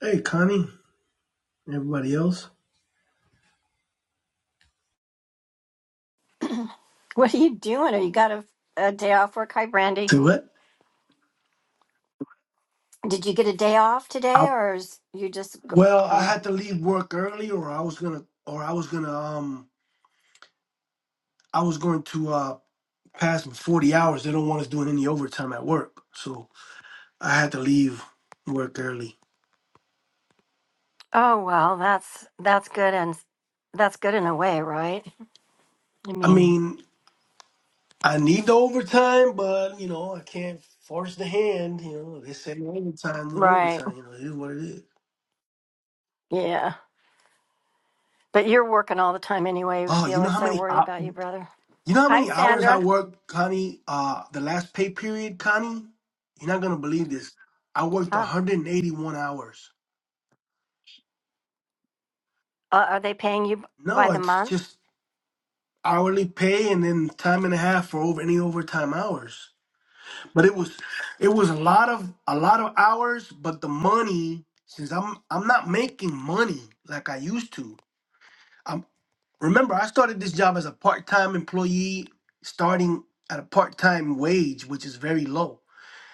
Hey, Connie, everybody else. What are you doing? Or you got a, a day off work? Hi, Brandy. To what? Did you get a day off I- today, or is you just? go- Well, I Um, had to leave work early, or I was gonna, or I was gonna, um, I was going to uh pass my forty hours. They don't want us doing any overtime at work, so I had to leave work early. oh well, that's that's good and that's good in a way, right? I I mean, mean, I need the overtime, but you know, I can't force the hand. You know, they say no overtime, no right? overtime. You know, it is what it is. Yeah. But you're working all the time anyway, Oh, you know how Felix. I many? worry about you, brother. You know how Hi, many hours I Sandra. worked, Connie? Uh, the last pay period, Connie. You're not gonna believe this. I worked Huh. 181 hours. Uh, are they paying you by No, the it's month? just hourly pay and then time and a half for over any overtime hours. But it was, it was a lot of a lot of hours. But the money, since I'm I'm not making money like I used to. Um, remember I started this job as a part time employee, starting at a part time wage, which is very low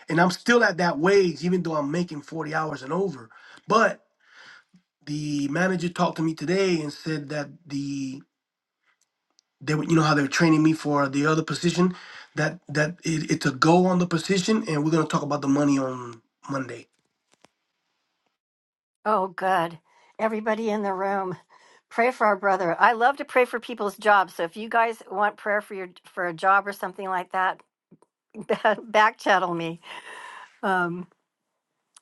and I'm still at that wage, even though I'm making 40 hours and over. But the manager talked to me today and said that the they were, you know how they're training me for the other position, that that it, it's a go on the position, and we're gonna talk about the money on Monday. Oh, good. Everybody in the room, pray for our brother. I love to pray for people's jobs. So if you guys want prayer for your for a job or something like that, back channel me. Um,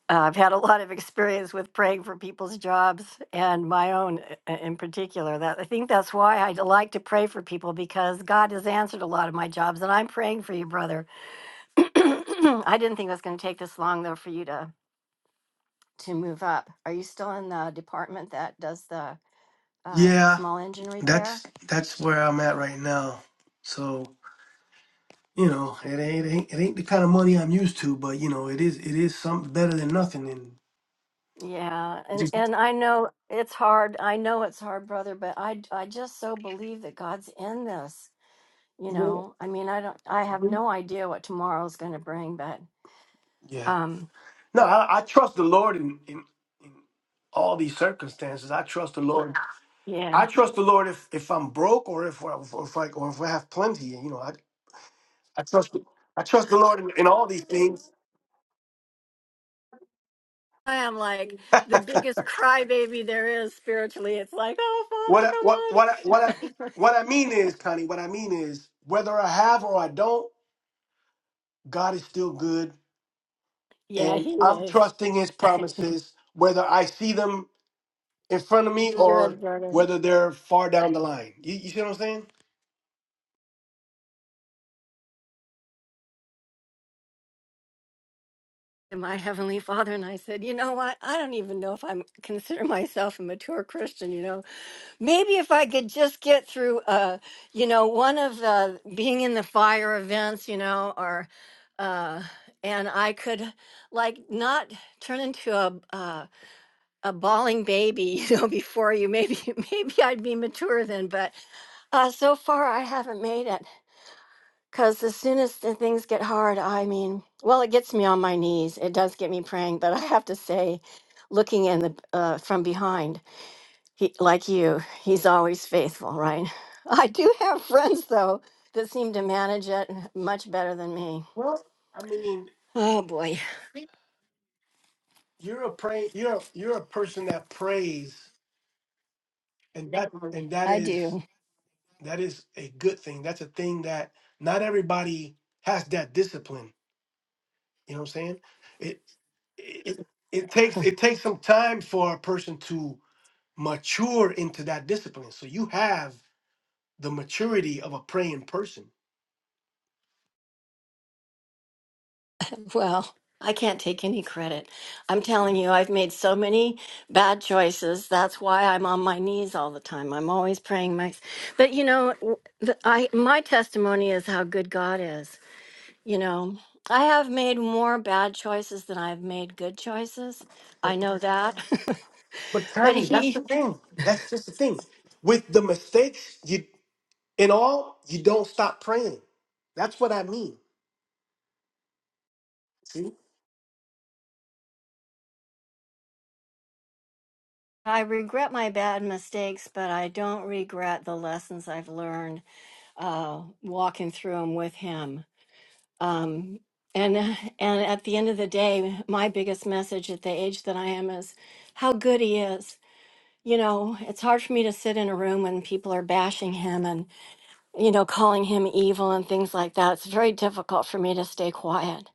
uh, I've had a lot of experience with praying for people's jobs and my own i- in particular. That I think that's why I like to pray for people because God has answered a lot of my jobs, and I'm praying for you, brother. I didn't think it was going to take this long though for you to to move up. Are you still in the department that does the uh, Yeah, small engine repair? that's that's where I'm at right now. So you know, it ain't it ain't, it ain't the kind of money I'm used to, but you know, it is it is something better than nothing. And Yeah, and just and I know it's hard. I know it's hard, brother, but I I just so believe that God's in this. you know i mean i don't i have no idea what tomorrow's going to bring but yeah, um No, I, I trust the Lord in, in in all these circumstances. I trust the Lord. I yeah trust the Lord if, if I'm broke or if I- or if I or if I have plenty. You know, I I trust I trust the Lord in, in all these things. i am like the biggest crybaby there is spiritually it's like what I, what oh what I, what I, father come what I mean on is, Connie. What I mean is, whether I have or I don't, God is still good, yeah and he I'm is trusting His promises, whether I see them in front of me or good brother whether they're far down the line. You, you see what I'm saying? And my heavenly father and i said you know what i don't even know if i'm consider myself a mature christian you know Maybe if I could just get through, uh, you know, one of the being in the fire events, you know, or, uh, and I could like not turn into a uh, a bawling baby, you know, before you. Maybe maybe I'd be mature then, but uh, so far I haven't made it. Cause as soon as the things get hard, I mean, well, it gets me on my knees. It does get me praying, but I have to say, looking in the uh, from behind. He, like you, he's always faithful, right? I do have friends, though, that seem to manage it much better than me. Well, I mean, Oh, boy, you're a pray you're you're a person that prays and that and that I is do. that is a good thing that's a thing that not everybody has that discipline you know what i'm saying it it, it takes it takes some time for a person to mature into that discipline so you have the maturity of a praying person Well, I can't take any credit. I'm telling you, I've made so many bad choices. That's why I'm on my knees all the time. I'm always praying my. But you know, w- the, I my testimony is how good God is. You know, I have made more bad choices than I've made good choices. but I know that. but but Tommy, that's he the thing that's just the thing with the mistakes you in all you don't stop praying that's what i mean See. I regret my bad mistakes, but I don't regret the lessons I've learned uh, walking through them with him. Um, and and at the end of the day, my biggest message at the age that I am is how good he is. You know, it's hard for me to sit in a room when people are bashing him and you know calling him evil and things like that. It's very difficult for me to stay quiet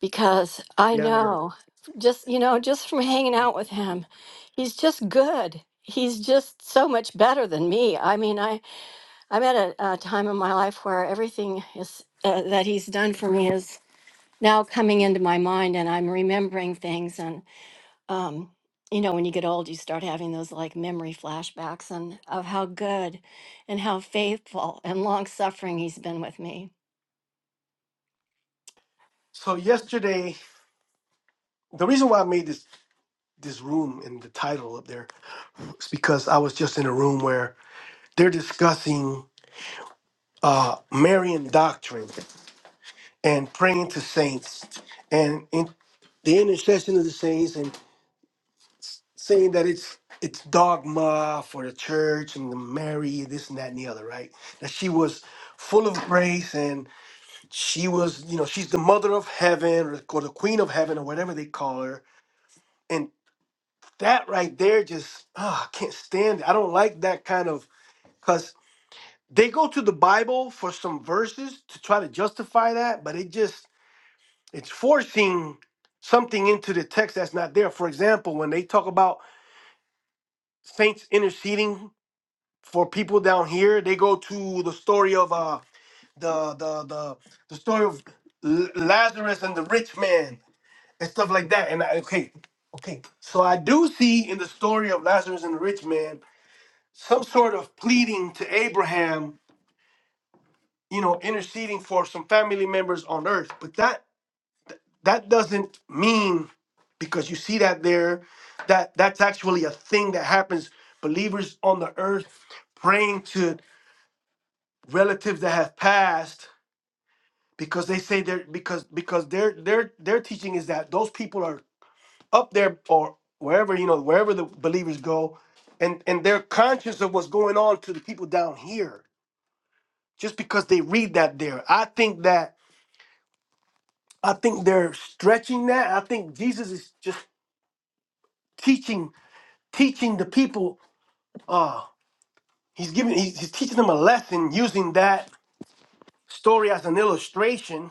because I Yeah. I know. know just you know just from hanging out with him he's just good he's just so much better than me I mean I I'm at a, a time in my life where everything is uh, that he's done for me is now coming into my mind and I'm remembering things and um you know when you get old you start having those like memory flashbacks and of how good and how faithful and long suffering he's been with me So yesterday, the reason why I made this this room and the title up there was because I was just in a room where they're discussing uh Marian doctrine and praying to saints and in the intercession of the saints and saying that it's it's dogma for the church and the Mary, this and that and the other, right? That she was full of grace and she was, you know, she's the mother of heaven or the or the queen of heaven or whatever they call her that right there just ah, I can't stand it. I don't like that kind of because they go to the Bible for some verses to try to justify that, but it just it's forcing something into the text that's not there. For example, when they talk about saints interceding for people down here, they go to the story of uh the the the the story of L- Lazarus and the rich man and stuff like that. And I, okay, okay, so I do see in the story of Lazarus and the rich man some sort of pleading to Abraham, you know, interceding for some family members on earth. But that that doesn't mean because you see that there that that's actually a thing that happens believers on the earth praying to relatives that have passed because they say they're because because their their their teaching is that those people are up there or wherever you know wherever the believers go and and they're conscious of what's going on to the people down here just because they read that there. I think that I think they're stretching that. I think Jesus is just teaching teaching the people. Uh, he's giving he's, he's teaching them a lesson using that story as an illustration.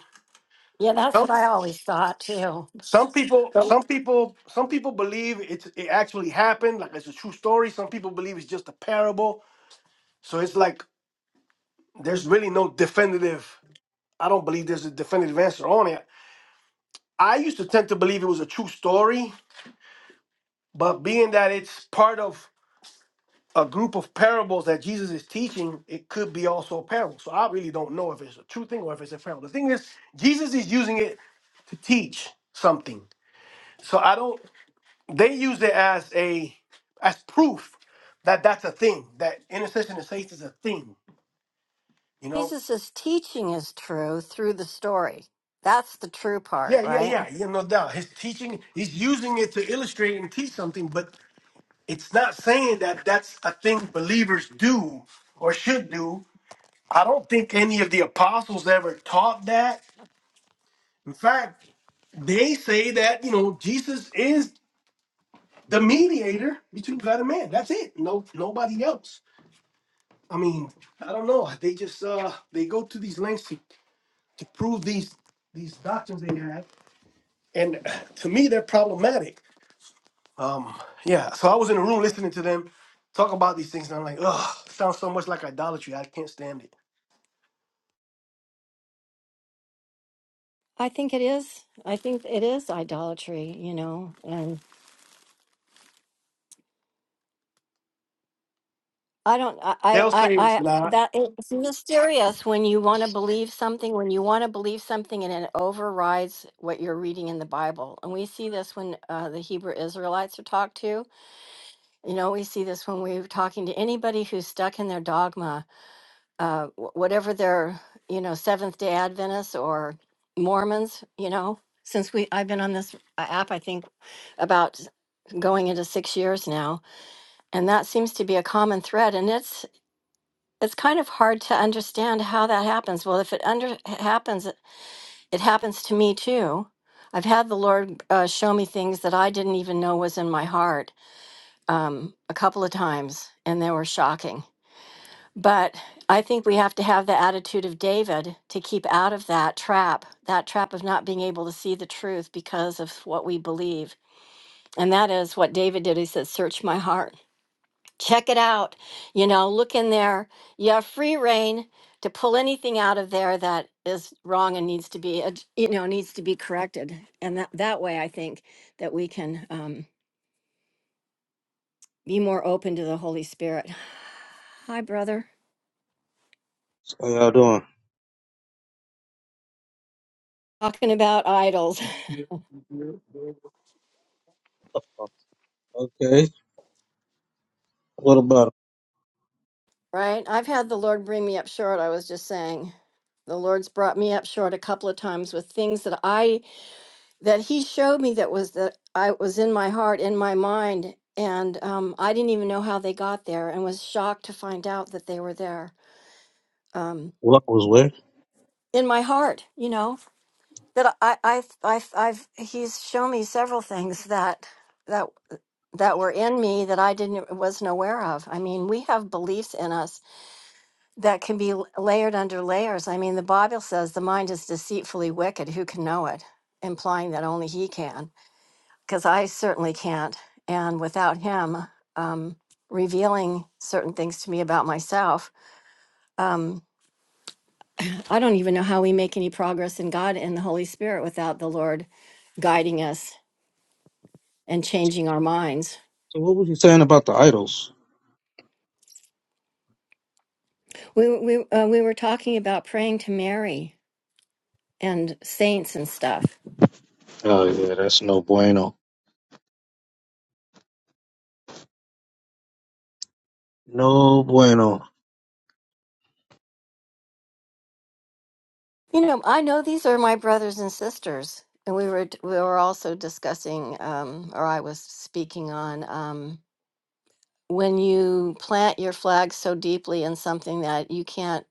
Yeah, that's Some what I always thought too. some people some people some people believe it's it actually happened, like it's a true story. Some people believe it's just a parable. So it's like there's really no definitive. I don't believe there's a definitive answer on it. I used to tend to believe it was a true story But being that it's part of a group of parables that Jesus is teaching, it could be also a parable. So I really don't know if it's a true thing or if it's a parable. The thing is, Jesus is using it to teach something. So I don't. They use it as a as proof that that's a thing. That intercession and faith is a thing. You know. Jesus' teaching is true through the story. That's the true part, Yeah, yeah, right? yeah. Yeah, no doubt. His teaching, he's using it to illustrate and teach something, but it's not saying that that's a thing believers do or should do I don't think any of the apostles ever taught that. In fact, they say that you know Jesus is the mediator between God and man. That's it. No, nobody else. I mean, I don't know. They just uh they go to these lengths to, to prove these these doctrines they have, and to me they're problematic. Um, yeah. So I was in a room listening to them talk about these things, and I'm like, oh, sounds so much like idolatry. I can't stand it. I think it is. I think it is idolatry, you know. And I don't. I. I. They'll I. say it's I not. that it's mysterious when you want to believe something. When you want to believe something, and it overrides what you're reading in the Bible. And we see this when uh, the Hebrew Israelites are talked to. You know, we see this when we're talking to anybody who's stuck in their dogma uh, wh- whatever are you know Seventh Day Adventists or Mormons, you know, since we I've been on this uh, app, I think about s- going into six years now, and that seems to be a common thread, and it's it's kind of hard to understand how that happens. Well, if it under happens, it happens to me too. I've had the Lord uh, show me things that I didn't even know was in my heart um, a couple of times, and they were shocking but I think we have to have the attitude of David to keep out of that trap, that trap of not being able to see the truth because of what we believe. And that is what David did. He said, Search my heart, check it out. You know, look in there. You have free reign to pull anything out of there that is wrong and needs to be, ad- you know, needs to be corrected. And that, that way, I think that we can um, be more open to the Holy Spirit. Hi, brother. How y'all doing? Talking about idols. Okay. What about Right? I've had the Lord bring me up short. I was just saying, the Lord's brought me up short a couple of times with things that I that He showed me that was that I was in my heart, in my mind, and um, I didn't even know how they got there, and was shocked to find out that they were there um, what was where? in my heart. You know that I I I I've He's shown me several things that that that were in me that I didn't wasn't aware of. I mean, we have beliefs in us that can be l- layered under layers. I mean, the Bible says the mind is deceitfully wicked. Who can know it? Implying that only He can, because I certainly can't. And without Him um, revealing certain things to me about myself, um, I don't even know how we make any progress in God and the Holy Spirit without the Lord guiding us and changing our minds. So what was you saying about the idols? We we uh, we were talking about praying to Mary and saints and stuff Oh yeah, that's no bueno. No bueno. You know, I know these are my brothers and sisters, and we were we were also discussing, um, or I was speaking on um, when you plant your flag so deeply in something that you can't,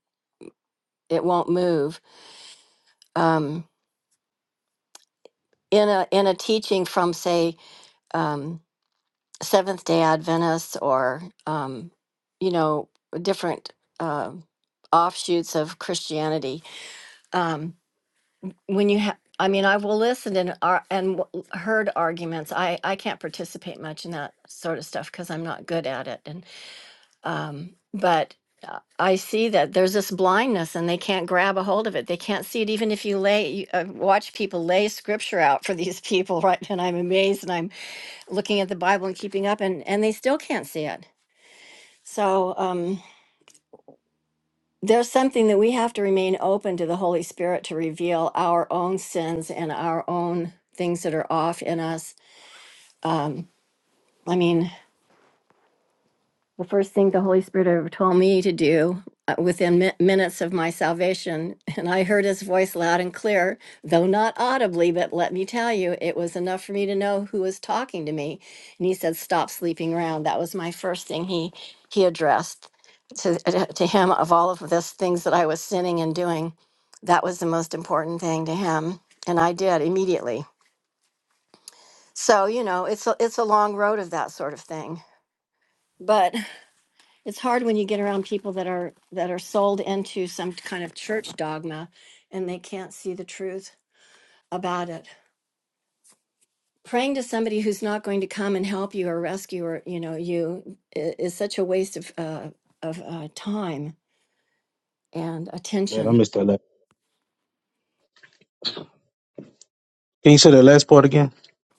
it won't move. Um, in a in a teaching from say um, Seventh Day Adventists or um, you know different uh, offshoots of Christianity. Um, when you have i mean i will listen and ar- and w- heard arguments i i can't participate much in that sort of stuff because i'm not good at it and um but uh, i see that there's this blindness and they can't grab a hold of it they can't see it even if you lay you, uh, watch people lay scripture out for these people right and i'm amazed and i'm looking at the bible and keeping up and and they still can't see it so um there's something that we have to remain open to the Holy Spirit to reveal our own sins and our own things that are off in us. Um, I mean, the first thing the Holy Spirit ever told me to do uh, within mi- minutes of my salvation. And I heard his voice loud and clear, though not audibly, but let me tell you, it was enough for me to know who was talking to me. And he said, Stop sleeping around. That was my first thing he, he addressed to, to him of all of this things that I was sinning and doing. That was the most important thing to him. And I did immediately. So, you know, it's a, it's a long road of that sort of thing. But it's hard when you get around people that are that are sold into some kind of church dogma and they can't see the truth about it praying to somebody who's not going to come and help you or rescue or you know you i- is such a waste of uh, of uh, time and Man, I attention missed that. Last. Can you say that last part again?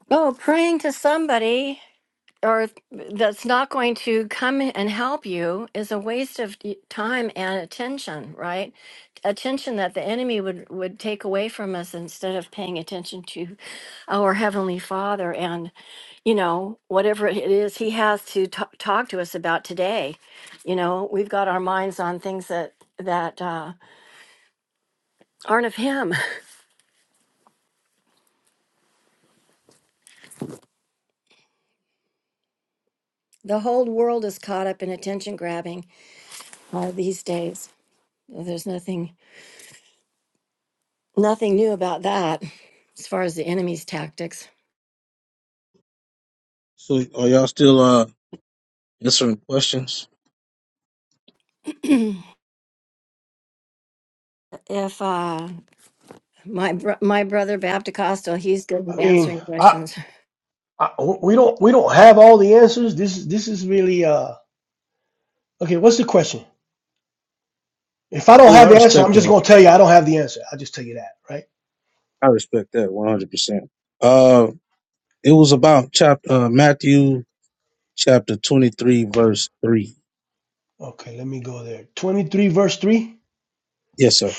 oh praying to somebody or that's not going to come and help you is a waste of y- time and attention right attention that the enemy would would take away from us instead of paying attention to our heavenly father and you know whatever it is he has to t- talk to us about today you know we've got our minds on things that that uh, aren't of him the whole world is caught up in attention grabbing uh, these days there's nothing Nothing new about that as far as the enemy's tactics. So are y'all still uh answering questions? if uh, my br- my brother Baptocostal, he's good I at mean, answering I, questions. I, we don't we don't have all the answers. This is this is really uh okay. What's the question? If I don't Cool. have I the answer, respect I'm just that. gonna tell you I don't have the answer. I'll just tell you that, right? I respect that one hundred percent. Uh, it was about chapter uh, Matthew chapter twenty three verse three. Okay, let me go there. 23 verse 3. Yes, sir.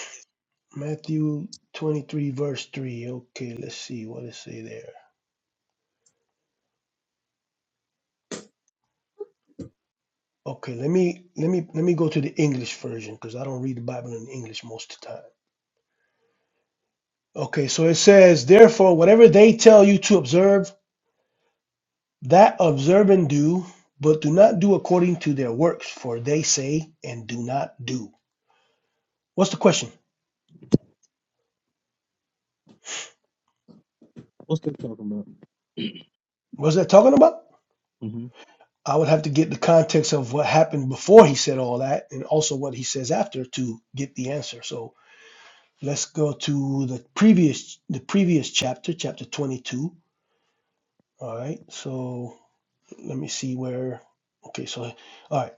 Matthew 23 verse 3. Okay, let's see what it say there. Okay, let me let me let me go to the English version because I don't read the Bible in English most of the time. Okay, so it says, therefore, whatever they tell you to observe That observe and do, but do not do according to their works, for they say and do not do. What's the question? What's that talking about? What's that talking about? hmm I would have to get the context of what happened before he said all that and also what he says after to get the answer. So let's go to the previous the previous chapter, chapter 22. All right. So let me see where okay, so all right.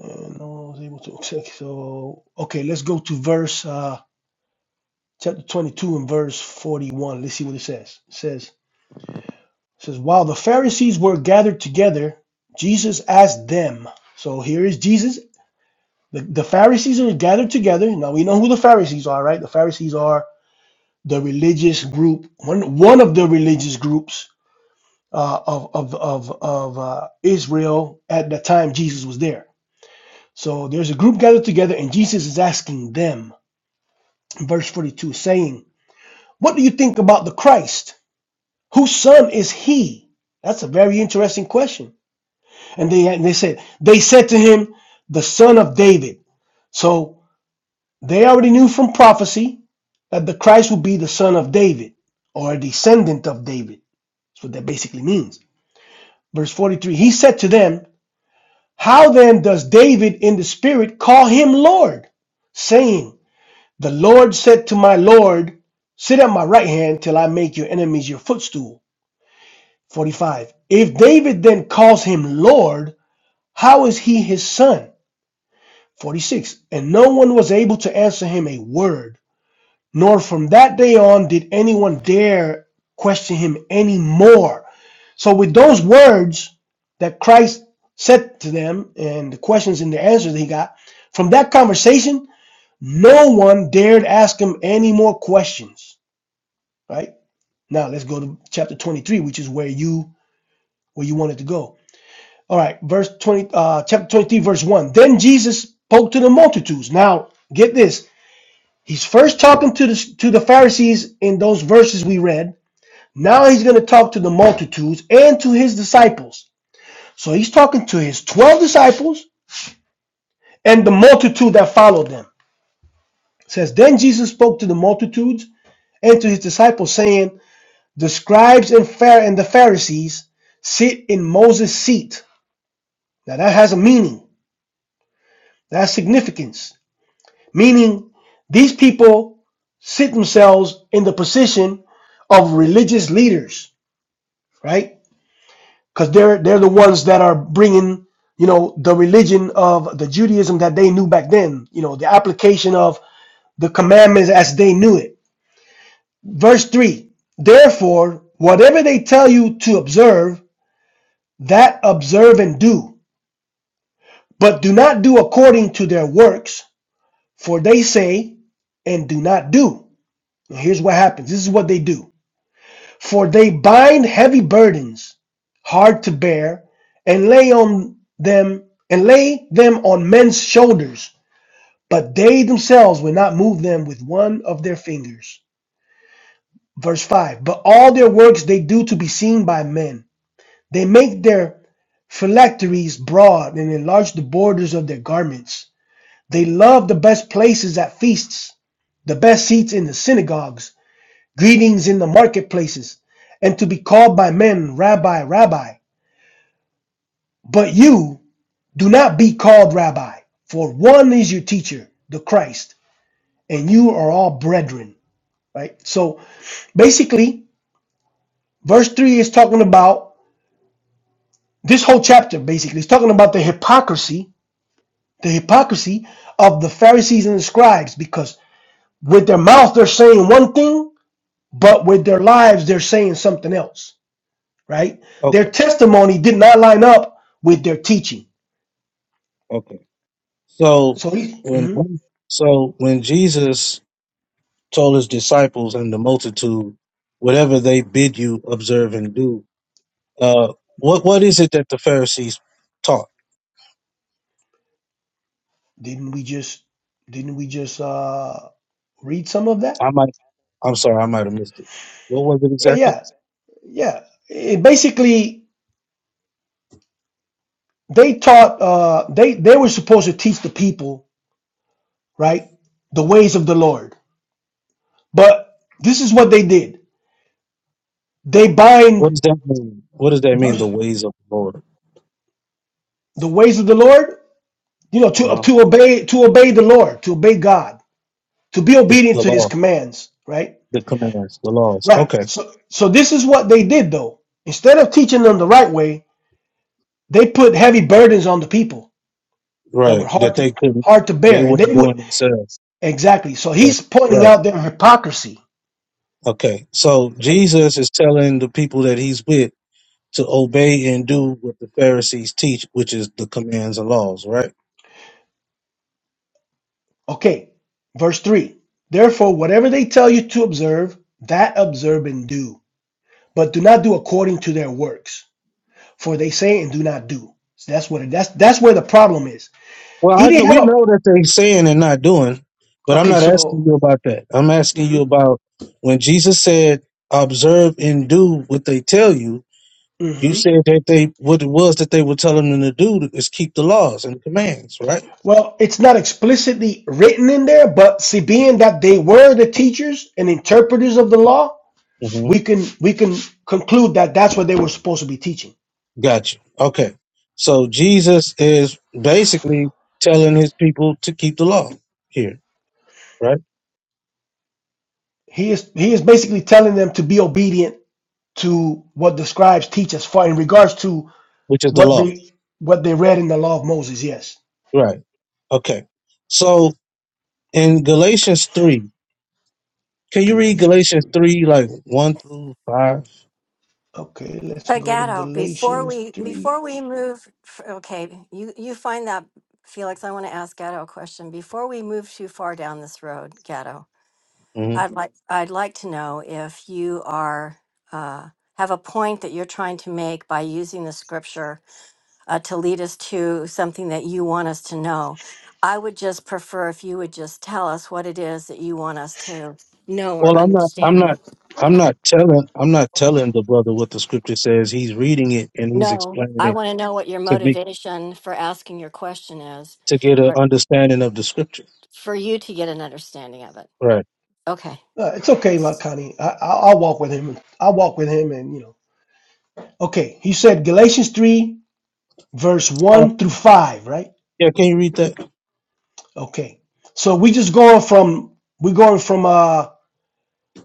And no one was able to okay, so okay, let's go to verse uh chapter 22 and verse 41. Let's see what it says. It says, it says while the Pharisees were gathered together, Jesus asked them. So here is Jesus. The, the Pharisees are gathered together. Now we know who the Pharisees are, right? The Pharisees are the religious group, one one of the religious groups uh, of of of, of uh, Israel at the time Jesus was there. So there's a group gathered together, and Jesus is asking them, in verse 42, saying, "What do you think about the Christ?" Whose son is he? That's a very interesting question. And they and they said they said to him, the son of David. So they already knew from prophecy that the Christ would be the son of David or a descendant of David. That's what that basically means. Verse 43, he said to them, How then does David in the spirit call him Lord? Saying, The Lord said to my Lord, Sit at my right hand till I make your enemies your footstool. 45. If David then calls him Lord, how is he his son? 46. And no one was able to answer him a word, nor from that day on did anyone dare question him any more. So, with those words that Christ said to them and the questions and the answers that he got, from that conversation, no one dared ask him any more questions. Right? Now, let's go to chapter 23, which is where you where you wanted to go. All right, verse 20, uh, chapter 23, verse 1. Then Jesus spoke to the multitudes. Now, get this. He's first talking to the, to the Pharisees in those verses we read. Now he's going to talk to the multitudes and to his disciples. So he's talking to his 12 disciples and the multitude that followed them. It says, Then Jesus spoke to the multitudes and to his disciples, saying, The scribes and, Phar- and the Pharisees sit in Moses' seat. Now that has a meaning, that's significance. Meaning, these people sit themselves in the position of religious leaders, right? Because they're they're the ones that are bringing, you know, the religion of the Judaism that they knew back then. You know, the application of the commandments as they knew it. Verse three. Therefore, whatever they tell you to observe, that observe and do. But do not do according to their works, for they say and do not do. Now, here's what happens. This is what they do. For they bind heavy burdens, hard to bear, and lay on them and lay them on men's shoulders, but they themselves will not move them with one of their fingers. Verse 5 But all their works they do to be seen by men. They make their phylacteries broad and enlarge the borders of their garments. They love the best places at feasts, the best seats in the synagogues greetings in the marketplaces, and to be called by men, Rabbi, Rabbi. But you do not be called Rabbi, for one is your teacher, the Christ, and you are all brethren. Right? So basically, verse 3 is talking about this whole chapter, basically, is talking about the hypocrisy, the hypocrisy of the Pharisees and the scribes, because with their mouth they're saying one thing, but with their lives they're saying something else. right? Okay. Their testimony did not line up with their teaching. Okay. So So he when mhm, so when Jesus told his disciples and the multitude, whatever they bid you observe and do, uh, what mhm. what is it that the Pharisees taught? didn't we just didn't we just uh, read some of I that? might I'm sorry, I might have missed it. What was it Yeah, exactly? yeah, yeah. It basically, they taught uh, they they were supposed to teach the people right the ways of the Lord, but this is what they did. They What bind does that mean? What does that mean? The the ways of the Lord, ways of the Lord, you know, to uh-huh. to obey to obey the Lord, to obey God, to be the obedient the to His law, commands, right? the commandments, the laws. Right. Okay, So so this is what they did though. Instead of teaching them the right way, they put heavy burdens on the people that were right. hard That to they couldn't, hard to they bear. And wouldn't they do it would themselves. exactly. So Right. he's pointing right. out their hypocrisy, Okay. So right? Jesus is telling the people that he's with to obey and do what the Pharisees teach, which is the commands and laws, right? Okay. Verse 3. Therefore, whatever they tell you to observe, that observe and do. But do not do according to their works, for they say and do not do. So that's what it, that's that's where the problem is. Well, He I know, didn't have we a know that they are saying and not doing, but I'm Okay, not asking so you about that. I'm asking you mhm, about when Jesus said, "Observe and do what they tell you." You mhm. said that they what it was that they were telling them to do is keep the laws and commands, right? Well, it's not explicitly written in there, but see, being that they were the teachers and interpreters of the law, hmm we can we can conclude that that's what they were supposed to be teaching. Gotcha. Okay, so Jesus is basically telling his people to keep the law here, right? He is he is basically telling them to be obedient to what the scribes teach us for in regards to Which is the what law, they what they read in the law of Moses. Yes, right? Okay. So In Galatians 3, can you read Galatians Galatians three. 3 like 1 through 5? Okay, let's Uh, go to Gatto, before Galatians we three. before we move, f- okay, you you find that Felix. I want to ask Gatto a question before we move too far down this road, Gatto. hmm I'd like I'd like to know if you are uh, have a point that you're trying to make by using the scripture uh, to lead us to something that you want us to know. I would just prefer if you would just tell us what it is that you want us to know or Well, I'm not I'm understand. not I'm not telling I'm not telling the brother what the scripture says. He's reading it and he's No, explaining I it want to know what your to make motivation for asking your question is, to get an or understanding of the scripture. for you to get an understanding of it. Right. Okay. Uh, it's okay, Connie. I, I, I'll walk with him. I'll walk with him, and you know. Okay, he said Galatians three verse Uh, 1 through 5 right yeah, can you read that okay so we just going from we going from uh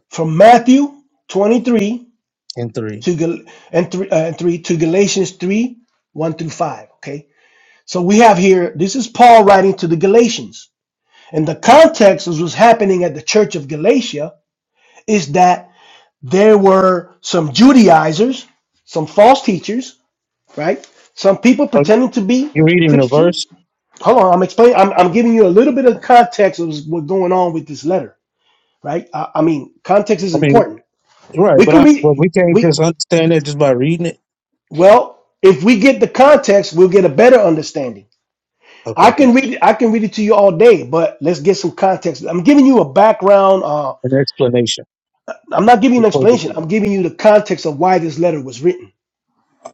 from matthew 23 in 3? to Gal- and 3, uh, and 3 to galatians 3 1 through 5 okay so we have here this is paul writing to the galatians and the context is what's happening at the church of galatia is that there were some judaizers some false teachers right some people Uh, pretending to be you're reading the christians verse? hold on, I'm explaining. I'm, I'm giving you a little bit of context of what's going on with this letter, right? I, I mean, context is I mean, important. right, We but could I, read but we can't just we understand that just by reading it. well if we get the context, we'll get a better understanding. I Okay, good. can read it- I can read it to you all day, but let's get some context. I'm giving you a background. Uh, An explanation. I'm not giving you an before you read explanation. it. I'm giving you the context of why this letter was written.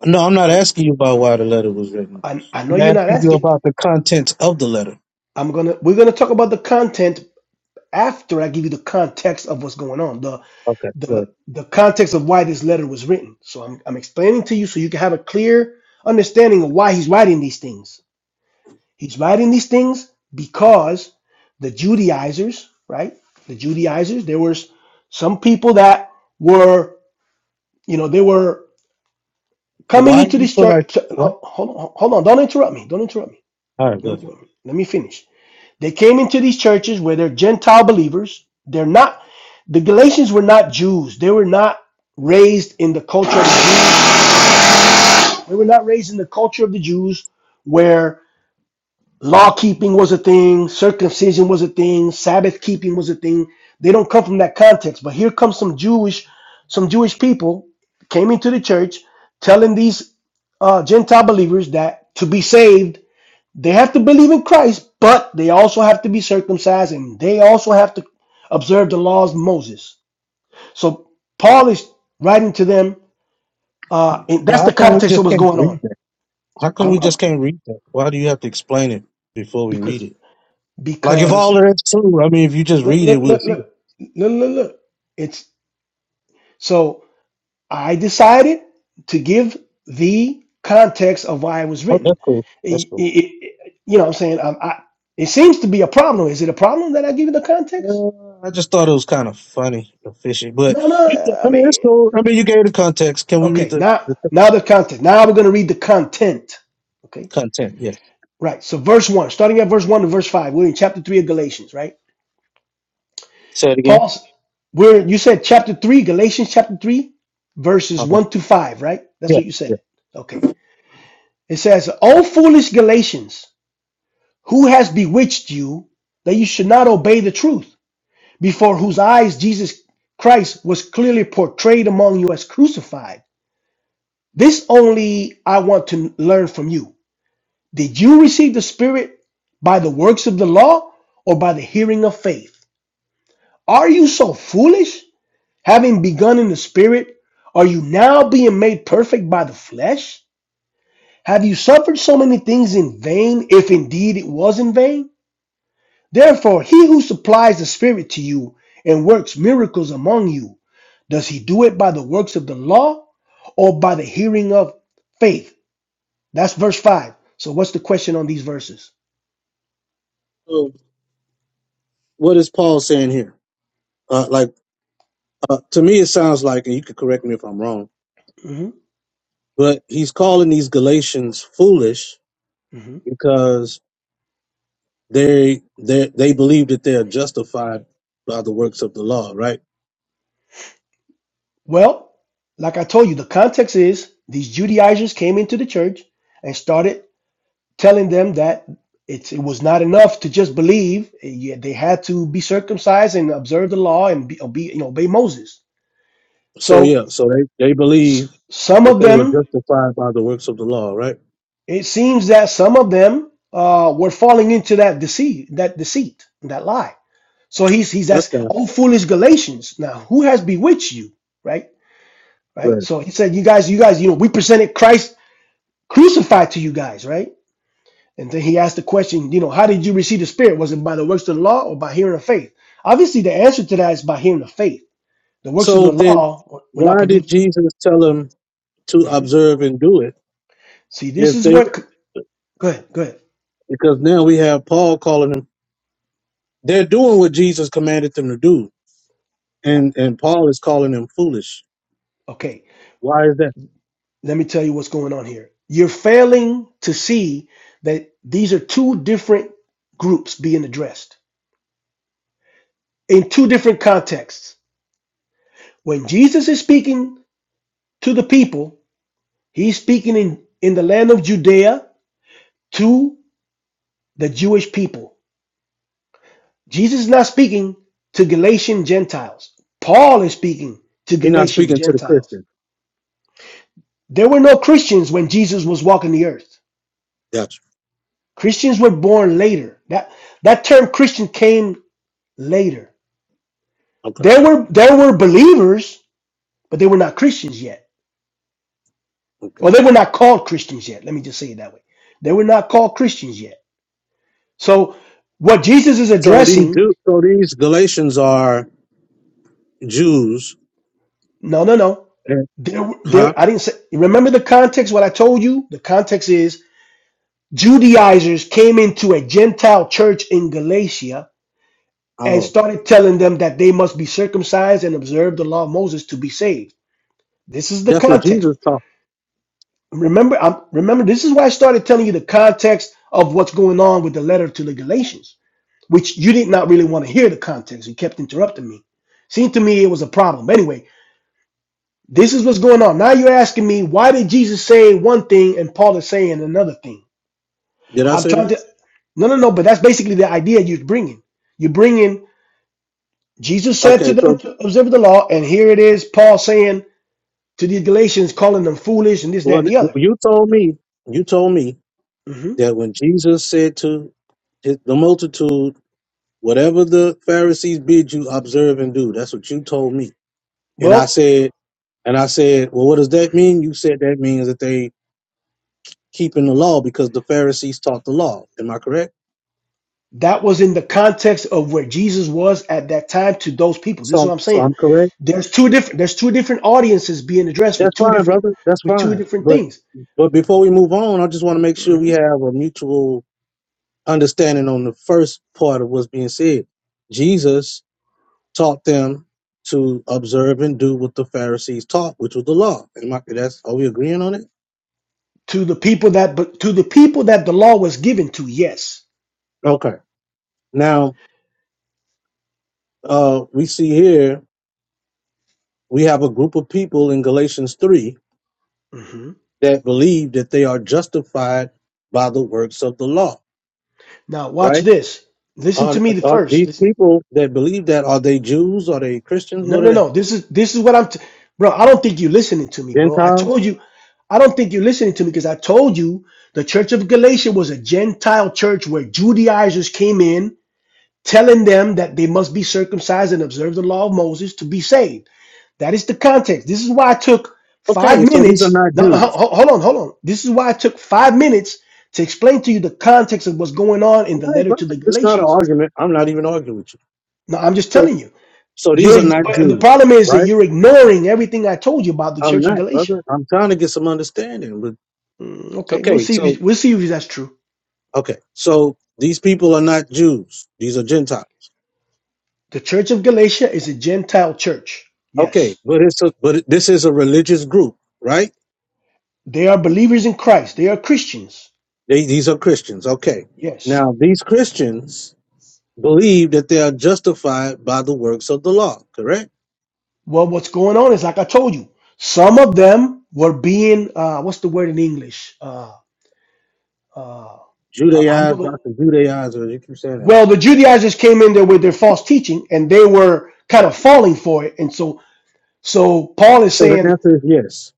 No, I'm not Okay, asking you about why the letter was written. I, I know I'm you're not asking you asking. about the contents of the letter. I'm gonna we're gonna talk about the content after I give you the context of what's going on. Okay, good. the the context of why this letter was written. So I'm I'm explaining to you so you can have a clear understanding of why he's writing these things. He's writing these things because the Judaizers, right? The Judaizers, there was some people that were, you know, they were But coming why do into you this feel like church. what? Hold on, hold on, don't interrupt me. Don't interrupt me. All right, Don't good. interrupt me. Let me finish They came into these churches where they're Gentile believers. They're not, the Galatians were not Jews. They were not raised in the culture of the Jews. They were not raised in the culture of the Jews where law keeping was a thing, circumcision was a thing, Sabbath keeping was a thing. They don't come from that context. But here comes some Jewish, some Jewish people came into the church telling these uh, Gentile believers that to be saved, they have to believe in Christ, but they also have to be circumcised and they also have to observe the laws of Moses. So Paul is writing to them, uh, and Well, that's how the come we context just of what's can't going read on. that? How come I'm, we I'm- just can't read that? Why do you have to explain it before we read because it? Like if all because of that's true, I mean, if you just look read it, look we'll look see it. look look look look. It's so I decided to give the context of why it was Oh, written. that's cool. That's It- it- cool. it- you know what I'm saying? I, I, it seems to be a problem. Is it a problem that I give you the context? Uh, I just thought it was kind of funny or fishy, but No, you, no. I I mean, mean. it's cool. I mean, you gave the context. Can we read Okay, the, now the now text? the content. Now we're gonna read the content. Okay, content? Yes. right. So verse one, starting at verse one to verse five, we're in chapter three of Galatians, right? Say it again. Paul's. We're you said chapter three, Galatians chapter three, verses Uh-huh. one to five, right? That's Yeah. what you Yeah. said. Okay. It says, "O foolish Galatians, who has bewitched you that you should not obey the truth, before whose eyes Jesus Christ was clearly portrayed among you as crucified? This only I want to learn from you." Did you receive the Spirit by the works of the law or by the hearing of faith? Are you so foolish? Having begun in the Spirit, are you now being made perfect by the flesh? Have you suffered so many things in vain, if indeed it was in vain? Therefore, he who supplies the Spirit to you and works miracles among you, does he do it by the works of the law or by the hearing of faith? That's verse 5. So, what's the question on these verses? So, what is Paul saying here? Uh, like uh, to me, it sounds like, and you could correct me if I'm wrong, Mm-hmm. but he's calling these Galatians foolish Mm-hmm. because they they they believe that they are justified by the works of the law, right? Well, like I told you, the context is these Judaizers came into the church and started telling them that it's, it was not enough to just believe; Yeah, they had to be circumcised and observe the law and be, obey, you know, obey Moses. So So yeah, so they they believe s- some that of they were them, justified by the works of the law, right? it seems that some of them uh, were falling into that deceit, that deceit, that lie. So he's he's That's asking, kind of "Oh, foolish Galatians! Now who has bewitched you?" Right, right. right. So he said, "You guys, you guys, you know, we presented Christ." crucified to you guys, right? And then he asked the question, you know, how did you receive the Spirit? Was it by the works of the law or by hearing of faith? Obviously, the answer to that is by hearing of faith. The works of So the then, law were not why did produced. Jesus tell them to Mhm. observe and do it See, this if is they what. Go ahead, go ahead. because now we have paul calling them they're doing what jesus commanded them to do Yeah, and and paul is calling them foolish okay. Why is that? Let me tell you what's going on here. You're failing to see that these are two different groups being addressed in two different contexts. When Jesus is speaking to the people, he's speaking in, in the land of Judea to the Jewish people. Jesus is not speaking to Galatian Gentiles. Paul is speaking to He's not Galatian speaking to the Gentiles. Christian. There were no Christians when Jesus was walking the earth. Gotcha. Christians were born later. That that term Christian came later. Okay. There were there were believers, but they were not Christians yet. Or Okay. they were not called Christians yet. Let me just say it that way. They were not called Christians yet. So what Jesus is So these addressing, Jew, so these, Galatians are Jews, no, no, no. and There, huh? there. I didn't say. Remember the context. What I told you. The context is Judaizers came into a Gentile church in Galatia and Oh, started telling them that they must be circumcised and observe the law of Moses to be saved. This is the that's what context. Jesus taught. Remember, I'm, remember, this is why I started telling you the context of what's going on with the letter to the Galatians, which you did not really want to hear the context. You kept interrupting me. Seemed to me it was a problem. Anyway, this is what's going on. Now you're asking me why did Jesus say one thing and Paul is saying another thing? did I I'm say trying that? to. No, no, no. But that's basically the idea you're bringing. You're bringing. Jesus said Okay. to them So to observe the law, and here it is. Paul saying to the Galatians, calling them foolish and this, that, well, and the other. you told me You told me hmm that when Jesus said to his, the multitude, whatever the Pharisees bid you observe and do, that's what you told me. And I Well, said, and I said, well, what does that mhm. mean? You said that means that they keeping the law because the Pharisees taught the law. Am I correct? that was in the context of where Jesus was at that time to those people. This is So, what I'm so saying. I'm correct. There's two different. There's two different audiences being addressed with That's two fine, different brother. That's with two fine. different But, things. but before we move on, I just want to make sure we Mhm. have a mutual understanding on the first part of what's being said. Jesus taught them to observe and do what the Pharisees taught, which was the law. Am I, that's, are we agreeing on it? To the people that, but to the people that the law was given to, yes. Okay. Now, uh, we see here, we have a group of people in Galatians 3 Mm-hmm. that believe that they are justified by the works of the law, Now watch right? this. Listen Are, to me the are first. these Listen. people that believe that are they Jews? Are they Christians? No, What are no, they? no. This is this is what I'm t- bro. I don't think you're listening to me, bro. I Gentiles? told you I don't think you're listening to me because I told you the church of Galatia was a Gentile church where Judaizers came in telling them that they must be circumcised and observe the law of Moses to be saved. That is the context. This is why I took five Okay, so these are minutes. not No, no, ho- Jews. ho- hold on, hold on. This is why I took five minutes to explain to you the context of what's going on in All the right, letter brother, to the it's not an Galatians. argument. I'm not even arguing with you. Now, I'm just So, telling you. so these are You're, not but the Jews, problem is that right? you're ignoring everything I told you about the I'm Church of not, Galatia. brother. I'm trying to get some understanding. But Mm, okay, we'll okay, see. so If, we'll see if that's true. okay, so these people are not Jews. These are Gentiles. The Church of Galatia is a Gentile church. Okay, Yes, but it's a, but this is a religious group, right? they are believers in Christ. They are Christians. They, these are Christians. Okay, Yes. now these Christians believe that they are justified by the works of the law, correct? Well, what's going on is like I told you. Some of them were being uh, what's the word in English? Uh, uh, uh, I know. Judaized, The, not the Judaizers. You keep saying that. well, the Judaizers came in there with their false teaching, and they were kind of falling for it. And so, so Paul is So the saying answer is yes.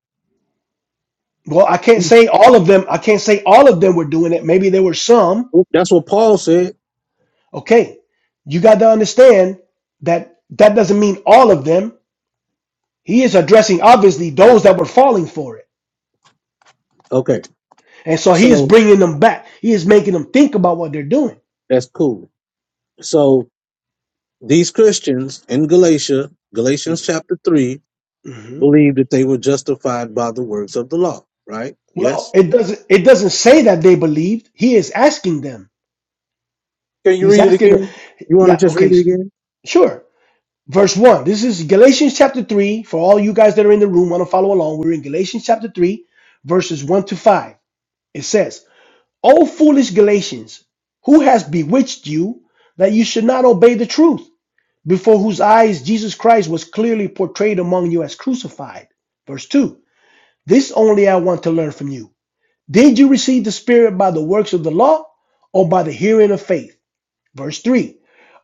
Well, I can't say all of them. I can't say all of them were doing it. Maybe there were some. Mm, That's what Paul said. Okay. You got to understand that that doesn't mean all of them. He is addressing, obviously, those that were falling for it. Okay, And so he is so bringing them back. He is making them think about what they're doing. that's cool. So these Christians in Galatia, Galatians chapter 3, hmm believe that they were justified by the works of the law, right? Well, Yes. it doesn't. It doesn't say that they believed. He is asking them. Can you He's read it asking them. again? You want to Yeah. just Okay. read it s- again? Sure. verse Okay. 1. This is Galatians chapter 3. For all you guys that are in the room, want to follow along. We're in Galatians chapter 3, verses 1 to 5. It says, O foolish Galatians, who has bewitched you that you should not obey the truth, before whose eyes Jesus Christ was clearly portrayed among you as crucified? Verse 2. This only I want to learn from you. Did you receive the Spirit by the works of the law or by the hearing of faith? Verse 3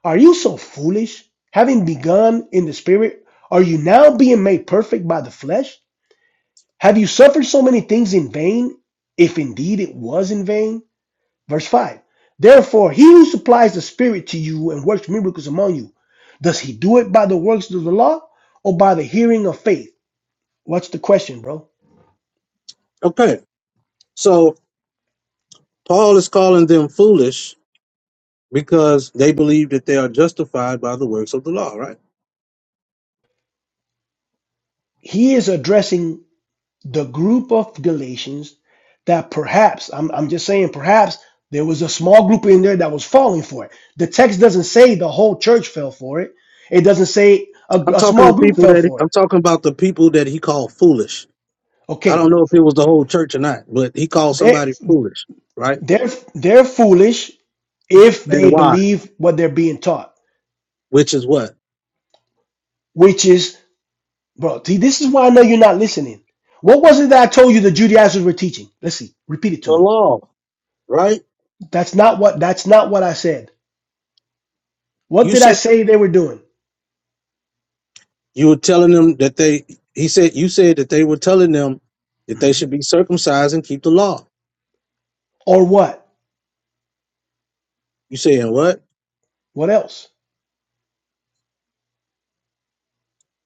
Are you so foolish? Having begun in the spirit, are you now being made perfect by the flesh? Have you suffered so many things in vain, if indeed it was in vain? Verse 5 Therefore, he who supplies the spirit to you and works miracles among you, does he do it by the works of the law or by the hearing of faith? What's the question, bro? Okay. So Paul is calling them foolish because they believe that they are justified by the works of the law, right? He is addressing the group of Galatians that perhaps, I'm, I'm just saying, perhaps there was a small group in there that was falling for it. The text doesn't say the whole church fell for it, it doesn't say a, I'm a talking small to group people fell that for I'm it. talking about the people that he called foolish. I don't Okay, know if it was the whole church or not, but he called they're, somebody foolish, right? they're, they're foolish if they And why? believe what they're being taught, Which is what? which is, bro, see, this is why I know you're not listening. What was it that I told you the Judaizers were teaching? Let's see. Repeat it to The me. law, right? That's not what that's not what I said. What You did I said say they were doing? you were telling them that they he said you said that they were telling them that they Mm-hmm. should be circumcised and keep the law. Or what? You saying what? What else?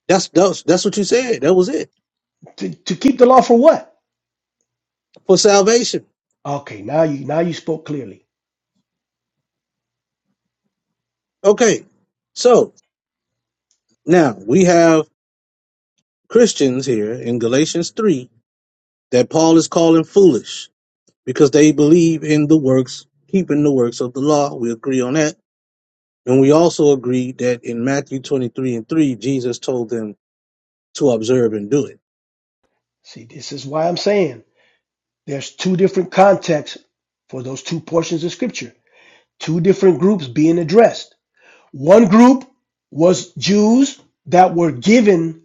That's that's that's what you said. That was it. To, to keep the law for what? For salvation. Okay, now you now you spoke clearly. Okay. So now we have Christians here in Galatians 3 that Paul is calling foolish because they believe in the works, keeping the works of the law. We agree on that. And we also agree that in Matthew 23 and 3, Jesus told them to observe and do it. See, this is why I'm saying there's two different contexts for those two portions of scripture. Two different groups being addressed. One group was Jews that were given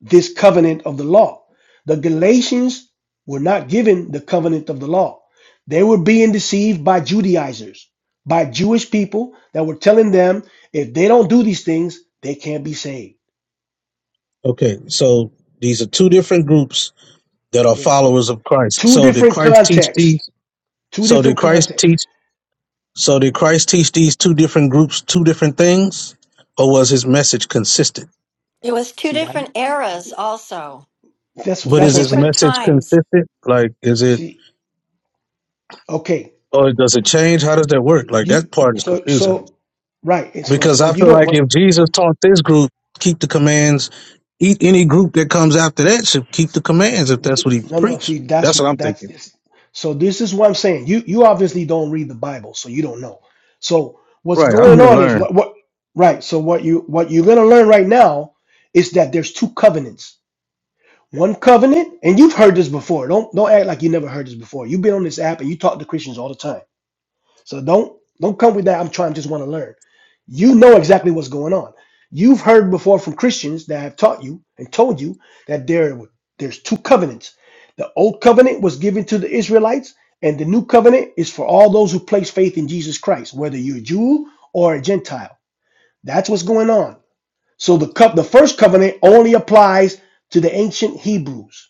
this covenant of the law. The Galatians were not given the covenant of the law. They were being deceived by Judaizers, by Jewish people that were telling them if they don't do these things, they can't be saved. Okay, so these are two different groups that are Yes. followers of Christ. Two So did different Christ teach contexts. these? Two So did different Christ contexts. teach? So did Christ teach these two different groups two different things? Or was his message consistent? It was two See, that, different eras, also, that's But two that's is what I'm his different saying. message times. consistent? Like, is it See, okay, Or does it change? How does that work? Like you that part is so confusing so right. It's because because I what you feel don't like what if Jesus taught this group keep the commands, eat any group that comes after that should keep the commands if that's what he no no. preached. See, that's That's what I'm that's thinking. this. So this is what I'm saying. You you obviously don't read the Bible, so you don't know. So what's Right, I'm going here to on is learn. what what right. So what you what you're gonna learn right now is that there's two covenants. One covenant, and you've heard this before. Don't don't act like you never heard this before. You've been on this app and you talk to Christians all the time So don't don't come with that. I'm trying just want to learn. You know exactly what's going on. You've heard before from Christians that have taught you and told you that there there's two covenants. The old covenant was given to the Israelites, and the new covenant is for all those who place faith in Jesus Christ, whether you're a Jew or a Gentile. That's what's going on. So the cup the first covenant only applies to the ancient Hebrews.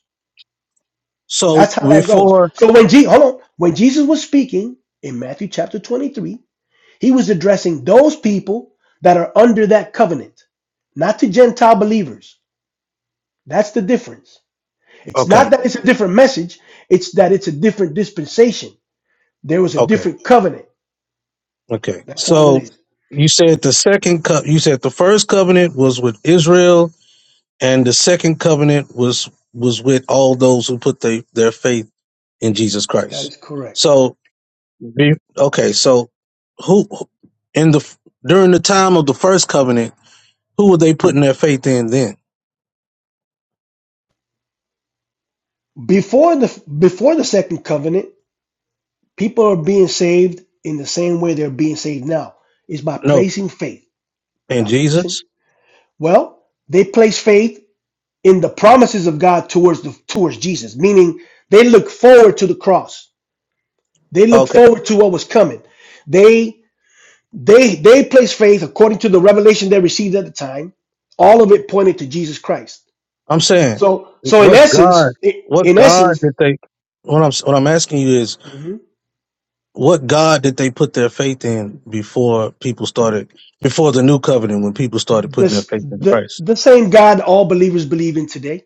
So That's how that goes. before, So when Je- hold on, when Jesus was speaking in Matthew chapter 23, he was addressing those people that are under that covenant, not to Gentile believers. That's the difference. It's not okay, that it's a different message, it's that it's a different dispensation. There was a okay, different covenant. okay. That's all it So is. you said the second cup. You said the first covenant was with Israel, and the second covenant was was with all those who put they, their faith in Jesus That Christ. is correct. So Be- Okay, so who in the during the time of the first covenant, who were they putting their faith in then? Before the before the second covenant, people are being saved in the same way they're being saved now. Is by No, placing faith. in By listen. Jesus. Well, they place faith in the promises of God towards the towards Jesus, meaning they look forward to the cross. They looked Okay, forward to what was coming. They they they placed faith according to the revelation they received at the time. All of it pointed to Jesus Christ. I'm saying So so in what God, essence, i- what in God essence, did they? What I'm what I'm asking you is mhm, what God did they put their faith in before people started before the new covenant when people started putting their this faith in the Christ? the same God all believers believe in today,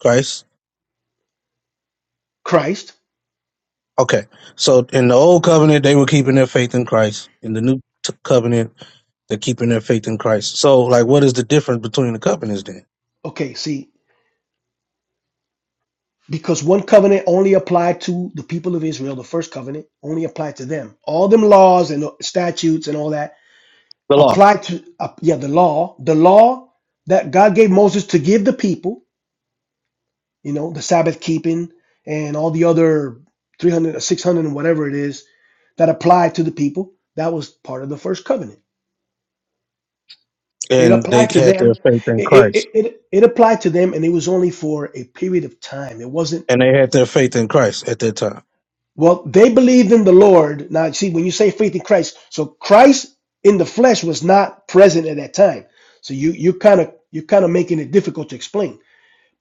Christ. Christ. Okay, so in the old covenant they were keeping their faith in Christ. In the new t- covenant They're keeping their faith in Christ. So, like, what is the difference between the covenants then? Okay, see, because one covenant only applied to the people of Israel, the first covenant only applied to them. All them laws and statutes and all that The law. applied to uh, yeah the law, the law that God gave Moses to give the people you know, the Sabbath keeping and all the other 300, 600, and whatever it is that applied to the people. That was part of the first covenant. It And they applied to had their them. faith in It, it, Christ. it, it it applied to them, and it was only for a period of time. It wasn't, And they had their faith in Christ at that time. well, they believed in the Lord. Now, see, when you say faith in Christ, so Christ in the flesh was not present at that time. So you, you kind of, you're kind of making it difficult to explain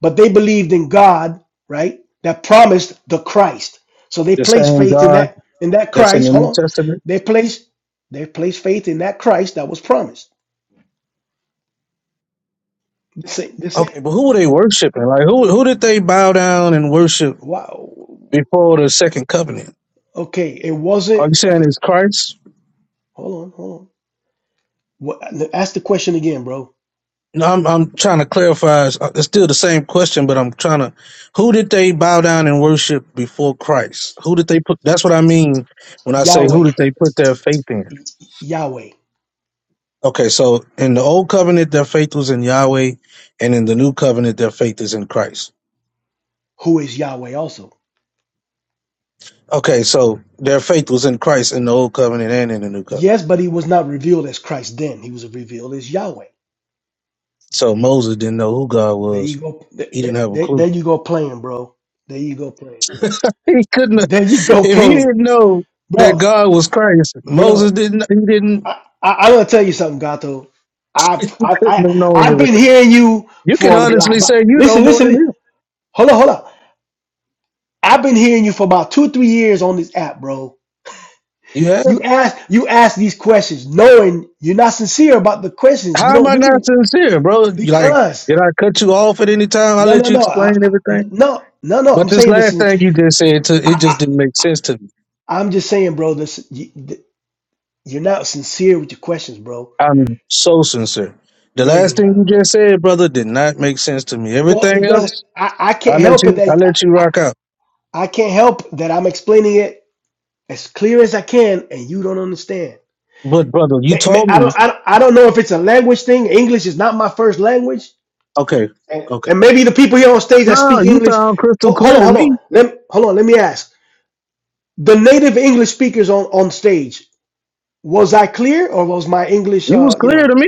but they believed in God, right? That promised the Christ. So they The placed same faith in God that in that that's in Christ. the Hold New on, Testament. they placed they placed faith in that Christ that was promised. This ain't this ain't Okay, but who were they worshiping? Like, who who did they bow down and worship wow. before the second covenant? Okay, it Are wasn't you saying okay. it's Christ? Hold on, hold on. What, ask the question again, bro. No, I'm I'm trying to clarify. It's uh, it's still the same question, but I'm trying to. Who did they bow down and worship before Christ? Who did they put? That's what I mean when I say who Yahweh, did they put their faith in? Y- Yahweh, Okay, so in the old covenant, their faith was in Yahweh, and in the new covenant, their faith is in Christ. who is Yahweh also? Okay, so their faith was in Christ in the old covenant and in the new covenant. Yes, but he was not revealed as Christ then. He was revealed as Yahweh. So Moses didn't know who God There you was. go. There, He didn't have a there, clue. there you go playing, bro. There you go playing. He couldn't. have- There you go, If he playing, didn't know that bro, God was Christ, Moses bro. didn't. He didn't. I, I I'm gonna tell you something, Gato. I I Couldn't have I known I've been everything. hearing you You can for a lot. honestly say But you know listen, more listen, than li- him. Hold on, hold on. I've been hearing you for about two, three years on this app, bro. You have. You ask you ask these questions, knowing you're not sincere about the questions. You How am don't I really not sincere, bro? Like, because did I cut you off at any time? I no, let no, you no, I, explain I- everything. no, no, no. But I'm this saying this. last is- thing you just said, to, it I, just didn't make sense to me. I I'm just saying, bro. This you, you're not sincere with your questions, bro. I'm so sincere. The No, you're last thing not, you bro. just said, brother, did not make sense to me. Well, Everything it does. else, I, I I can't let help it you, I that I, let you I rock out. I can't help that I'm explaining it as clear as I can, and you don't understand. But brother, you Ma- ma- told I me, don't. I don't, I don't know if it's a language thing. English is not my first language, okay, and, okay. and maybe the people here on stage that No, speak you English. sound crystal ho- Hold clear on, to hold on. me. Let hold on. Let me ask the native English speakers on on stage. Was I clear, or was my English? You was Uh, you clear know. to me,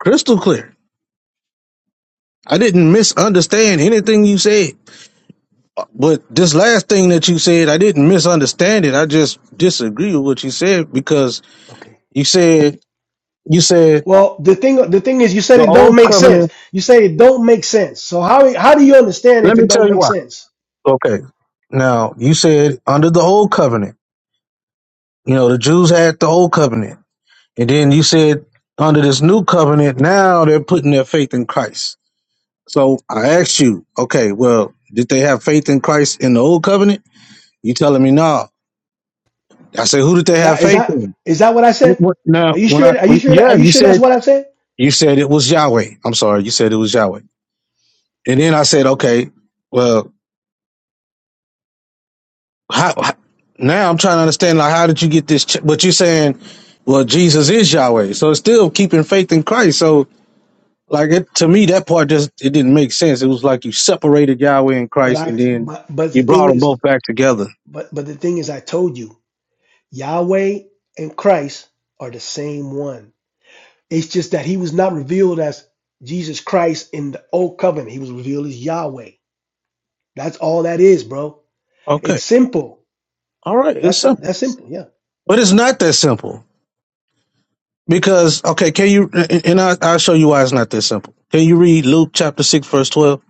crystal clear. I didn't misunderstand anything you said. But this last thing that you said, I didn't misunderstand it. I just disagree with what you said because Okay. you said you said Well, the thing the thing is, you said the it don't old make sense. covenant. You say it don't make sense. So how how do you understand Let if me it tell don't you make why. sense? Okay. Now you said under the old covenant, you know, the Jews had the old covenant, and then you said under this new covenant, now they're putting their faith in Christ. So I asked you, okay, well, did they have faith in Christ in the old covenant? You telling me no? I said, who did they Is have that is faith that in? is that what I It said? wa- Are Now you when I sure? Are you sure? That, are yeah, you you sure that's said what I said? you said it was Yahweh. I'm sorry, you said it was Yahweh, and then I said, okay, well. how, how- now I'm trying to understand like how did you get this ch- but you're saying well Jesus is Yahweh so it's still keeping faith in Christ so like it, to me that part just it didn't make sense it was like you separated Yahweh and But Christ I and then but, but the you brought thing them is, both back together but but the thing is, I told you, Yahweh and Christ are the same one. It's just that he was not revealed as Jesus Christ in the old covenant. He was revealed as Yahweh. That's all that is, bro. okay It's simple. all right it's That's simple that's simple. Yeah. but it's not that simple because okay can you and and I, I'll show you why it's not that simple can you read Luke chapter 6 verse 12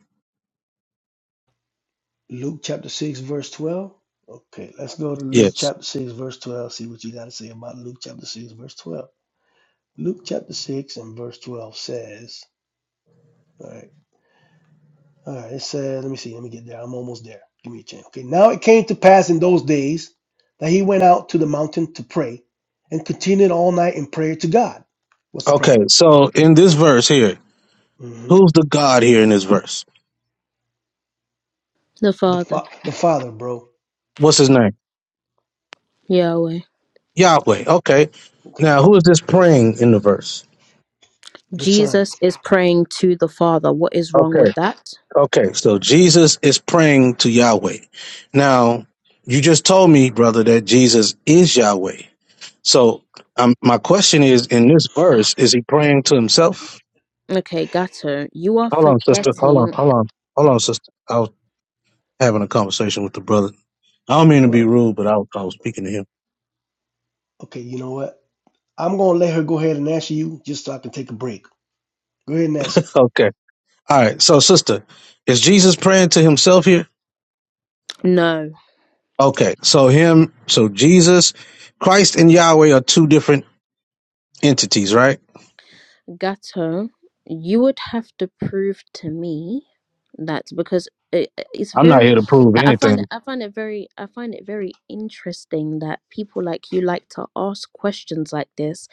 Luke chapter six verse twelve. Okay, let's go to Luke yes chapter six verse twelve. See what you got to say about Luke chapter six verse twelve. Luke chapter 6 and verse 12 says, all right, all right, it says, let me see, let me get there. I'm almost there. Give me a chance. Okay, now it came to pass in those days that he went out to the mountain to pray and continued all night in prayer to God. What's the okay problem? so in this verse here hmm who's the God here in this verse The The, Father, fa- the Father, bro. what's his name Yahweh. Yahweh. Okay. Okay, Now, who is this praying in the verse? the Son. Jesus is praying to the Father. What is wrong Okay. with that? Okay. So Jesus is praying to Yahweh. Now, you just told me, brother, that Jesus is Yahweh. So, um, my question is in this verse, is he praying to himself? Okay, Gato, you are Hold on, Yeah. sister. Hold on. forgetting. Hold on. Hold on, sister. I was having a conversation with the brother. I don't mean to be Well, rude, but I was, I was speaking to him. okay, you know what? I'm going to let her go ahead and answer you just so I can take a break. Go ahead and answer. Okay. All right. So, sister, is Jesus praying to himself here? No, Okay, so him, so Jesus, Christ, and Yahweh are two different entities, right? Gato, you would have to prove to me that because it, it's I'm not here very. to prove I find anything. I find it very I find it very interesting that people like you like to ask questions like this,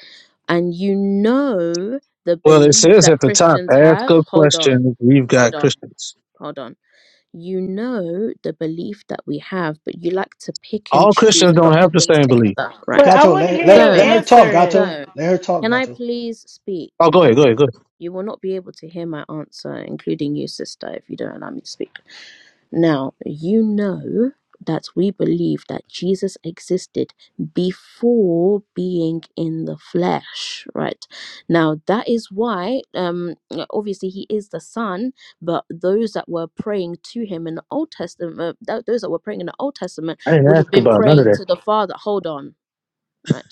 and you know the Well, it belief says that at the top, Christians ask have. a Hold on, question. We've hold got on, Christians. hold on. you know the belief that we have, but you like to pick and All choose Christians and don't not have put the things same belief. together, But right? I Gato, want let, to her, hear let, him let So, her talk, answer it. Gato. so Let her talk, can I Gato. please speak? Oh, go Thank ahead, you. go ahead, go ahead. You will not be able to hear my answer, including you, sister, if you don't allow me to speak. Now, you know that we believe that Jesus existed before being in the flesh, right? Now, that is why, um, obviously, he is the Son, but those that were praying to him in the Old Testament, uh, th- those that were praying in the Old Testament I didn't would have ask been about none of praying that. to the Father. Hold on. right?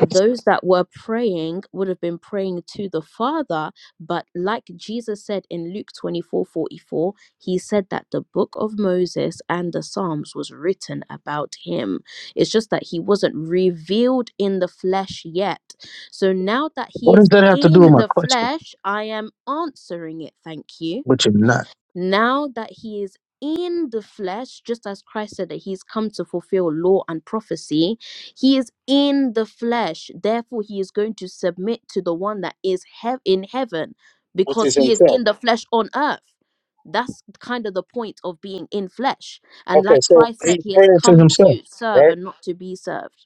Those that were praying would have been praying to the Father, but like Jesus said in Luke 24 44, he said that the book of Moses and the Psalms was written about him. It's just that he wasn't revealed in the flesh yet. So now that he What does is that have to do in with my the question? flesh, I am answering it. Thank you Which is not. now that he is in the flesh, just as Christ said that he's come to fulfill law and prophecy, he is in the flesh. Therefore, he is going to submit to the one that is hev- in heaven Which because is he is himself. in the flesh on earth. That's kind of the point of being in flesh. And Okay, like so Christ said, he's he has praying to come himself, to serve right? and not to be served.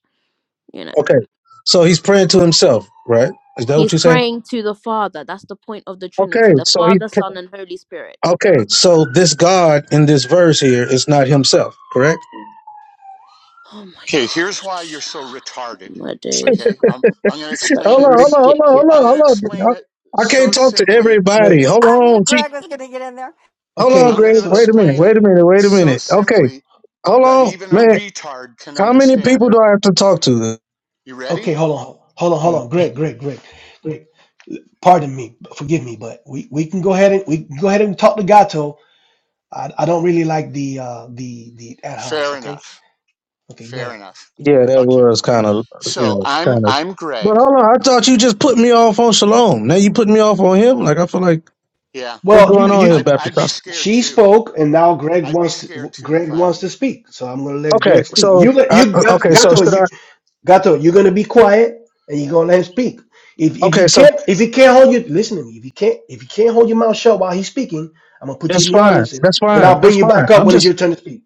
You know, Okay, so he's praying to himself, right? Is that what he's you're saying? praying to the Father. That's the point of the Okay, Trinity the so he. Father, Son, and Holy Spirit. Okay, so this God in this verse here is not himself, correct? Oh my Okay, here's why you're gosh, so retarded. my days. Okay, um, I'm going to Such explain Hold a it. on, hold on, hold on, ridiculous. hold i I'm on, going to hold explain on. it I I so can't talk to simply. everybody. Wait, Hold I knew on, gee. Greg was going to get in there. Hold on, I'm okay, Greg. going to Wait so a minute, explain wait it a minute, wait a so minute. Okay, simply hold that on, even a man. retard can How many understand people it. do I have to talk to? You ready? Okay, hold on, hold on, hold Oh, on. Greg, Y- Greg, Greg, Greg. Pardon me, forgive me, but we, we can go ahead and we can go ahead and talk to Gato. I, I don't really like the uh the the ad homs. Fair Okay, enough. okay, go Fair ahead. enough. yeah, that Okay, was kind of, you so know, I'm kind of. I'm But Greg. hold on, I thought you just put me off on Shalom. Now you put me off on him? Like, I feel like, Yeah, what's Well, going you on here, you I'd Baptist I'd be sh- Costa? scared she too. spoke, and now Greg I'd be wants to scared too if Greg I were wants to you. speak. So I'm gonna let Okay, Greg speak. so, You let- I, you okay, so Gato, should I? Gato, you're gonna be quiet and you're gonna let him speak. If if Okay, you so can't if he can't hold you listen to me, if you can't if you can't hold your mouth shut while he's speaking, I'm gonna put you That's in the fine. audience and, That's and fine. I'll That's bring you fine. back up I'm when it's just your turn to speak.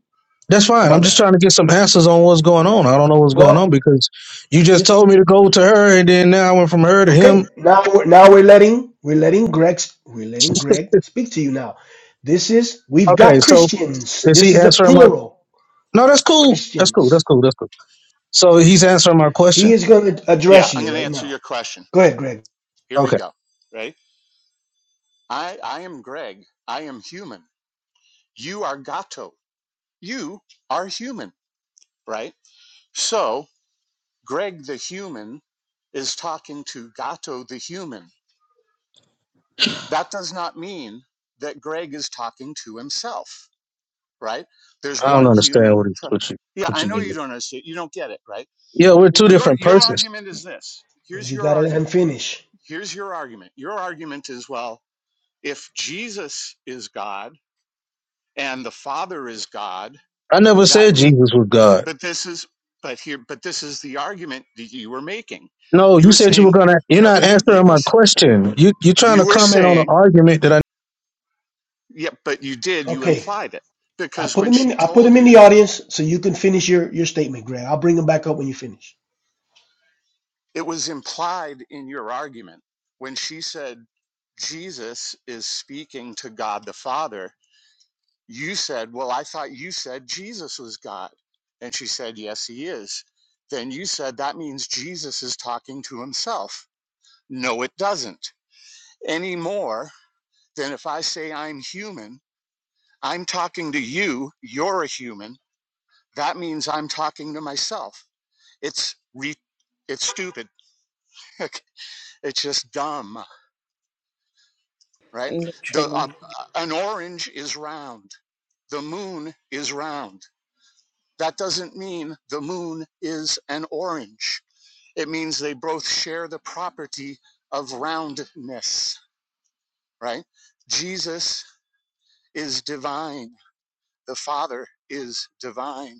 that's How fine. I'm about just that? trying to get some answers on what's going on. I don't know what's going on Well, because you just just told me to go to her and then now I went from her to okay. him. Now we're now we're letting we're letting Greg s- we're letting Greg speak to you now. This is we've Okay, got so Christians. is This he is a answering my plural. No, that's cool. That's cool. That's Christians. cool. That's cool. So he's answering my He question? is gonna Yeah, address I'm you going to right answer now. your question. Go ahead, Greg. Here we Okay. go. Ready? I I am Greg. I am human. You are Gato. You are human, right? So Greg the human is talking to Gato the human. That does not mean that Greg is talking to himself, right? There's I don't one understand human. what he, tr- what you yeah, what I you know getting. you at. don't understand. You don't get it, right? Yeah, we're two Your different your persons. argument is this. Here's You your gotta let him argument. finish. Here's your argument. Your argument is well, if Jesus is God and the Father is God, I never that said means Jesus was God. but this is but here but this is the argument that you were making No, you you were said you were saying gonna you're no not you you answering were my question. You you're trying you to were comment on an saying argument that I yeah but you did you Okay. implied it I because put when them in. she I put told them in you the audience so you can finish your your statement, Greg. I'll bring them back up when you finish. it was implied in your argument when she said jesus is speaking to god the father you said well i thought you said jesus was god and she said yes he is then you said that means jesus is talking to himself no it doesn't anymore then if I say I'm human, I'm talking to you, you're a human. That means I'm talking to myself. It's re- it's stupid. it's just dumb, right? The Literally. um, an orange is round. The moon is round. That doesn't mean the moon is an orange. It means they both share the property of roundness, right? Jesus is divine. The Father is divine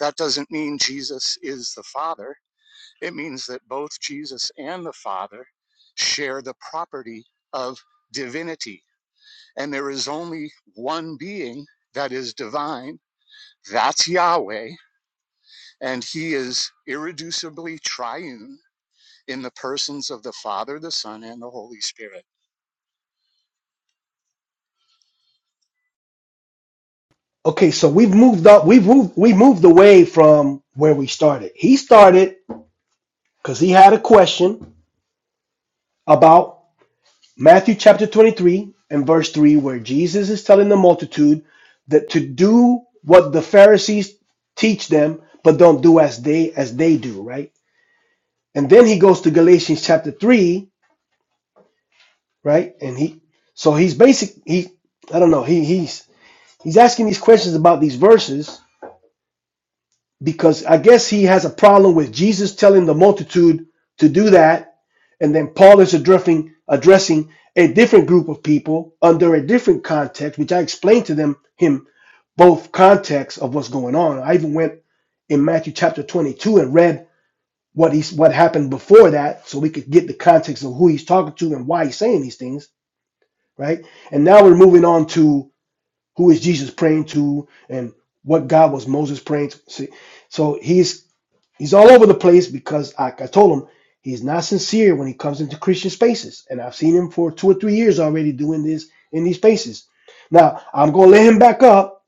That doesn't mean Jesus is the Father. It means that both Jesus and the Father share the property of divinity. And there is only one being that is divine. That's Yahweh. And he is irreducibly triune in the persons of the Father, the Son, and the Holy Spirit. Okay, so we've moved up. We've moved. We moved away from where we started. He started because he had a question about Matthew chapter twenty three and verse three, where Jesus is telling the multitude that to do what the Pharisees teach them, but don't do as they as they do, right? And then he goes to Galatians chapter three, right? And he so he's basic. He I don't know. He he's He's asking these questions about these verses because I guess he has a problem with Jesus telling the multitude to do that, and then Paul is addressing addressing a different group of people under a different context, which I explained to them him both contexts of what's going on. I even went in Matthew chapter 22 and read what he's what happened before that, so we could get the context of who he's talking to and why he's saying these things, right? And now we're moving on to who is Jesus praying to, and what God was Moses praying to. See, so he's he's all over the place because I, I told him he's not sincere when he comes into Christian spaces, and I've seen him for two or three years already doing this in these spaces. Now I'm gonna let him back up.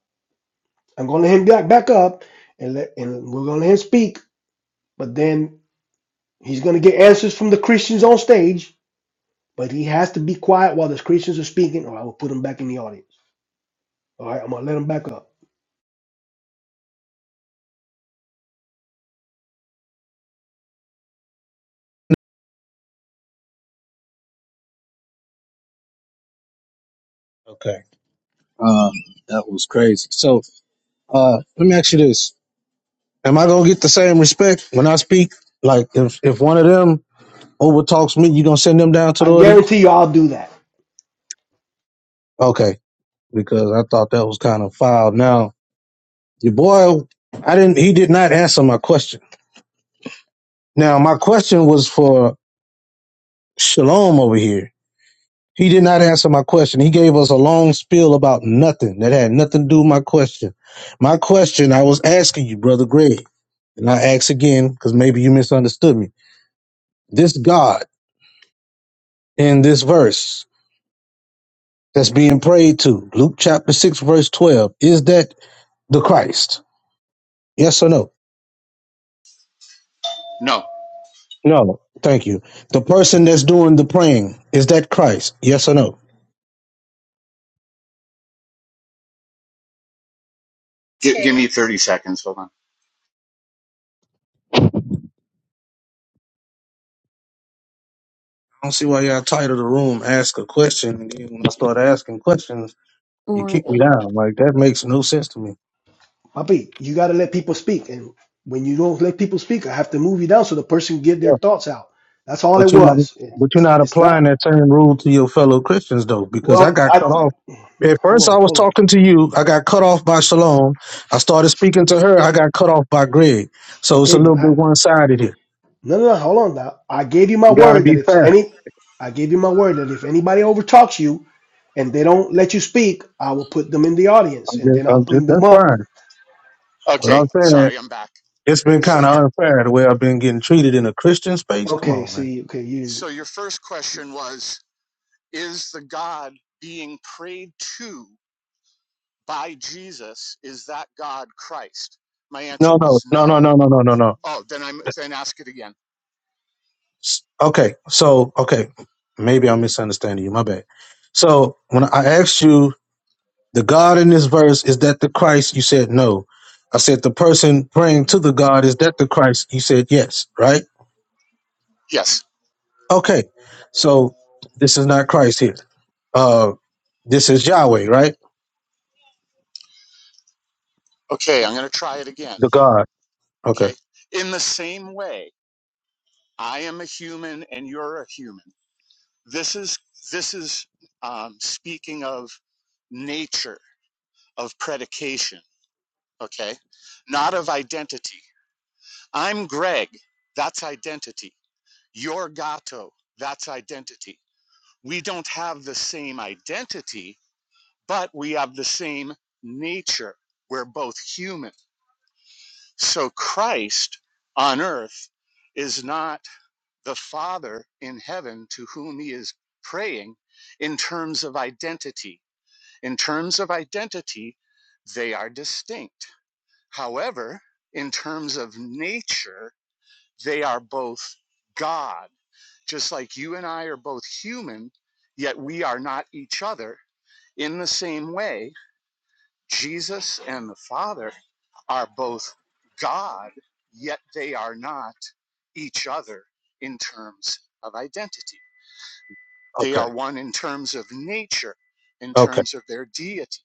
I'm gonna let him back back up, and let and we're gonna let him speak. But then he's gonna get answers from the Christians on stage. But he has to be quiet while the Christians are speaking, or I will put him back in the audience. All right, I'm gonna let him back up. Okay. Um, that was crazy. So Uh, let me ask you this: Am I gonna get the same respect when I speak? Like, if if one of them overtalks me, you gonna send them down to the I audience? guarantee you, I'll do that. Okay, because I thought that was kind of foul. Now, your boy, I didn't. He did not answer my question. Now, my question was for Shalom over here. He did not answer my question. He gave us a long spiel about nothing that had nothing to do with my question. My question I was asking you, brother Greg, and I ask again because maybe you misunderstood me. This God. in this verse that's being prayed to, Luke chapter 6, verse 12, is that the Christ? Yes or no? No, No. Thank you. The person that's doing the praying, is that Christ? Yes or no? gi- give me 30 seconds. Hold on. I don't see why y'all title the room, ask a question, and then when I start asking questions, you kick me Right, down. Like, that makes no sense to me. Papi, you got to let people speak. And when you don't let people speak, I have to move you down so the person can get their thoughts out. That's all But it you're not was. It, but you're it's not it's applying not. that same rule to your fellow Christians though, because I Well, got I cut off. At first hold I on, was hold on. talking to you, I got cut off by Shalom. I started speaking to her, I got cut off by Greg. So it's a Okay, little but bit I one sided here. no no no hold on. Now. I gave you my You gotta word that be if fair. any, I gave you my word that if anybody overtalks you and they don't let you speak, I will put them in the audience I'm and just, then I'll I'm just bring them that's up. fine. But Okay, Okay, I'm saying sorry, I'm back. it's been So kinda your unfair the way I've been getting treated in a Christian space. Come okay. on, man. See, okay, you. so your first question was is the God being prayed to by Jesus, is that God Christ? My answer No, no, was no, no, no. no, no, no, no, no. Oh, then I'm then ask it again. S- Okay, so okay, maybe I'm misunderstanding you. My bad. So when I asked you The God in this verse is that the Christ? You said no. I said the person praying to the God is that the Christ? You said yes, right? Yes. Okay. So this is not Christ here. Uh this is Yahweh, right? Okay, I'm going to try it again. The God. Okay. Okay. In the same way, I am a human and you're a human. This is this is um, speaking of nature of predication. Okay, not of identity. I'm Greg. That's identity. You're Gato. That's identity. We don't have the same identity but we have the same nature. We're both human. So Christ on earth is not the Father in heaven to whom he is praying in terms of identity. In terms of identity, they are distinct. However, in terms of nature, they are both God. Just like you and I are both human, yet we are not each other in the same way Jesus and the Father are both God, yet they are not each other in terms of identity. They Okay. are one in terms of nature, in Okay. terms of their deity.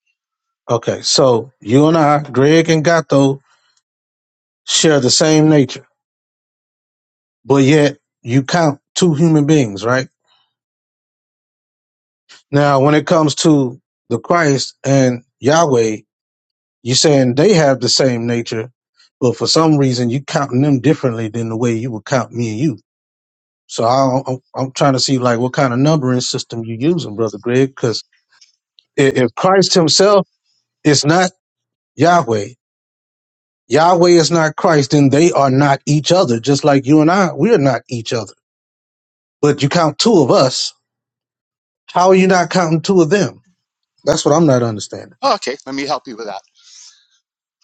Okay. So you and I, Greg and Gato, share the same nature, but yet you count two human beings, right? Now, when it comes to the Christ and Yahweh, You're saying they have the same nature, but for some reason you counting them differently than the way you would count me and you. So I don't, I'm, I'm trying to see like what kind of numbering system you using, brother Greg, because if, if Christ Himself is not Yahweh, Yahweh is not Christ, then they are not each other. Just like you and I, we are not each other. But you count two of us. How are you not counting two of them? That's what I'm not understanding Oh, Okay, let me help you with that.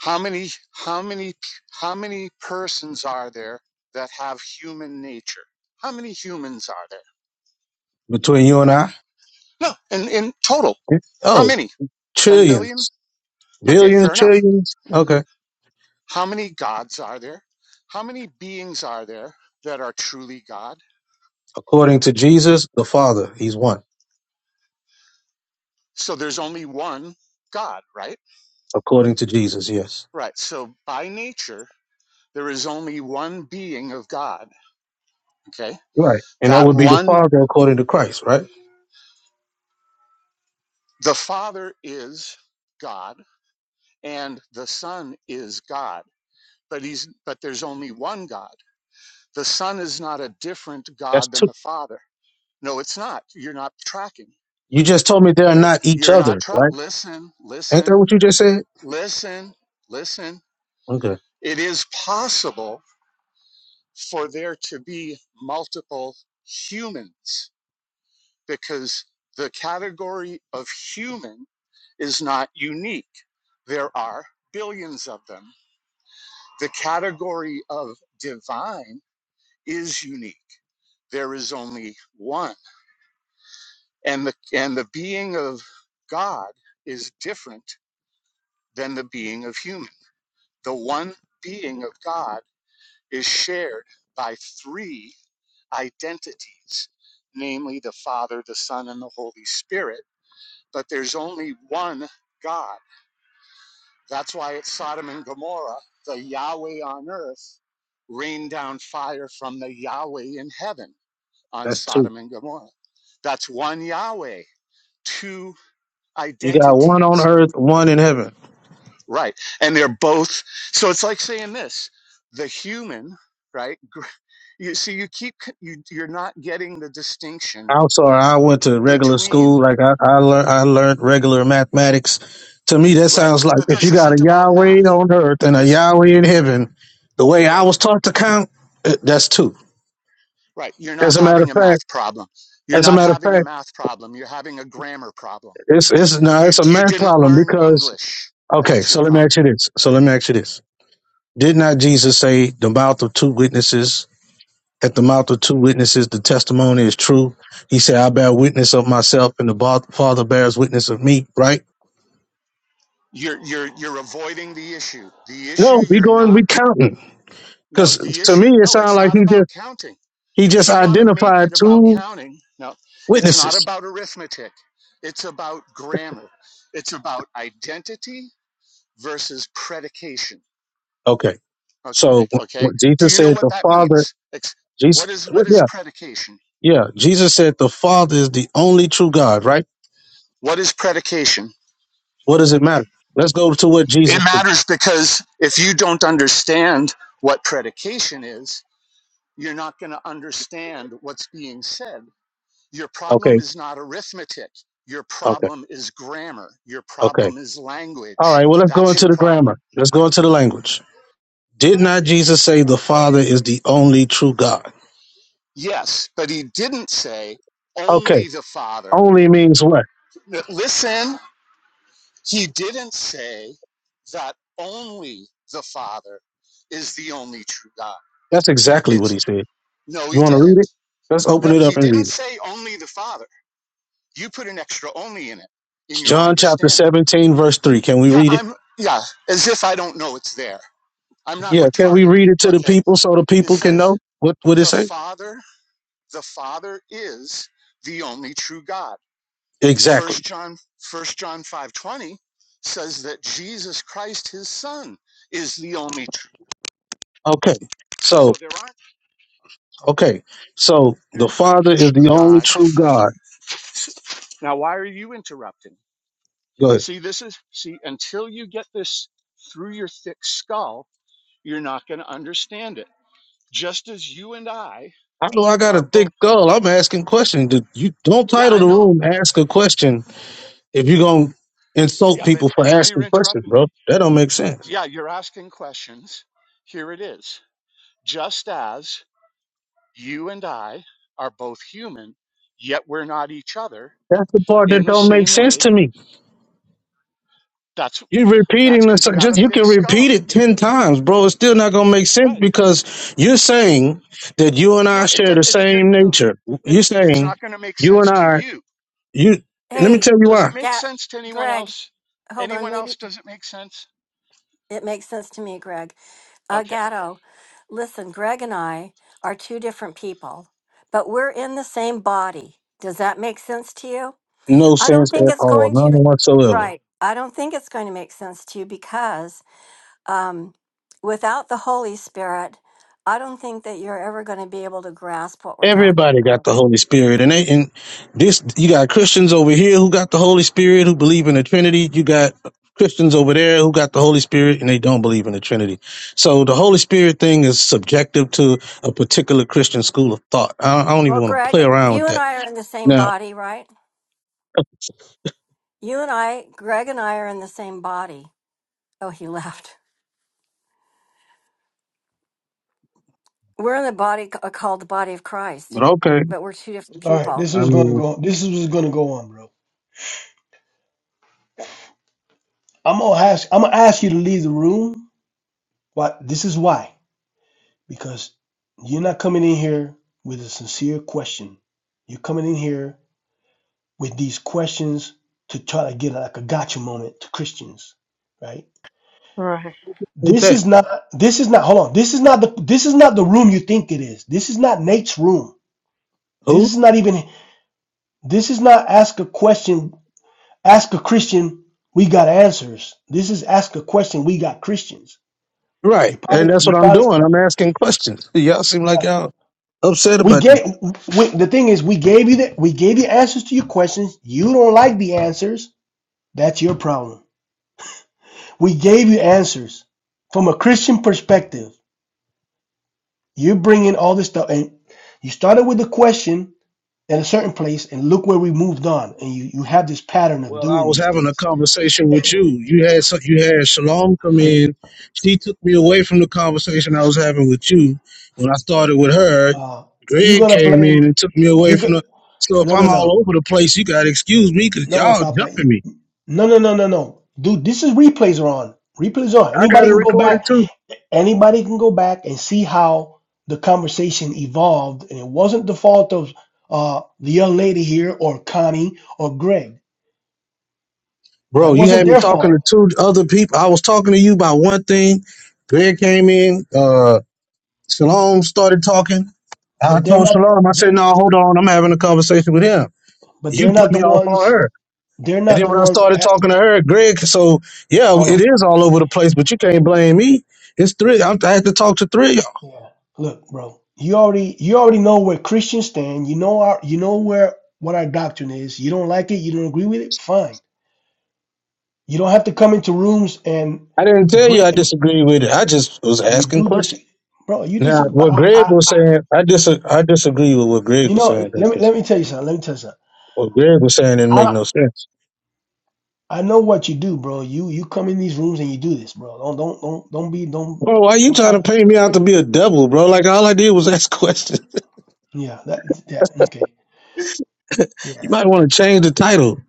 How many how many how many persons are there that have human nature? How many humans are there? between you and I. No, in, in total. How Oh, many? 10 billion? trillions, Okay, billions, fair enough. trillions. Okay. How many gods are there? How many beings are there that are truly God? According to Jesus, the Father, he's one. So there's only one God, right? According to Jesus, yes. Right. So by nature, there is only one being of God. Okay. Right. And that That would be the one, Father according to Christ, right? the Father is God and the Son is God. But he's but there's only one God. The Son is not a different That's God than two. the Father. No, it's not. You're not tracking. You just told me they're not each You're not other, tra- right? listen, Ain't that listen, what you just said? listen, listen. Okay. It is possible for there to be multiple humans because the category of human is not unique. There are billions of them. The category of divine is unique. There is only one. And the, and the being of God is different than the being of human. The one being of God is shared by three identities, namely the Father, the Son, and the Holy Spirit. But there's only one God. That's why it's Sodom and Gomorrah, the Yahweh on earth rained down fire from the Yahweh in heaven on That's two. Sodom and Gomorrah. That's one Yahweh, two You got one on identities, earth, one in heaven. right? And they're both, so it's like saying this the human, right? You see, you keep, you, you're not getting the distinction I'm sorry, I went to regular between school. Like I, I learned I learned regular mathematics. To me, that Right. sounds like But if you this got a isn't about Yahweh math. on earth and a This, Yahweh in heaven, the way I right, was taught to count, eh, that's two. right. You're not As a matter of having a fact, math problem. You're as a not matter of fact. having a math problem. You're having a grammar problem. It's it's no, You, it's a you math didn't problem learn because English. okay, That's your so let me ask problem. you this. So let me ask you this. Did not Jesus say the mouth of two witnesses, at the mouth of two witnesses the testimony is true? He said, I bear witness of myself and the ba- father bears witness of me, right? You're, you're, you're avoiding the issue. The issue No, we you're going not, we counting. no, Because the to me issue, it no, sounds it's like not he about just counting. he just You want to make identified it about two counting. No, it's not witnesses. about arithmetic. It's about grammar. It's about identity versus predication. Okay. Okay, So okay. when Do Jesus you know said what the that Father means? It's, Jesus what is what is yeah, predication? yeah. Jesus said the Father is the only true God, right? What is predication? What does it matter? Let's go to what It Jesus. pre- matters because if you don't understand what predication is, you're not going to understand what's being said. Your problem Okay, is not arithmetic. Your okay, problem is grammar. Your okay. problem is All language. right. Well, let's go That's into your the problem. grammar. Let's go into the language. Did not Jesus say the Father is the only true God? Yes, but he didn't say Okay. only the Father. Only means what? Listen, He didn't say that only the Father is the only true God. That's exactly what It's he said. no, he You want to read didn't. it? Let's No, open it up he and didn't read it. say only the Father. You put an extra only in it in your John chapter understanding. 17, verse 3. Can we Yeah, read it? I'm yeah, as if I don't know it's there. I'm not Yeah, can we retarded, read it to the okay? people so the It people can says know what what it the say? Father, the Father is the only true God. First Exactly. John First John 5:20 says that Jesus Christ his son is the only Okay. So So, there aren't, okay. So the there's Father is true the only God. true God. Now, why are you interrupting? Go ahead. See, this is, see, until you get this through your thick skull, you're not going to understand it. Just as you and I I know I got a are thick both, skull. I'm asking questions. Dude, You don't yeah, title I the know. room "Ask a Question" if you're gonna insult Yeah, but, people for and now you're asking questions, interrupting bro. me. That don't make sense. Yeah, you're asking questions. Here it is. Just as you and I are both human, yet we're not each other That's the part in that the don't make same sense way, to me. that's, You're that's repeating this. because you have a Just you thick can repeat skull. it ten times, bro. It's still not gonna make sense Right. because you're saying that you and I No, it, share do- the it's you're same no, nature. it, You're it's saying not going to make you and sense to I. you. You It, let me Hey, tell you does why. it make yeah, sense to anyone Greg, else? hold on. Anyone else? Maybe Does it make sense? it makes sense to me, Greg. Uh, Okay. Gatto, listen, Greg and I are two different people, but we're in the same body. Does that make sense to you? No I don't sense think at it's all. going None to. whatsoever. Right. I don't think it's going to make sense to you because um, without the Holy Spirit, I don't think that you're ever going to be able to grasp what we're talking Everybody got about. the Holy Spirit, and they and this you got Christians over here who got the Holy Spirit who believe in the Trinity. You got Christians over there who got the Holy Spirit and they don't believe in the Trinity. So the Holy Spirit thing is subjective to a particular Christian school of thought. I, I don't even Well, want to Greg, play around with you and that I are in the same now. body, right? You and I, Greg and I are in the same body. Oh, he left. We're in the body c- uh, called the body of But Christ, okay, but we're two different All right, this people. I was gonna mean go. This was gonna go on, bro. I'm gonna ask. I'm gonna ask you to leave the room. What? This is why. because you're not coming in here with a sincere question. You're coming in here with these questions to try to get like a gotcha moment to Christians, right? right, with This that is not this is not hold on. This is not the this is not the room you think it is. This is not Nate's room. This who is not even this is not ask a question, ask a Christian, we got answers. This is ask a question, we got Christians. You right, and probably that's you what I'm probably doing. I'm asking questions. Y'all seem like right. y'all upset We about that. gave we, the thing is we gave you the we gave you answers to your questions. You don't like the answers. That's your problem. We gave you answers from a Christian perspective. You're bringing all this stuff, and you started with a question at a certain place, and look where we moved on. And you you have this pattern of Well, I doing was these having a things. conversation with And, you. You had some, you had Shalom come and, in. She took me away from the conversation I was having with you. When I started with her, uh, you're Greg gonna came in blame and took me away you. from Go, the. So if no I'm no all no over the place, you gotta excuse me because no, y'all Papa. jumping me. No no no no no. Dude, this is replays are on. Replays are on. I got Anybody it can go recorded back too, Anybody can go back and see how the conversation evolved, and it wasn't the fault of uh, the young lady here or Connie or Greg. bro. That You wasn't had me their talking to fault. two other people. I was talking to you about one thing. Greg came in. Uh, Shalom started talking. I But they're told not. Shalom, I said, They're, "No, hold on. I'm having a conversation with him." but You they're put not the me off on ones. her. They're And not then the when I ones started at. talking to her, Greg, so yeah, it Hold is all over the place, but you can't blame me. It's three. I'm, I had to talk to three of y'all. on. Yeah. Look, bro. You already you already know where Christians stand. You know our you know where what our doctrine is. You don't like it. You don't agree with it. Fine. You don't have to come into rooms and I didn't tell you bring. I And disagree with it. I just was you asking do this, questions. bro. You Now, disagree. But what I, Greg was I saying, I dis- I disagree with what Greg You was know, saying. let me because let me tell you something. Let me tell you something. What Greg was saying didn't make I no sense. I know what you do, bro. You you come in these rooms and you do this, bro. Don't don't don't don't be don't Bro, why you don't try. trying to paint me out to be a devil, bro? Like all I did was ask questions. Yeah, that that okay. You Yeah. might want to change the title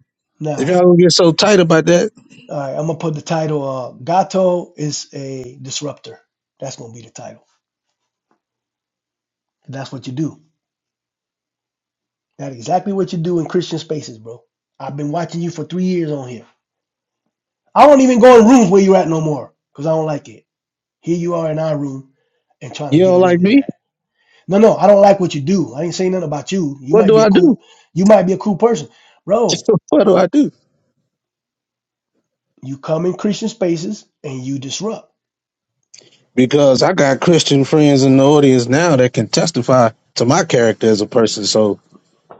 if Nah. y'all don't get so tight about that. All right. I'm gonna put the title. Uh, Gato is a disruptor. That's gonna be the title. That's what you do. That's exactly what you do in Christian spaces, bro. I've been watching you for three years on here. I won't even go in rooms where you're at no more because I don't like it. Here you are in our room and trying You to get don't away like with me? that. No, no, I don't like what you do. I ain't saying nothing about you. You What might do be I a do? cool, you might be a cool person, bro. what do I do? You come in Christian spaces and you disrupt, Because I got Christian friends in the audience now that can testify to my character as a person. So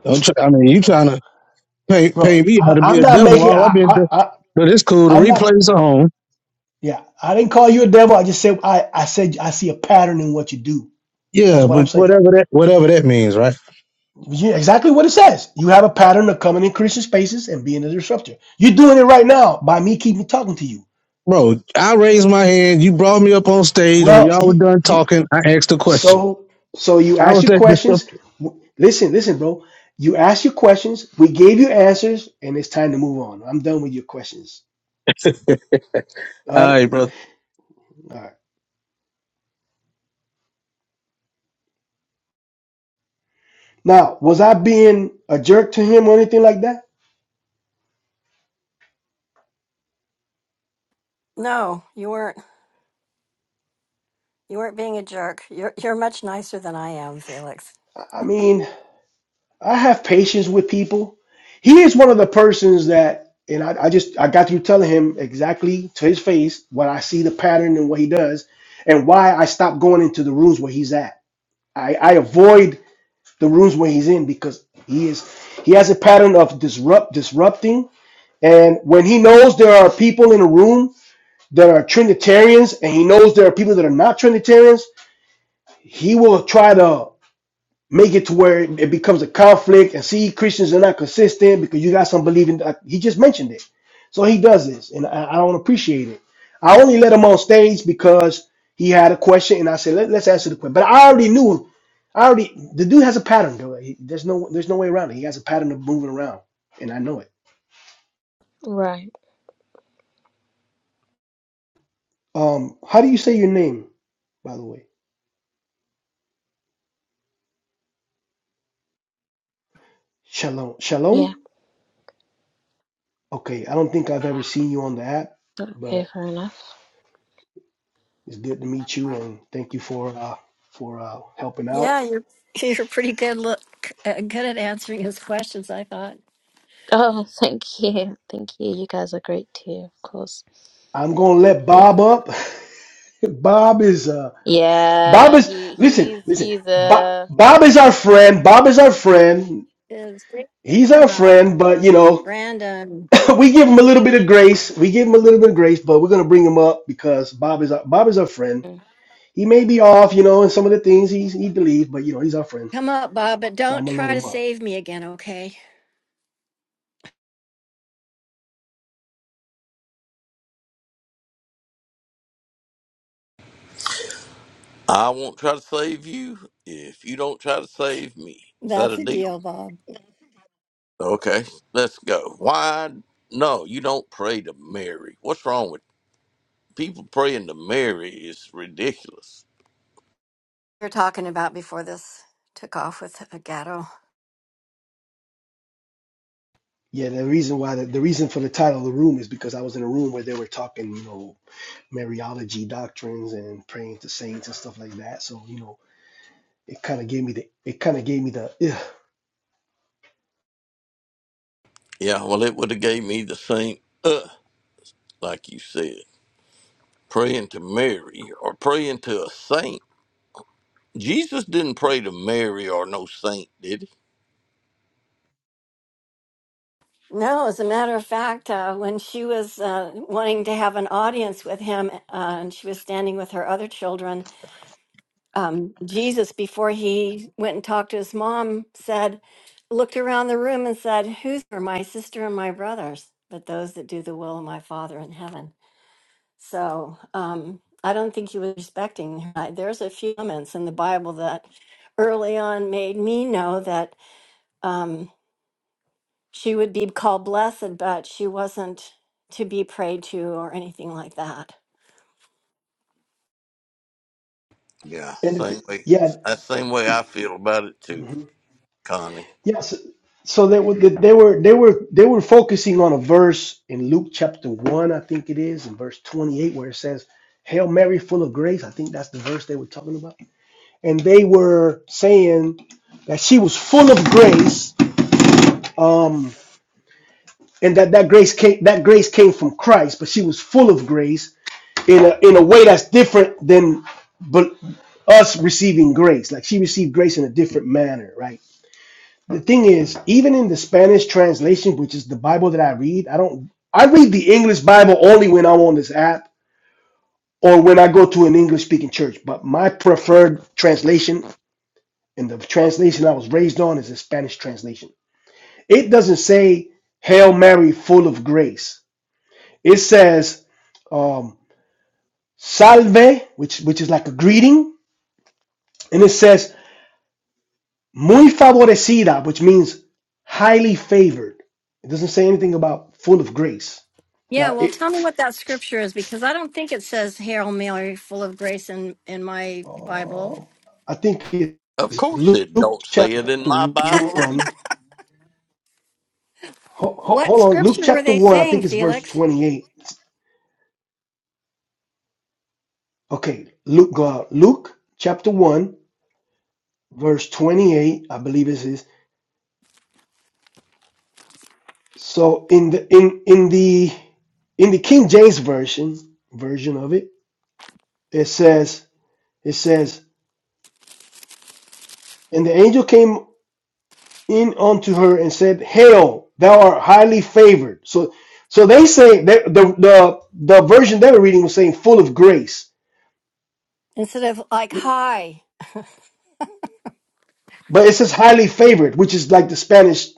don't try, I mean you trying bro. to pay pay Bro, me how I, to be I'm a not devil? making. All I've I, been, I, do- I, but it's cool. The I'm not. replay's on. Yeah, I didn't call you a devil. I just said I, I said I see a pattern in what you do. That's Yeah, what I'm but saying. whatever that whatever that means, right? Yeah, exactly what it says. You have a pattern of coming in Christian spaces and being a disruptor. You're doing it right now by me keeping talking to you. Bro, I raised my hand. You brought me up on stage. When Well, y'all were you, done you. talking, I asked a question. So, so you How ask was your that questions. disruptive? W- Listen, listen, bro. You ask your questions. We gave you answers, and it's time to move on. I'm done with your questions. All All right, right, bro. all right. Now, was I being a jerk to him or anything like that? No, you weren't. You weren't being a jerk. You're you're much nicer than I am, Felix. I I mean, I have patience with people. He is one of the persons that, and I, I just I got through telling him exactly to his face what I see the pattern and what he does, and why I stopped going into the rooms where he's at. I, I avoid the rooms where he's in because he is he has a pattern of disrupt disrupting and when he knows there are people in a room that are trinitarians and he knows there are people that are not trinitarians he will try to make it to where it becomes a conflict and see Christians are not consistent because you got some believing he just mentioned it. So he does this and I, I don't appreciate it. I only let him on stage because he had a question and I said, Let, let's answer the question. But I already knew I already the dude has a pattern though. He- There's no there's no way around it. He has a pattern of moving around and I know it. right. Um how do you say your name by the way? Shalom. Yeah, Shalom? Okay, I don't think I've ever seen you on the app, but okay, fair enough. It's good to meet you, and thank you for uh, for uh, helping out. Yeah, you're you're pretty good look uh, good at answering his questions. I thought Oh, thank you, thank you. You guys are great too, of course. I'm gonna let Yeah, Bob up. Bob is uh, Bob yeah. is He, listen, he's, listen. he's Bob a. Bob is our friend. Bob is our friend. is bring bring He's our him up, friend, but you know Brandon. we give him a little bit of grace. We give him a little bit of grace, but we're gonna bring him up because Bob is our, Bob is our friend. He may be off, you know, in some of the things he he believes, but you know he's our friend, Come up, Bob, but so I'm don't gonna let try to him up. save me again. Okay, I won't try to save you if you don't try to save me. Is that That's a a deal? deal, Bob. Okay, let's go. Why? No, you don't pray to Mary. What's wrong with people praying to Mary? Is ridiculous. we are talking about before this took off with a Gatto. Yeah, the reason why the, the reason for the title of the room is because I was in a room where they were talking, you know Mariology doctrines and praying to saints and stuff like that. So you know, it kind of gave me the it kind of gave me the yeah, Yeah, well, it would have gave me the same uh, like you said, praying to Mary or praying to a saint. Jesus didn't pray to Mary or no saint, did he? No, as a matter of fact, uh, when she was uh, wanting to have an audience with him, uh, and she was standing with her other children, um, Jesus, before he went and talked to his mom, said, looked around the room and said, "Who's are my sister and my brothers? But those that do the will of my Father in heaven." So um, I don't think he was respecting. her. I- There's a few moments in the Bible that early on made me know that. Um, she would be called blessed, but she wasn't to be prayed to or anything like that. Yeah, and same it, way. yeah, That same way I feel about it too, hmm Connie. yeah. So, so they were they were they were they were focusing on a verse in Luke chapter one, I think it is, in verse twenty eight, where it says, "Hail Mary, full of grace." I think that's the verse they were talking about, and they were saying that she was full of grace, um, and that that grace came that grace came from Christ, but she was full of grace in a in a way that's different than but us receiving grace. Like she received grace in a different manner, right? The thing is, even in the Spanish translation, which is the Bible that I read, I don't I read the English Bible only when I'm on this app or when I go to an English speaking church. But my preferred translation and the translation I was raised on is the Spanish translation. It doesn't say Hail Mary full of grace. It says um, salve, which which is like a greeting, and it says Muy favorecida, which means highly favored. It doesn't say anything about full of grace. Yeah, Now, well, tell it, me what that scripture is because I don't think it says "Hail Mary, full of grace" in in my Bible. um, I think it's Of course, it Luke don't say chapter it in my Bible 1. Ho- ho- What hold on. Luke scripture were chapter they 1, I think saying, it's verse Felix? 28. Okay, Luke, go out. Luke chapter 1, verse 28, I believe it is. So in the in in the in the King James version version of it, it says it says, and the angel came. in unto her and said, Hail, thou art highly favored. So so they say that the the, the version they were reading was saying full of grace. Instead of like, hi, But it says highly favored, which is like the Spanish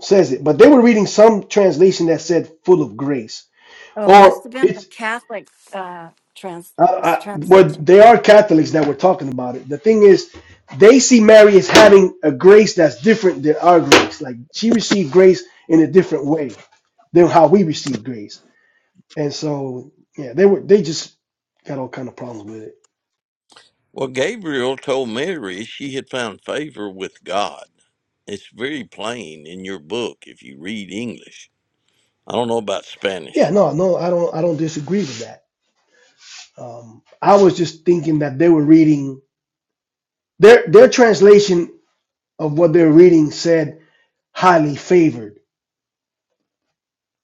says it. But they were reading some translation that said full of grace. Oh, Or must have been the it's Catholic. uh, trans- I, I, well, translation. they are Catholics that were talking about it. The thing is, they see Mary as having a grace that's different than our grace. Like she received grace in a different way than how we receive grace. And so yeah, they were they just got all kind of problems with it. Well, Gabriel told Mary she had found favor with God. It's very plain in your book if you read English. I don't know about Yeah, Spanish. no, no, I don't I don't disagree with that. Um, I was just thinking that they were reading their their translation of what they're reading said highly favored,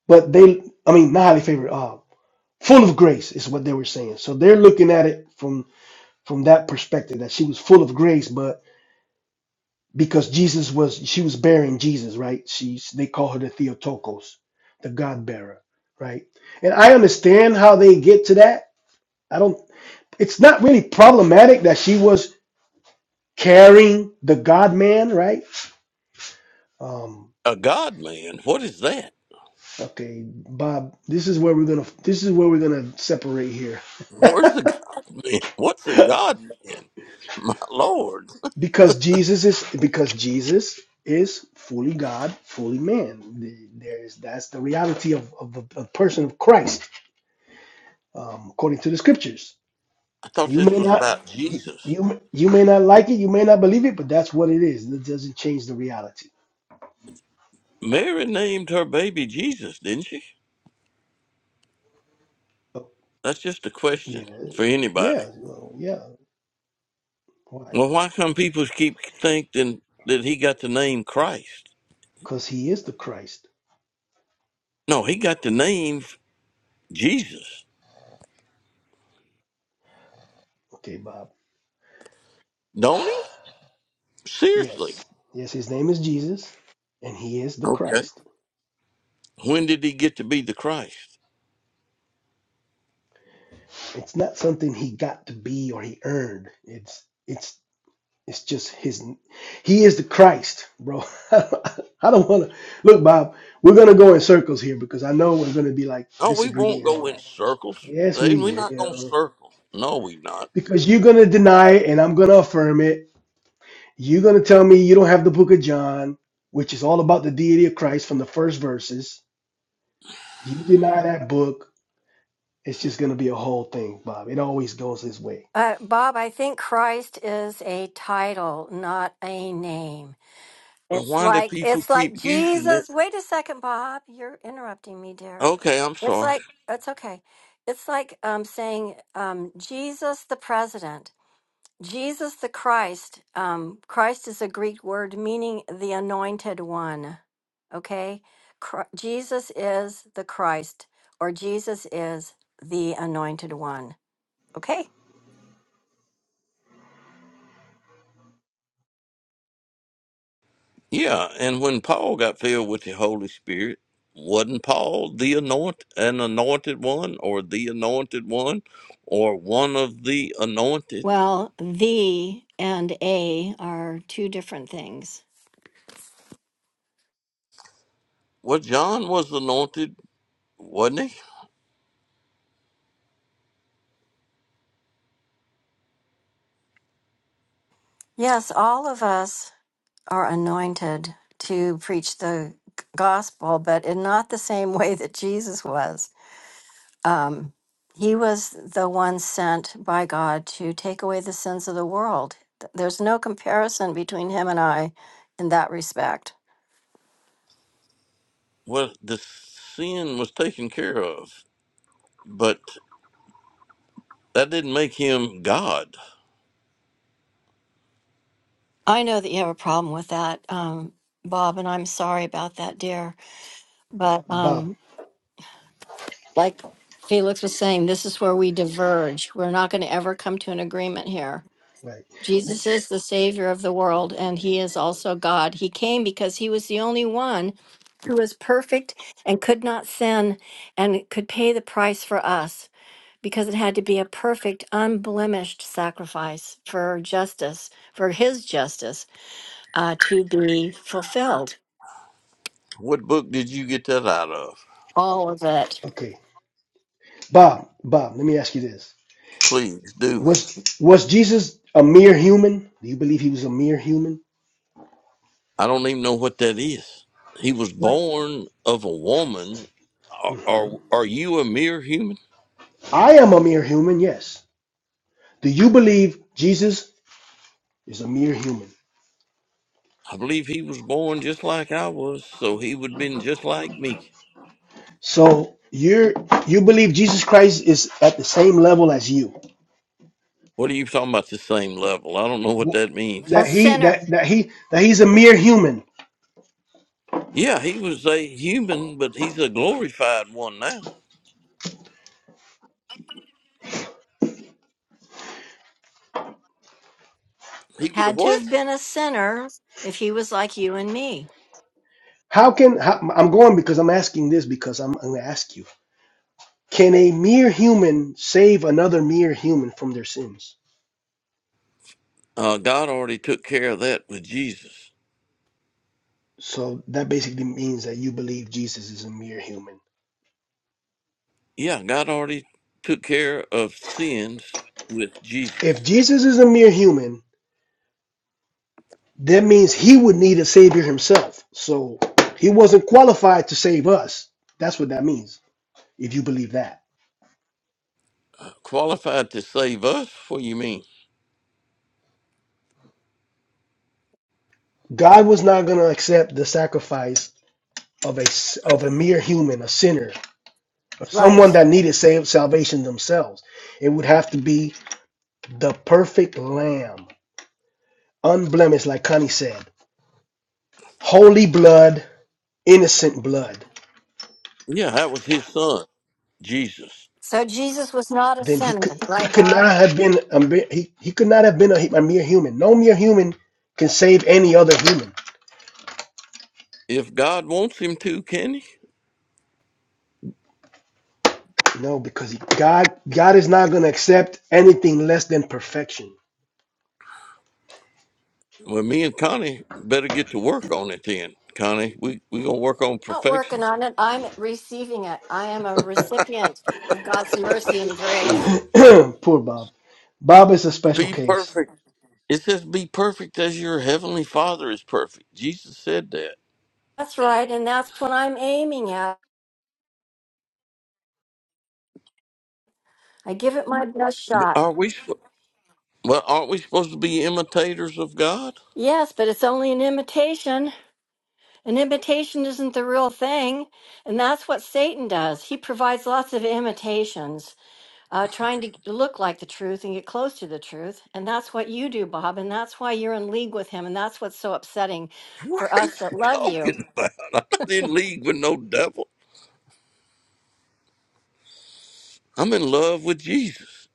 but they I mean not highly favored, uh, full of grace is what they were saying. So they're looking at it from from that perspective that she was full of grace, but because Jesus was she was bearing Jesus, right? She's they call her the Theotokos, the God bearer, right? And I understand how they get to that. I don't. It's not really problematic that she was carrying the God man, right? Um, A God man? What is that? okay, Bob, this is where we're gonna this is where we're gonna separate here Where's the God man? What's a God man? My Lord. because Jesus is because Jesus is fully God, fully man. There's that's the reality of, of a a person of Christ um, according to the scriptures I thought You this may was not about you, Jesus. you you may not like it, you may not believe it, but that's what it is. It doesn't change the reality. Mary named her baby Jesus, didn't she? Oh, That's just a question yeah, for anybody. yeah, well, yeah. Why? Well, why come people keep thinking that he got the name Christ? Because he is the Christ. No, he got the name Jesus. Okay, Bob. Don't he? Yes, Seriously. yes. His name is Jesus, and he is the Okay. Christ. When did he get to be the Christ? It's not something he got to be or he earned. It's it's it's just his. He is the Christ, bro. I don't want to look, Bob. We're gonna go in circles here because I know we're gonna be like Oh, we disagreeing won't and go all that. in circles. Yes, They- we We're not going to will. circle. No, we not. Because you're going to deny it and I'm going to affirm it. You're going to tell me you don't have the book of John, which is all about the deity of Christ from the first verses. You deny that book, it's just going to be a whole thing, Bob. It always goes this way. Uh, Bob, I think Christ is a title, not a name. But It's why do like people it's like keep using it? Jesus. Wait a second, Bob. You're interrupting me, dear. Okay, I'm It's sorry. like it's okay. It's like um, saying um, Jesus the president, Jesus the Christ. Um, Christ is a Greek word meaning the anointed one. Okay, Chri- Jesus is the Christ, or Jesus is the anointed one. Okay. Yeah, and when Paul got filled with the Holy Spirit, wasn't Paul the anoint an anointed one or the anointed one or one of the anointed? Well, the and a are two different things. Well, John was anointed, wasn't he? Yes, all of us are anointed to preach the gospel, but in not the same way that Jesus was. Um, he was the one sent by God to take away the sins of the world. Th- There's no comparison between him and I in that respect. Well, the sin was taken care of, but That didn't make him God. I know that you have a problem with that, um, Bob, and I'm sorry about that, dear. But Bob, um, like Felix was saying, this is where we diverge. We're not going to ever come to an agreement here right. Jesus is the Savior of the world, and He is also God. He came because He was the only one who was perfect and could not sin and could pay the price for us because it had to be a perfect, unblemished sacrifice for justice, for His justice uh, to be fulfilled. What book did you get that out of? All of it. Okay. Bob, Bob, let me ask you this. Please do. Was was Jesus a mere human? Do you believe he was a mere human? I don't even know what that is. He was Like born of a woman. Are, are, Mhm. are you a mere human? I am a mere human, yes. Do you believe Jesus is a mere human? I believe he was born just like I was, so he would have been just like me. So you're you believe Jesus Christ is at the same level as you. What are you talking about the same level? I don't know what Wh- that A That means. he sinner that that he that he's a mere human. Yeah, he was a human, but he's a glorified one now. He would have had to what? have been a sinner if He was like you and me. How can how, I'm going because I'm asking this because I'm, I'm going to ask you. Can a mere human save another mere human from their sins? Uh, God already took care of that with Jesus. So that basically means that you believe Jesus is a mere human. Yeah, God already took care of sins with If Jesus. Jesus is a mere human, that means he would need a savior himself. So he wasn't qualified to save us. That's what that means if you believe that. Uh, qualified to save us? What do you mean? God was not going to accept the sacrifice of a of a mere human, a sinner, of someone Right. that needed save, salvation themselves. It would have to be the perfect lamb, unblemished, like Connie said, holy blood, innocent blood. Yeah, that was his son, Jesus. So Jesus was not a Then he sinner, could he right, could Bob? not have been a, he, he could not have been a, a mere human. No mere human can save any other human. If God wants him to, can he? No, because God God is not going to accept anything less than perfection. Well, me and Connie better get to work on it then. Connie, we we gonna work on not perfection. working on it. I'm receiving it. I am a recipient of God's mercy and grace. Poor Bob. Bob is a special Be case. perfect. It says, "Be perfect as your heavenly Father is perfect." Jesus said that. That's right. And that's what I'm aiming at. I give it my best But shot. are we? sp- Well, aren't we supposed to be imitators of God? Yes, but it's only an imitation. An imitation isn't the real thing. And that's what Satan does. He provides lots of imitations, uh, trying to look like the truth and get close to the truth. And that's what you do, Bob. And that's why you're in league with him. And that's what's so upsetting What for are you us that love you. talking about? I'm not in league with no devil. I'm in love with Jesus.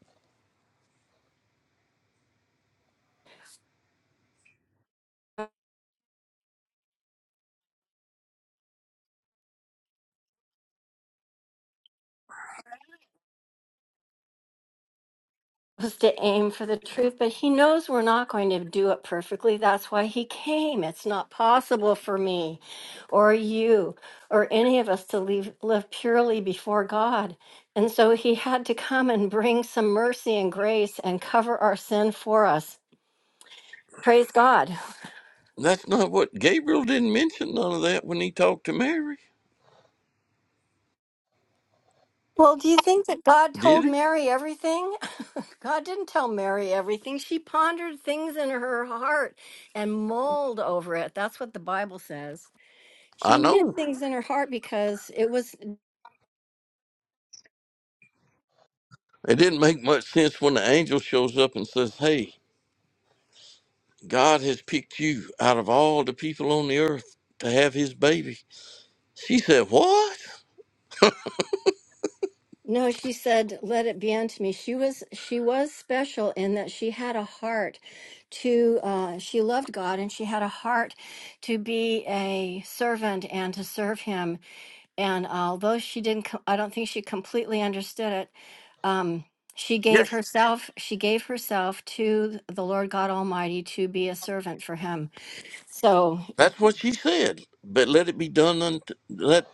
was to aim for the truth, but he knows we're not going to do it perfectly. That's why he came. It's not possible for me or you or any of us to leave, live purely before God. And so he had to come and bring some mercy and grace and cover our sin for us. Praise God. That's not what Gabriel didn't mention none of that when he talked to Mary, Well, do you think that God did told he? Mary everything? God didn't tell Mary everything. She pondered things in her heart and mulled over it. That's what the Bible says. I She hid know. things in her heart because it was It didn't make much sense when the angel shows up and says, Hey, God has picked you out of all the people on the earth to have his baby. She said, What? no, she said, let it be unto me. She was she was special in that she had a heart to uh she loved God and she had a heart to be a servant and to serve him. And although she didn't co- I don't think she completely understood it, um she gave Yes. herself she gave herself to the Lord God Almighty to be a servant for him. So, That's what she said. But let it be done unto let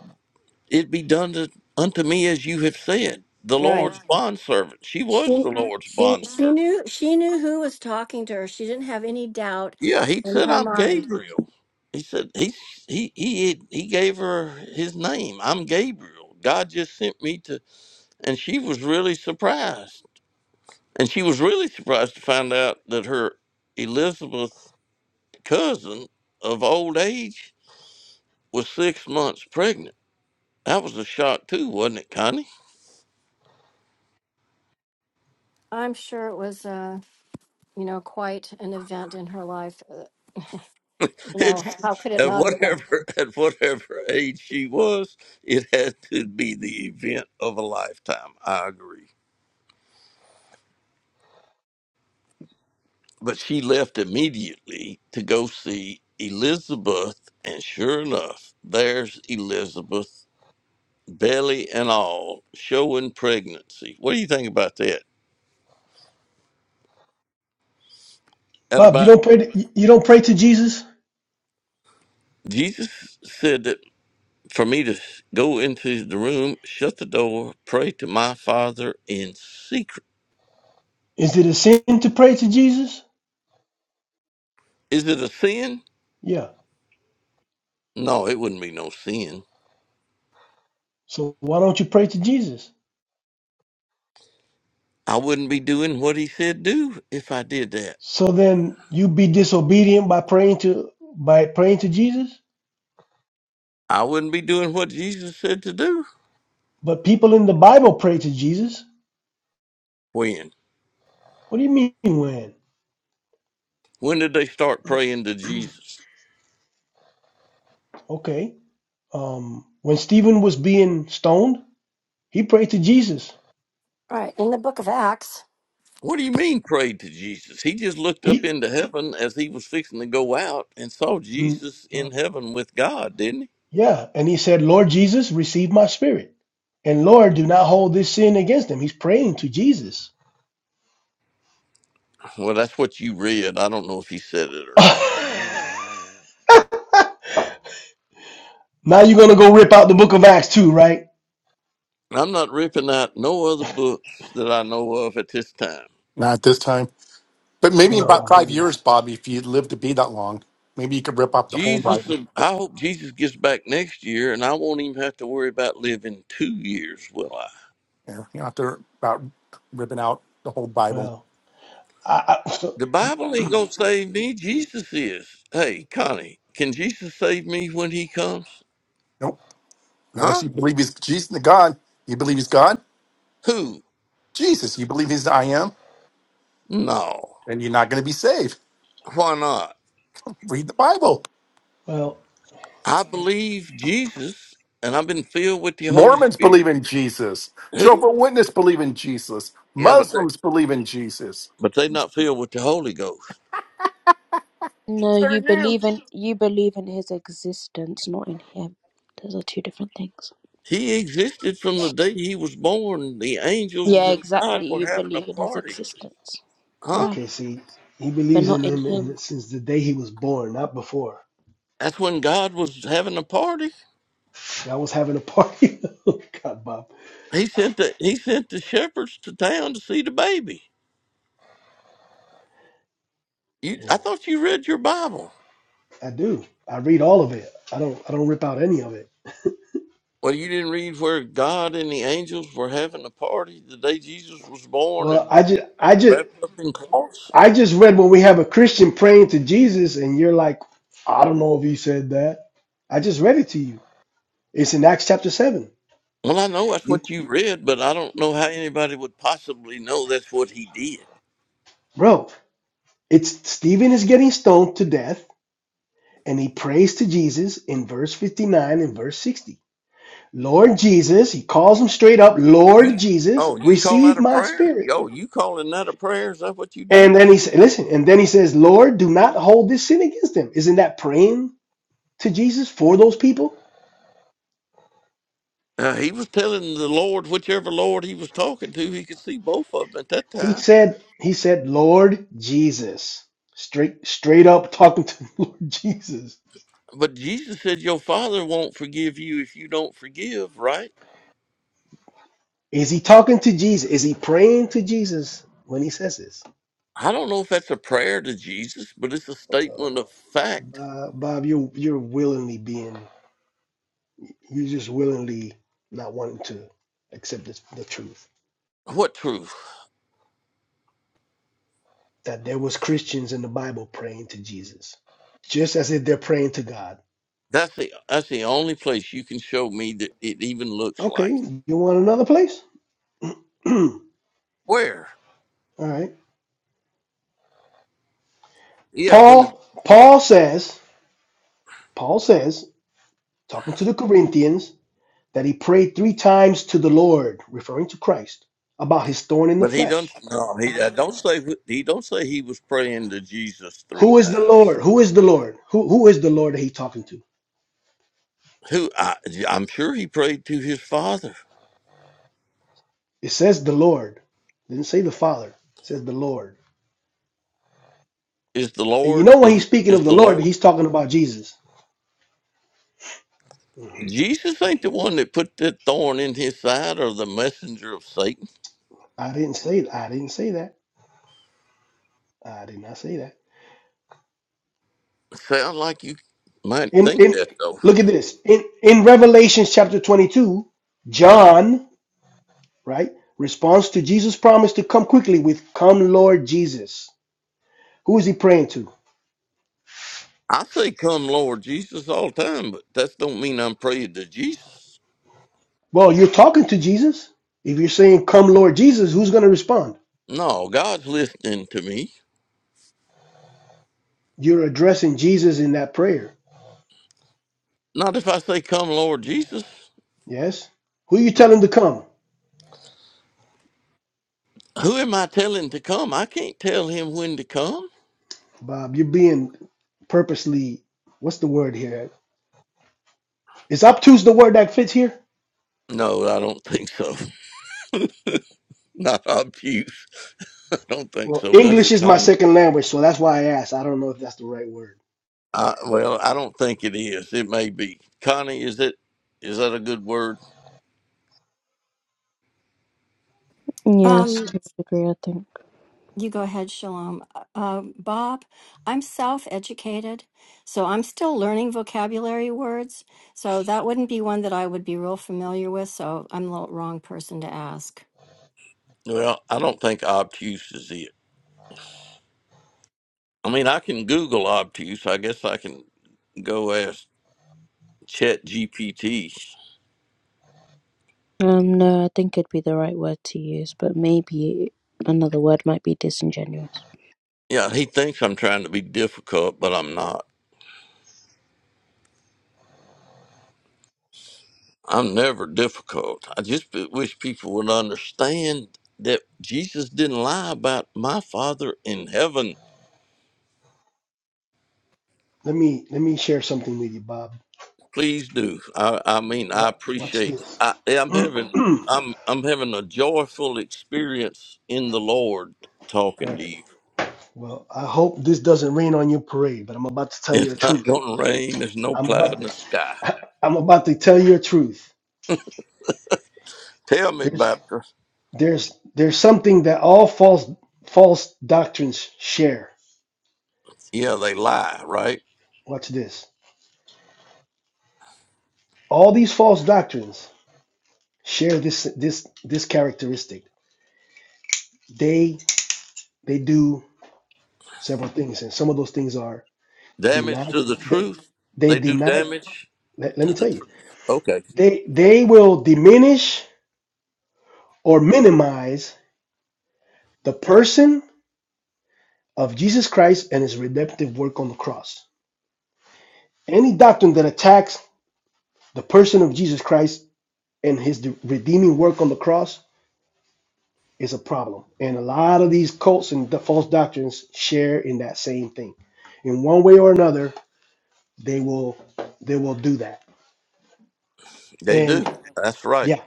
it be done to, unto me as you have said. The right. Lord's bondservant. She was She the Lord's she she bondservant. knew she knew who was talking to her. She didn't have any doubt Yeah, he in said her I'm mind. Gabriel. He said he he he he gave her his name. I'm Gabriel. God just sent me to, and she was really surprised. And she was really surprised to find out that her Elizabeth cousin of old age was six months pregnant. That was a shock too, wasn't it, Connie? I'm sure it was uh, you know, quite an event in her life. Uh, you It's, know, how could it at not have been? All whatever at whatever age she was, it had to be the event of a lifetime. I agree. But she left immediately to go see Elizabeth, and sure enough, there's Elizabeth, belly and all, showing pregnancy. What do you think about that? At Bob, you about don't pray. To, you don't pray to Jesus. Jesus said that for me to s- go into the room, shut the door, pray to my Father in secret. Is it a sin to pray to Jesus? Is it a sin? Yeah. No, it wouldn't be no sin. So why don't you pray to Jesus? I wouldn't be doing what he said do if I did that. So then you be disobedient by praying to by praying to Jesus. I wouldn't be doing what Jesus said to do. But people in the Bible pray to Jesus. When? What do you mean when? When did they start praying to Jesus? Okay. Um, when Stephen was being stoned, he prayed to Jesus. right, in the book of Acts. What do you mean prayed to Jesus? He just looked up He. into heaven as he was fixing to go out and saw Jesus in heaven with God, didn't he? Yeah. And he said, Lord Jesus, receive my spirit. And Lord, do not hold this sin against him. He's praying to Jesus. Well, that's what you read. I don't know if he said it or not. now you're going to go rip out the book of Acts too, right? I'm not ripping out no other books that I know of at this time. Not this time. But maybe in Oh my No. about five goodness. years, Bobby, if you live to be that long, maybe you could rip up the whole Jesus, Bible. uh, I hope Jesus gets back next year and I won't even have to worry about living two years, will I? Yeah, you don't have to about ripping out the whole Bible. Well, I, I The Bible ain't gonna save me. Jesus is. Hey, Connie, can Jesus save me when he comes? Nope. Unless Huh? you believe he's Jesus the God. You believe he's God? Who? Jesus. You believe he's the I am, No. then you're not going to be saved. Why not? Read the Bible. well, I believe Jesus and I've been filled with the Holy Mormons Spirit. believe in Jesus. Who? Jehovah Witness believe in Jesus. Yeah, but they Muslims believe in Jesus. but they not filled with the Holy Ghost. No, Neither are you you. believe in you believe in his existence, not in him. Those are two different things. He existed from the day he was born. The angels Yeah, and God exactly. were You having a believe in his party. existence. Huh? Right. okay, see, he But believes in not in him in the, him. since the day he was born, not before. That's when God was having a party. I was having a party. God, Bob. He sent the he sent the shepherds to town to see the baby. You, I Yeah, thought you read your Bible. I do. I read all of it. I don't I don't rip out any of it. Well, you didn't read where God and the angels were having a party the day Jesus was born, and. Well, I just I just wrapped up in cloths? I just read when we have a Christian praying to Jesus, and you're like, I don't know if he said that. I just read it to you. It's in Acts chapter 7. Well, I know that's You, what you read, but I don't know how anybody would possibly know that's what he did. bro, it's Stephen is getting stoned to death, and he prays to Jesus in verse 59 and verse 60. Lord Jesus, he calls him straight up, You, Lord Jesus, oh, you call that receive a my prayer? spirit. Yo, you calling that a prayer? Is that what you And doing? then he said, listen, and then he says, Lord, do not hold this sin against them. Isn't that praying to Jesus for those people? Uh, he was telling the Lord, whichever Lord he was talking to, he could see both of them at that He time. said, he said, Lord Jesus. Straight straight up talking to Lord Jesus. But Jesus said, "Your Father won't forgive you if you don't forgive." Right? Is he talking to Jesus? Is he praying to Jesus when he says this? I don't know if that's a prayer to Jesus, but it's a statement of fact. Uh, Bob, you're you're willingly being you're just willingly not wanting to accept the, the truth What truth? that there was Christians in the Bible praying to Jesus, just as if they're praying to God. That's the that's the only place you can show me that it even looks Okay, like. it. you want another place? All Where? right. Yeah, when the Paul Paul says Paul says talking to the Corinthians that he prayed three times to the Lord, referring to Christ, about his thorn in the but he don't flesh. no he I don't say he don't say he was praying to Jesus three Who is the times. Lord? Who is the Lord? Who, who is the Lord that he's talking to? Who I I'm sure he prayed to his father. It says the Lord. It didn't say the Father. It says the Lord. Is the And you Lord know when he's is speaking is of the the Lord, Lord he's talking about Jesus. Mhm. Jesus ain't the one that put that thorn in his side or the messenger of Satan. I didn't say that. I didn't say that. I did not say that. Sound like you might In think in that though. look at this. In in Revelation chapter 22, John, right, responds to Jesus' promise to come quickly with come Lord Jesus. Who is he praying to? I say come Lord Jesus all the time, but that don't mean I'm praying to Jesus. Well, you're talking to Jesus. If you're saying, Come, Lord Jesus, who's going to respond? No, God's listening to me. You're addressing Jesus in that prayer. Not if I say come Lord Jesus. Yes? Who are you telling to come? Who am I telling to come? I can't tell him when to come. Bob, you're being purposely, what's the word here? Is obtuse the word that fits here? No, I don't think so. Not obtuse. I don't think Well, so. Does English it, is my Connie? second language, so that's why I asked. I don't know if that's the right word. I, well, I don't think it is. It may be. Connie, is it? Is that a good word? Yes, Um to a degree I think. you go ahead, Shalom. Uh, Bob, I'm self-educated, so I'm still learning vocabulary words. So that wouldn't be one that I would be real familiar with, so I'm the wrong person to ask. Well, I don't think obtuse is it. I mean, I can Google obtuse. I guess I can go ask Chat GPT. Um, no, I think it'd be the right word to use, but maybe another word might be disingenuous. Yeah, he thinks I'm trying to be difficult, but I'm not. I'm never difficult. I just b- wish people would understand that Jesus didn't lie about my Father in heaven. Let me let me share something with you, Bob. Please do. I, I mean, I What, watch appreciate. this. I, yeah, I'm having. All I'm I'm having a joyful experience in the Lord talking to right. you. Well, I hope this doesn't rain on your parade, but I'm about to tell you the It's not truth. going to rain. There's no I'm cloud about in the to sky. I'm about to tell you a truth. Tell me, There's Baptist. there's there's something that all false false doctrines share. Yeah, they lie, right? Watch this. All these false doctrines share this this this characteristic. They they do several things, and some of those things are Damage deny to the they truth. they They do deny damage let, let to me the tell you. truth. Okay, They they will diminish or minimize the person of Jesus Christ and his redemptive work on the cross. Any doctrine that attacks The person of Jesus Christ and his redeeming work on the cross is a problem. And a lot of these cults and the false doctrines share in that same thing. In one way or another, they will they will do that. they And do. That's right. yeah,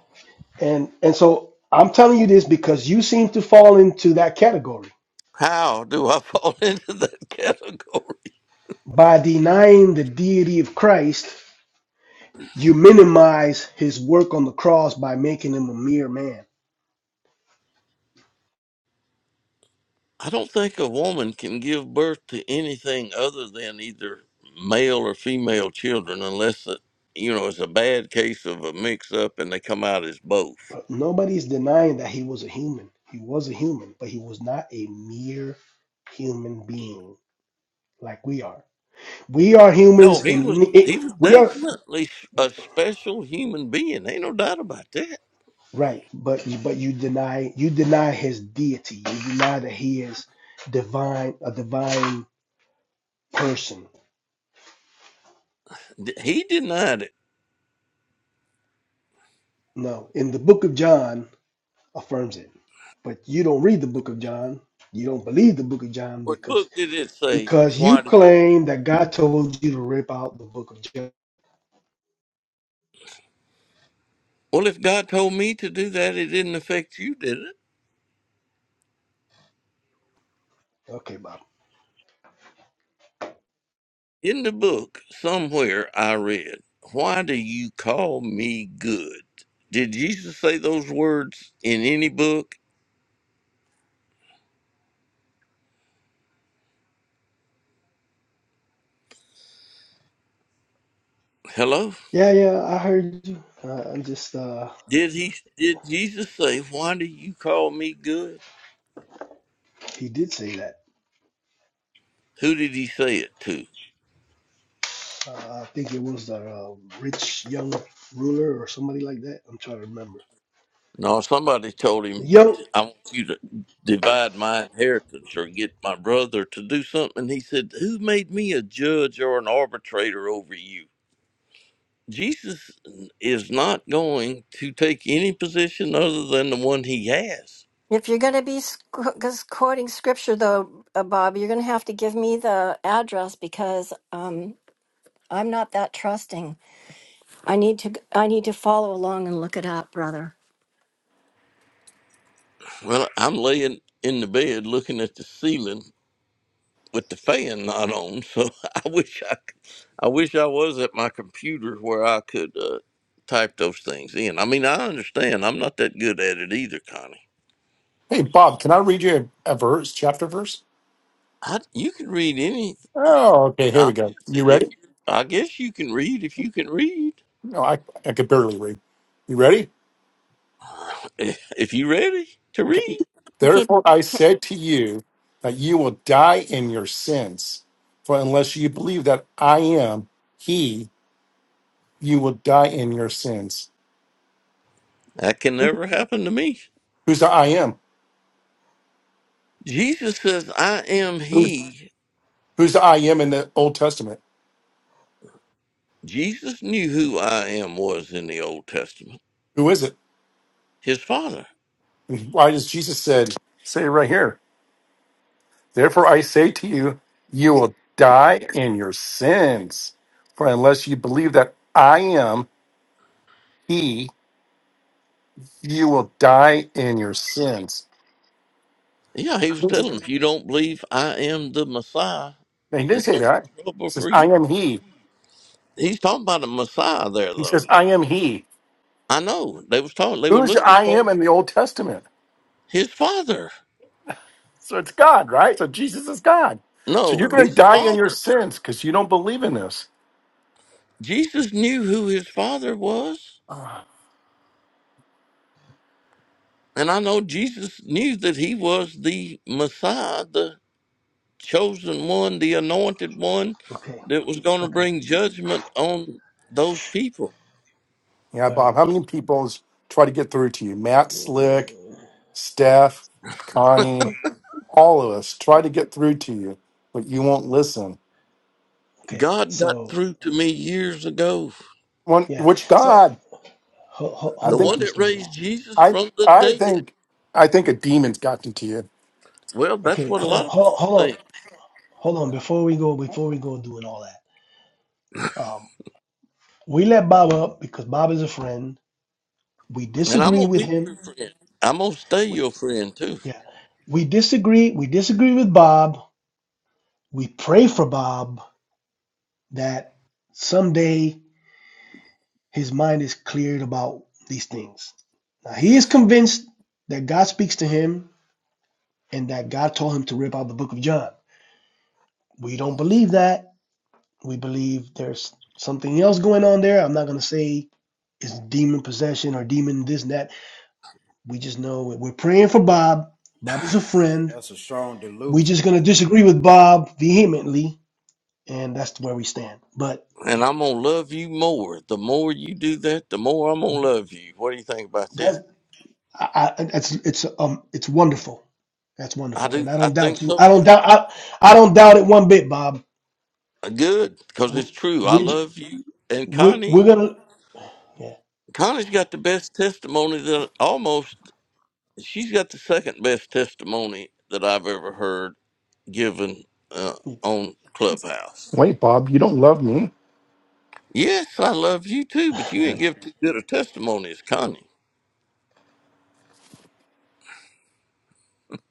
and and so I'm telling you this because you seem to fall into that category. How do I fall into that category? By denying the deity of Christ, you minimize his work on the cross by making him a mere man. I don't think a woman can give birth to anything other than either male or female children unless it, you know it's a bad case of a mix up and they come out as both. Nobody's denying that he was a human. He was a human, but he was not a mere human being like we are. We are No, humans, he was and it, he was we are definitely a special human being. Ain't no doubt about that. right. But but you deny you deny his deity. You deny that he is divine, a divine person. D- He denied it. No, in the book of John affirms it, but you don't read the book of John. You don't believe the book of John What because book did it say? because you Why? Did, claim that God told you to rip out the book of John. well, if God told me to do that, it didn't affect you, did it? Okay, Bob. In the book, somewhere I read, Why do you call me good? Did Jesus say those words in any book? Hello? Yeah, yeah, I heard you. Uh, I'm just, uh, Did he did Jesus say, Why do you call me good? he did say that. Who did he say it to? Uh, I think it was the um, rich young ruler or somebody like that. I'm trying to remember. No, somebody told The him young. I want you to divide my inheritance or get my brother to do something. He said, Who made me a judge or an arbitrator over you? Jesus is not going to take any position other than the one he has. If you're going to be sc- 'cause quoting scripture, though, uh, Bob, you're going to have to give me the address because um, I'm not that trusting. I need to. I need to follow along and look it up, brother. Well, I'm laying in the bed looking at the ceiling with the fan not on, so I wish I, could- I wish I was at my computer where I could uh, type those things in. I mean, I understand I'm not that good at it either, Connie. Hey, Bob, can I read you a, a verse, chapter verse? I, you can read any. Oh, okay. Here I I we go. guess You ready? if I guess you can read if you can read. No, I, I could barely read. You ready? If you ready to Okay. read, Okay. Therefore, I said to you that you will die in your sins. For unless you believe that I am He, you will die in your sins. that can never happen to me. Who's the I am? Jesus says, I am Who's he. who's the I am in the Old Testament? Jesus knew who I am was in the Old Testament. Who is it? His father. And why does Jesus said say it right here? Therefore, I say to you, you will die in your sins. For unless you believe that I am He, you will die in your sins. Yeah, he was telling him, if you don't believe I am the Messiah, No, he didn't it's say going to be that. He trouble says, for I you. am he. He's talking about the Messiah there, He though. says, I am he. I know. They was talking, they were Who's the looking I for am in the Old Testament? his father. So it's God, right? So Jesus is God. So you're No, going to his die in your father. sins because you don't believe in this. Jesus knew who his father was. Ah. And I know Jesus knew that he was the Messiah, chosen one, the anointed one Okay, that was going to okay, bring judgment on those people. Yeah, all Bob, right. how many people's try to get through to you? Matt Slick, Uh, Steph, Connie, all of us try to get through to you, but you won't listen. Okay, God got so, through to me years ago. One, yeah. which So, God? ho- ho- I The hold think on, one that Mr. Bill. raised Jesus I from the I dead. think I think a demon's gotten to you. Well, that's Okay, what a hold lot on, of hold on, people hold on. think. Hold on, before we go, before we go doing all that, um, we let Bob up because Bob is a friend. We And I'm disagree going to with be your him. friend. I'm going to stay We, your friend too. yeah, we disagree. We disagree with Bob. We pray for Bob that someday his mind is cleared about these things. Now, he is convinced that God speaks to him and that God told him to rip out the book of John. We don't believe that. We believe there's something else going on there. I'm not going to say it's demon possession or demon this and that. We just know we're praying for Bob. Bob is a friend. That's a strong delusion. We're just going to disagree with Bob vehemently, and that's where we stand. But And I'm going to love you more. The more you do that, the more I'm going to love you. What do you think about that's that? I, I, it's it's um it's wonderful That's I wonderful, and do. I I don't think doubt you. so I don't too. doubt. I, I don't doubt it one bit, Bob. Good, because We it's true. I we love you. And we- Connie we're gonna. Yeah, Connie's got the best testimony that almost she's got the second best testimony that I've ever heard given uh, on Clubhouse. Wait, Bob, you don't love me. Yes, I love you too, but you ain't give too good a testimony as Connie.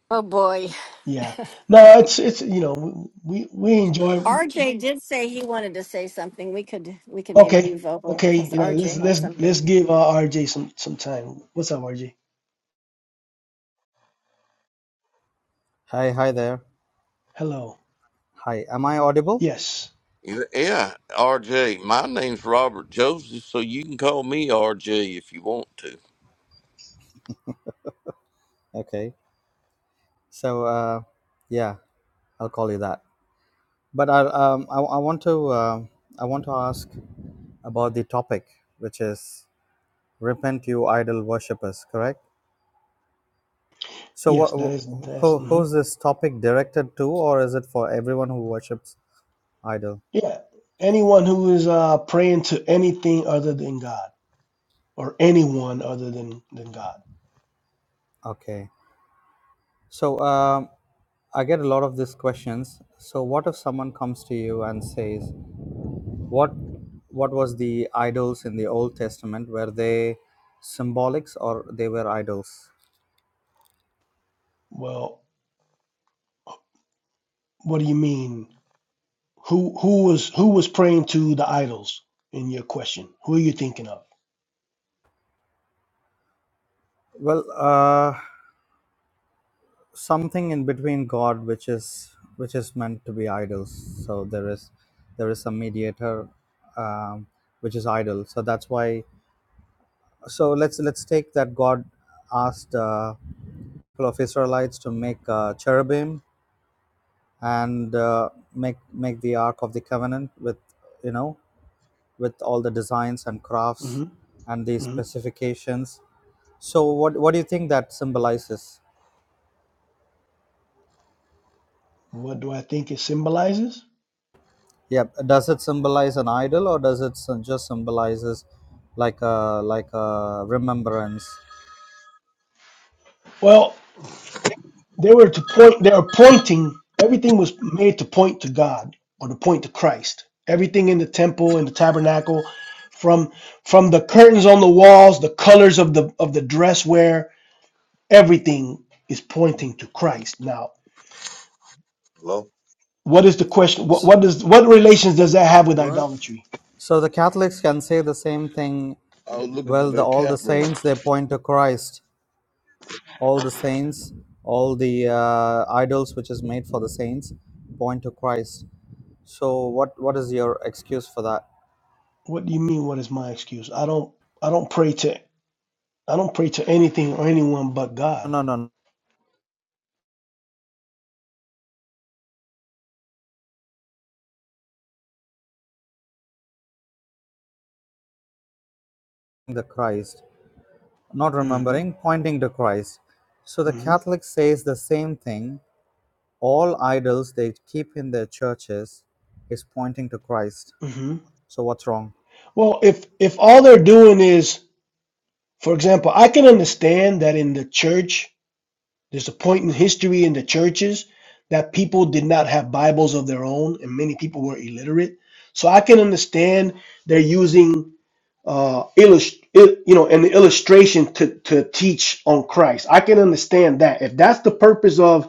Oh boy, yeah. No, it's it's you know we we enjoy. RJ did say he wanted to say something. We could. We could maybe Okay, move over okay. because Yeah, let's RJ had let's let's something. give uh, RJ some some time. What's up, RJ? Hi, hi there. Hello. Hi, am I audible? Yes, Yeah, RJ. My name's Robert Joseph, so you can call me RJ if you want to. Okay, so uh, yeah, I'll call you that. But I, um, I, I want to, uh, I want to ask about the topic, which is repent, you idol worshippers. Correct. So, yes. what, That is that's who, mhm. who's this topic directed to, or is it for everyone who worships idol? yeah. Anyone who is uh praying to anything other than God or anyone other than than God. Okay. So, um, I get a lot of these questions. So, what if someone comes to you and says, What what was the idols in the Old Testament? Were they symbolics or they were idols? Well, what do you mean? Who who was who was praying to the idols in your question? Who are you thinking of? Well, uh, something in between God, which is which is meant to be idols. So there is there is some mediator, um, which is idol. So that's why. So let's let's take that God asked uh, people of Israelites to make uh, cherubim and uh, make make the Ark of the Covenant with you know with all the designs and crafts hmm and the hmm specifications. So, what, what do you think that symbolizes? What do I think it symbolizes? Yeah, does it symbolize an idol or does it sym- just symbolizes like a like a remembrance? Well, they were to point. They were pointing. Everything was made to point to God or to point to Christ. Everything in the temple and the tabernacle, from from the curtains on the walls, the colors of the of the dress wear, everything is pointing to Christ. Now, Hello? what is the question? What S- what does what relations does that have with What? idolatry? So the Catholics can say the same thing. I was looking for Well, the, that all cap the room. saints they point to Christ. All the saints, all the uh, idols which is made for the saints, point to Christ. So what what is your excuse for that? What do you mean? What is my excuse? I don't. I don't pray to. I don't pray to anything or anyone but No, God. no, no, no, the Christ. not hmm remembering, pointing to Christ. So the hmm Catholic says the same thing. All idols they keep in their churches is pointing to Christ. hmm So what's wrong? Well, if if all they're doing is, for example, I can understand that in the church, there's a point in history in the churches that people did not have Bibles of their own, and many people were illiterate. So I can understand they're using uh, illust- il- you know, an illustration to to teach on Christ. I can understand that if that's the purpose of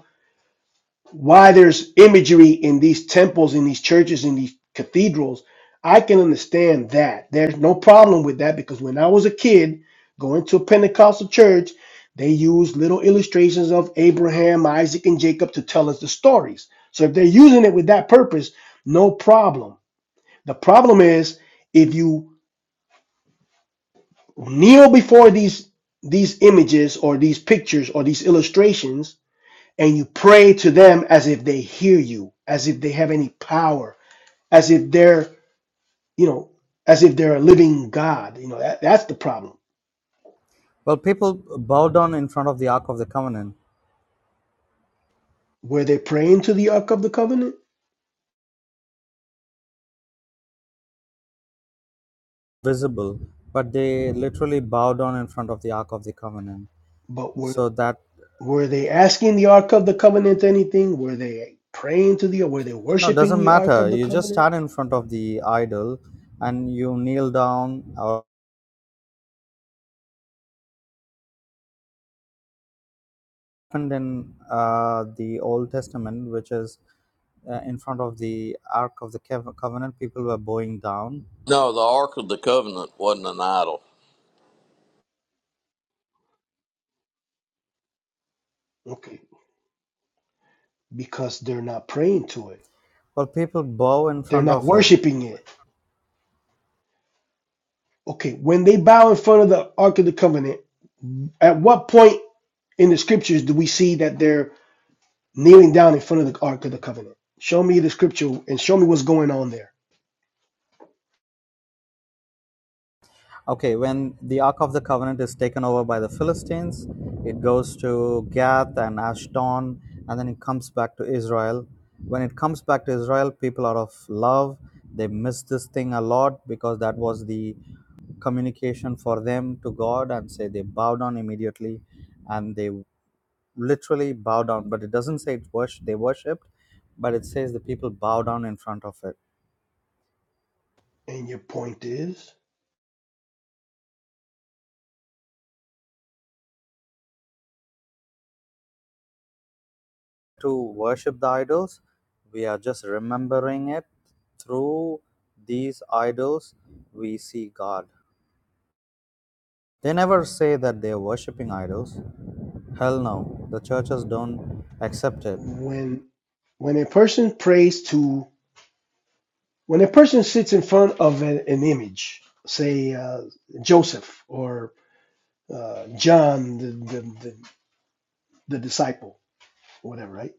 why there's imagery in these temples, in these churches, in these cathedrals. I can understand that. There's no problem with that because when I was a kid going to a Pentecostal church, they used little illustrations of Abraham, Isaac, and Jacob to tell us the stories. So if they're using it with that purpose, no problem. The problem is if you kneel before these these images or these pictures or these illustrations and you pray to them as if they hear you, as if they have any power, as if they're, you know, as if they're a living God. You know, that, that's the problem. Well, people bow down in front of the Ark of the Covenant, Were they praying to the Ark of the Covenant? visible, but they literally bow down in front of the Ark of the Covenant. But were So that were they asking the Ark of the Covenant anything? Were they praying to the were they no, it worshiping doesn't the Ark of matter. the You just Covenant? stand in front of the idol and you kneel down or happened in uh, the Old Testament, which is uh, in front of the Ark of the Cov- Covenant, people were bowing down. No, the Ark of the Covenant wasn't an idol, Okay. Because they're not praying to it. Well, people bow in They're front not of it. worshiping it. Okay, when they bow in front of the Ark of the Covenant, at what point in the scriptures do we see that they're kneeling down in front of the Ark of the Covenant. Show me the scripture and show me what's going on there. Okay, when the Ark of the Covenant is taken over by the Philistines, it goes to Gath and Ashdod, and then it comes back to Israel. When it comes back to Israel, people out of love, they miss this thing a lot because that was the communication for them to God, and say they bow down immediately and they literally bow down, but it doesn't say it's worship, they worshipped, but it says the people bow down in front of it. And your point is To worship the idols, we are just remembering it through these idols, we see God. They never say that they are worshipping idols. Hell no, the churches don't accept it. when when a person prays to when a person sits in front of an, an image, say uh, Joseph or uh, John, the, the, the, the disciple, or whatever, right?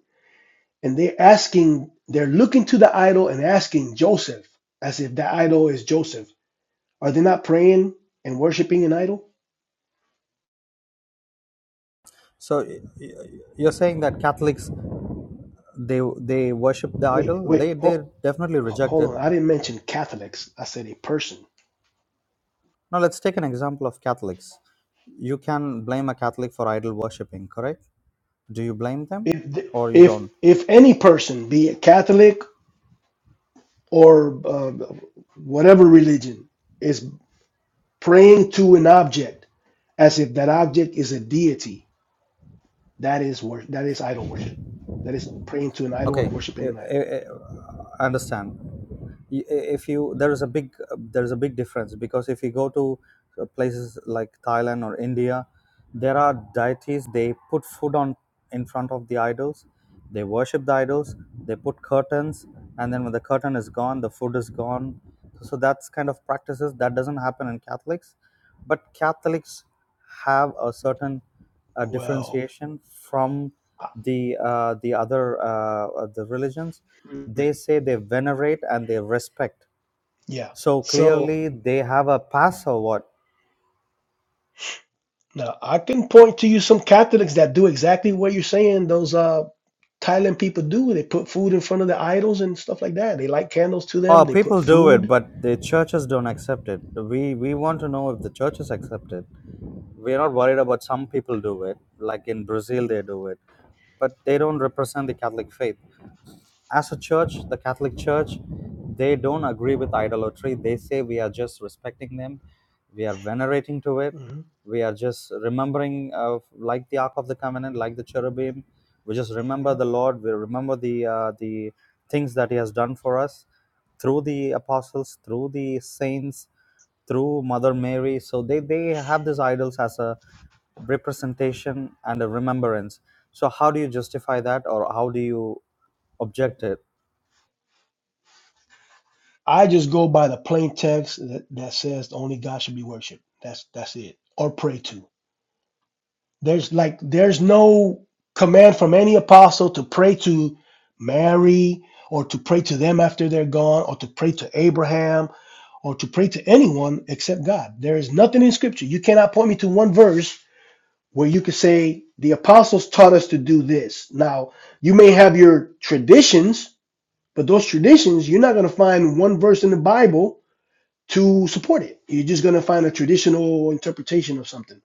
And they're asking, they're looking to the idol and asking Joseph as if the idol is Joseph. Are they not praying and worshiping an idol? So y- y- you're saying that Catholics they they worship the Wait, idol? wait, They they oh. definitely H- reject hold it on, I didn't mention Catholics. I said a person. Now, let's take an example of Catholics. You can blame a Catholic for idol worshipping, correct? Do you blame them If th- or you if don't? if any person, be it Catholic or uh, whatever religion, is praying to an object as if that object is a deity, that is wor- that is idol worship. That is praying to an idol Okay, and worshiping I an idol. I- I- understand. y- if you there is a big there's a big difference because if you go to uh, places like Thailand or India, there are deities they put food on in front of the idols, they worship the idols, they put curtains, and then when the curtain is gone, the food is gone. So that's kind of practices that doesn't happen in Catholics, but Catholics have a certain uh, Well, differentiation from I- the uh, the other uh, uh, the religions mm, they say they venerate and they respect. yeah. So So clearly they have a pass or what? now I can point to you some Catholics that do exactly what you're saying. Those uh Thailand people do. They put food in front of the idols and stuff like that. They light candles to them. Oh, They put people do it, food. but the churches don't accept it. We we want to know if the churches accept it. We're not worried about some people do it, like in Brazil they Mhm, do it, but they don't represent the Catholic faith. as a church, the Catholic Church, they don't agree with idolatry. They say we are just respecting them, we are venerating to it, mhm, we are just remembering, uh, like the Ark of the Covenant, like the cherubim. We just remember mhm. the Lord. We remember the uh, the things that He has done for us through the apostles, through the saints, through Mother Mary. So they they have these idols as a representation and a remembrance. So how do you justify that, or how do you object it? I just go by the plain text that, that says only God should be worshipped. That's that's it. Or pray to. There's like there's no command from any apostle to pray to Mary or to pray to them after they're gone or to pray to Abraham or to pray to anyone except God. There is nothing in scripture. You cannot point me to one verse where you could say the apostles taught us to do this. Now, you may have your traditions, but those traditions, you're not going to find one verse in the Bible to support it. You're just going to find a traditional interpretation of something.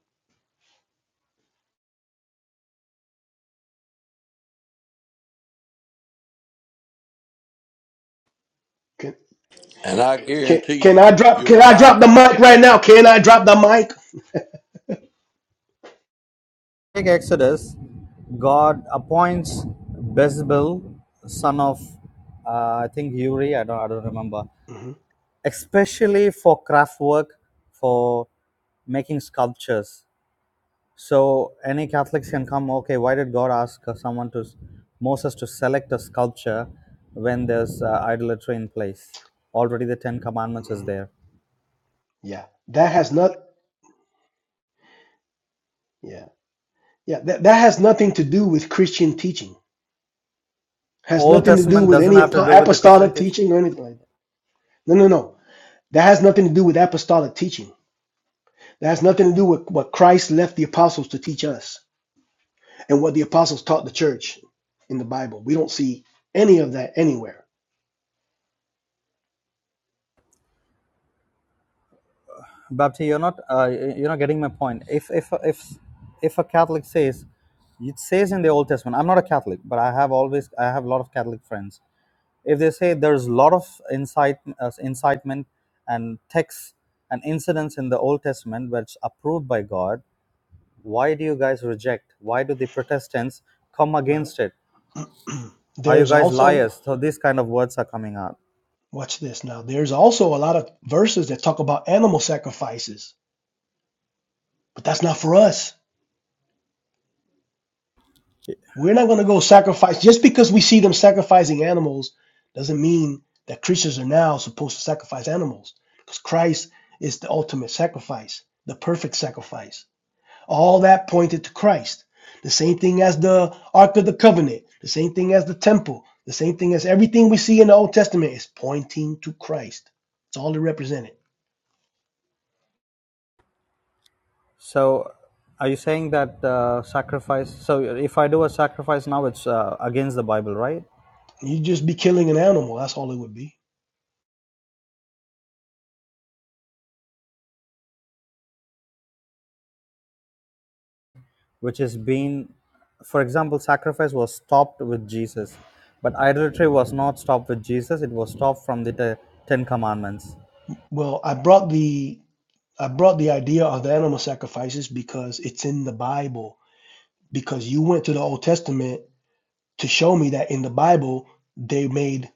Can, and I can, guarantee can you, I drop you're can I right drop the mic about right that. now? Can I drop the mic? Take Exodus, God appoints Bezalel, son of uh, I think Uri, I don't, I don't remember, hmm especially for craft work, for making sculptures. So any Catholics can come. Okay, why did God ask someone to Moses to select a sculpture when there's uh, idolatry in place? Already the Ten Commandments is there. Yeah. That has not yeah. Yeah, that, that has nothing to do with Christian teaching. Has Old nothing to do Testament with doesn't any have to do with the Christian apostolic teaching. teaching or anything like that. No, no, no. That has nothing to do with apostolic teaching That has nothing to do with what Christ left the apostles to teach us and what the apostles taught the church in the Bible. We don't see any of that anywhere. Bapti, you're not uh, you're not getting my point. If if if if a Catholic says it says in the Old Testament, I'm not a Catholic, but I have always I have a lot of Catholic friends. If they say there's a lot of incite, uh, incitement and texts and incidents in the Old Testament which approved by God, why do you guys reject? Why do the Protestants come Well, against it? Are you there's guys also, liars? So these kind of words are coming out. watch this now, there's also a lot of verses that talk about animal sacrifices, but that's not for us. We're not going to go sacrifice. Just because we see them sacrificing animals doesn't mean that Christians are now supposed to sacrifice animals because Christ is the ultimate sacrifice, the perfect sacrifice. All that pointed to Christ. The same thing as the Ark of the Covenant, the same thing as the temple, the same thing as everything we see in the Old Testament is pointing to Christ. It's all it represented. So, are you saying that uh, sacrifice? So, if I do a sacrifice now, it's uh, against the Bible, right? You'd just be killing an animal, that's all it would be. Which has been, for example, sacrifice was stopped with Jesus, but idolatry was not stopped with Jesus. It was stopped from the te- Ten Commandments. Well, I brought the I brought the idea of the animal sacrifices because it's in the Bible. Because you went to the Old Testament to show me that in the Bible they made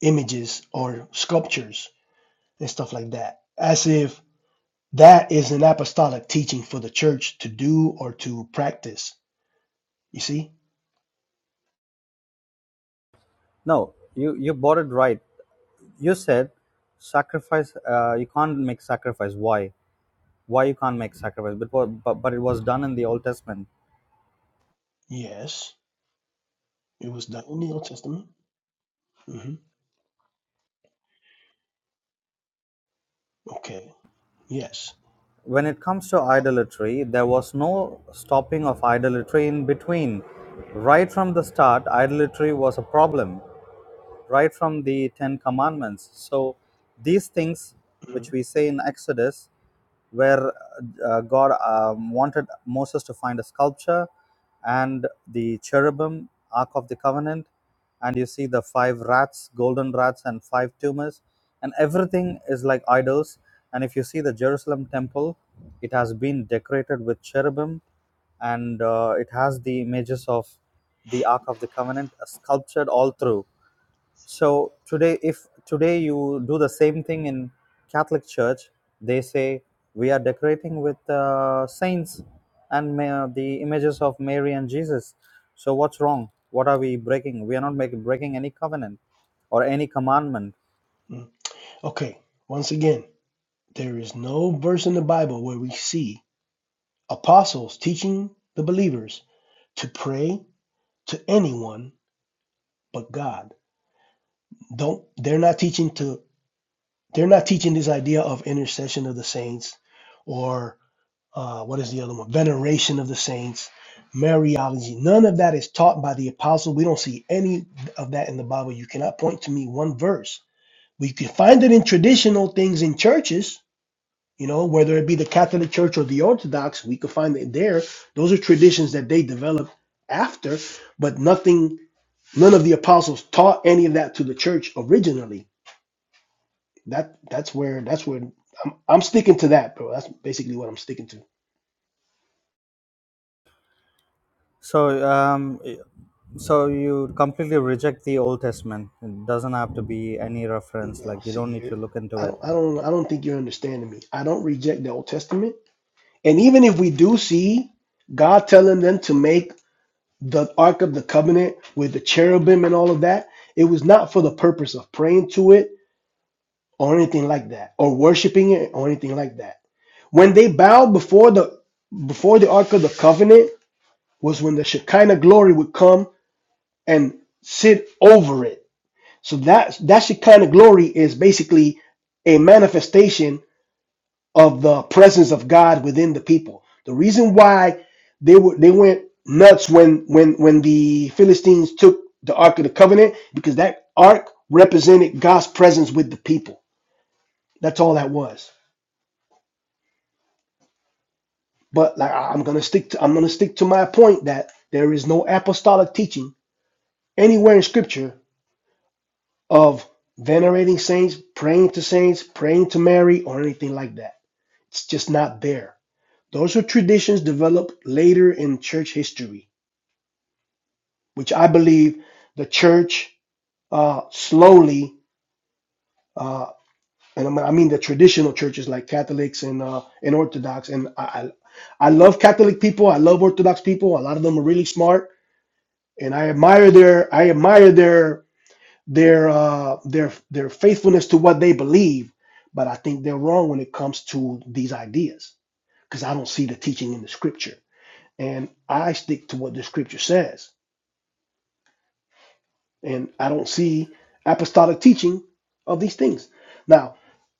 images or sculptures and stuff like that. As if That is an apostolic teaching for the church to do or to practice. You see? No, you you bought it right. You said sacrifice. Uh, you can't make sacrifice. Why? Why you can't make sacrifice? But, but but it was done in the Old Testament Yes, it was done in the Old Testament. hmm Okay. Yes. when it comes to idolatry, there was no stopping of idolatry in between. Right from the start, idolatry was a problem, right from the Ten Commandments. So, these things hmm which we say in Exodus where uh, God um, wanted Moses to find a sculpture and the cherubim, Ark of the Covenant, and you see the five rats, golden rats, and five tumors, and everything is like idols. And if you see the Jerusalem temple, it has been decorated with cherubim and uh, it has the images of the Ark of the Covenant uh, sculptured all through so today, if today you do the same thing in Catholic Church, they say we are decorating with uh, saints and ma- the images of Mary and Jesus. So what's wrong? What are we breaking? We are not making breaking any covenant or any commandment. Okay. Once again, there is no verse in the Bible where we see apostles teaching the believers to pray to anyone but God. Don't. They're not teaching to. They're not teaching this idea of intercession of the saints, or uh, what is the other one? Veneration of the saints, Mariology. None of that is taught by the apostle. We don't see any of that in the Bible. You cannot point to me one verse. We can find it in traditional things in churches, you know, whether it be the Catholic Church or the Orthodox, we could find it there. Those are traditions that they developed after, but nothing, none of the apostles taught any of that to the church originally. That that's where that's where I'm, I'm sticking to that, bro. That's basically what I'm sticking to. So um, so you completely reject the Old Testament. It doesn't have to be any reference. No, Like you don't see, need you're, to look into I it. don't, I don't, I don't think you're understanding me. I don't reject the Old Testament, and even if we do see God telling them to make the Ark of the Covenant with the cherubim and all of that, it was not for the purpose of praying to it or anything like that, or worshiping it or anything like that. When they bowed before the before the Ark of the Covenant was when the Shekinah glory would come and sit over it. So that that Shekinah glory is basically a manifestation of the presence of God within the people. The reason why they were they went nuts when when when the Philistines took the Ark of the Covenant because that Ark represented God's presence with the people. That's all that was. But like I- I'm gonna stick to I'm gonna stick to my point that there is no apostolic teaching anywhere in Scripture of venerating saints, praying to saints, praying to Mary, or anything like that. It's just not there. Those are traditions developed later in church history which I believe the church uh, slowly, uh, and I mean the traditional churches like Catholics and uh, and Orthodox, and I, I I love Catholic people. I love Orthodox people. A lot of them are really smart, and I admire their I admire their their uh, their their faithfulness to what they believe. But I think they're wrong when it comes to these ideas because I don't see the teaching in the scripture, and I stick to what the scripture says and I don't see apostolic teaching of these things. Now,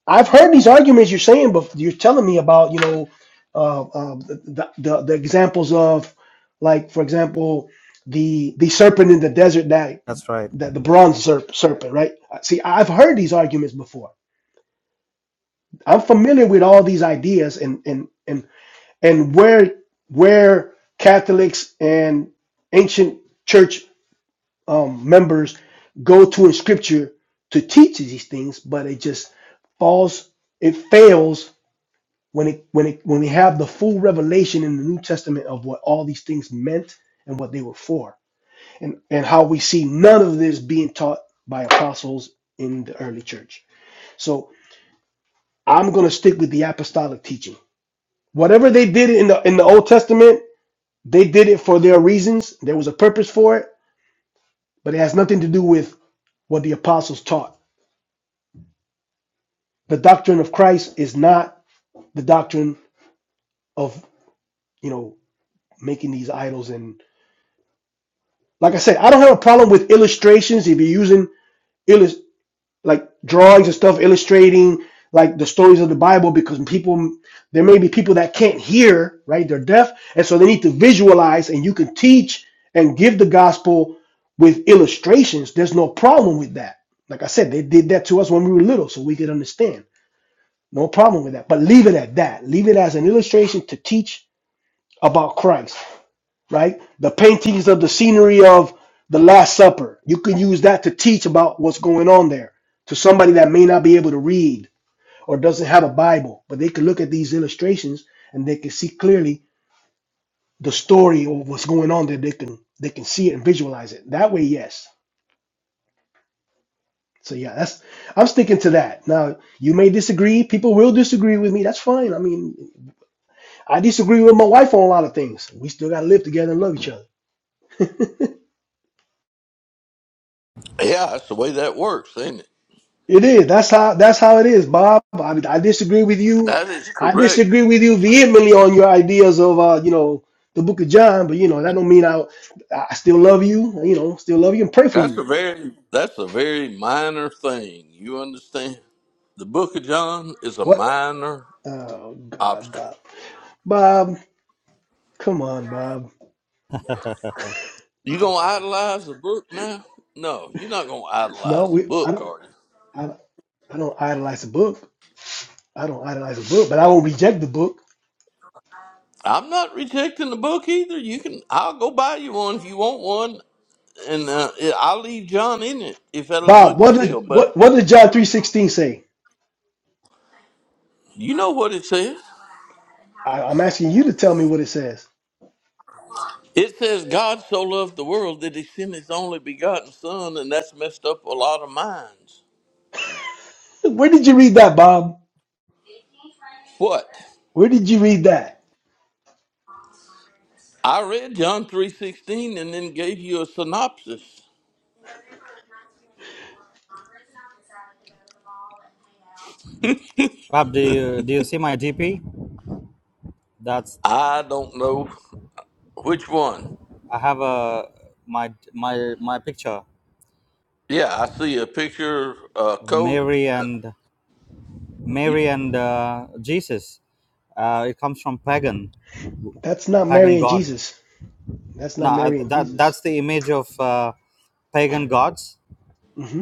I've heard these arguments you're saying, but you're telling me about, you know, uh, uh, the, the the examples of, like for example, the the serpent in the desert that That's right. that the bronze serp, serpent, right? Uh, See, I've heard these arguments before. I'm familiar with all these ideas and and and and where where Catholics and ancient church um, members go to in scripture to teach these things, but it just falls, it fails when it when it when we have the full revelation in the New Testament of what all these things meant and what they were for, and and how we see none of this being taught by apostles in the early church. So I'm gonna stick with the apostolic teaching. Whatever they did in the in the Old Testament, they did it for their reasons. There was a purpose for it, but it has nothing to do with what the apostles taught The doctrine of Christ is not the doctrine of, you know, making these idols. And like I said, I don't have a problem with illustrations if you're using illus like drawings and stuff illustrating like the stories of the Bible because people there may be people that can't hear, right? They're deaf, and so they need to visualize and you can teach and give the gospel with illustrations. There's no problem with that. Like I said, they did that to us when we were little so we could understand. No problem with that. But leave it at that. Leave it as an illustration to teach about Christ, right? The paintings of the scenery of the Last Supper. You can use that to teach about what's going on there to somebody that may not be able to read or doesn't have a Bible, but they can look at these illustrations and they can see clearly the story of what's going on there. They can they can see it and visualize it. That way, yes. So yeah, that's I'm sticking to that. Now you may disagree. People will disagree with me. That's fine. I mean, I disagree with my wife on a lot of things. We still gotta live together and love each other. Yeah, that's the way that works, ain't it? It is. That's how. That's how it is, Bob. I, I disagree with you. That is I correct. disagree with you vehemently on your ideas of, uh, you know, the Book of John. But you know, that don't mean I. I still love you. You know, still love you and pray for That's a you. very that's a very minor thing. You understand? The book of John is a What? minor Oh God, obstacle. Bob. Bob, come on, Bob. You gonna idolize the book now? No, you're not gonna No, idolize the we. I book, don't. are you? I, I don't idolize the book. I don't idolize the book, but I won't reject the book. I'm not rejecting the book either. You can I'll go buy you one if you want one, and uh, it- I'll leave John in it if that'll Bob, make you what feel did better. what what did John three sixteen say? You know what it says? I, I'm asking you to tell me what it says. It says God so loved the world that He sent His only begotten Son, and that's messed up a lot of minds. Where did you read that, Bob? What? Where did you read that? I read John 3:16 and then gave you a synopsis. Pap, do you do you see my GP? That's I don't know which one. I have a my my my picture, Yeah, I see a picture, a coat. Mary and You- Mary and uh, Jesus. Uh, it comes from pagan That's not pagan Mary and god. Jesus. That's not Now uh, Mary and that Jesus. that's the image of uh, pagan gods, hmm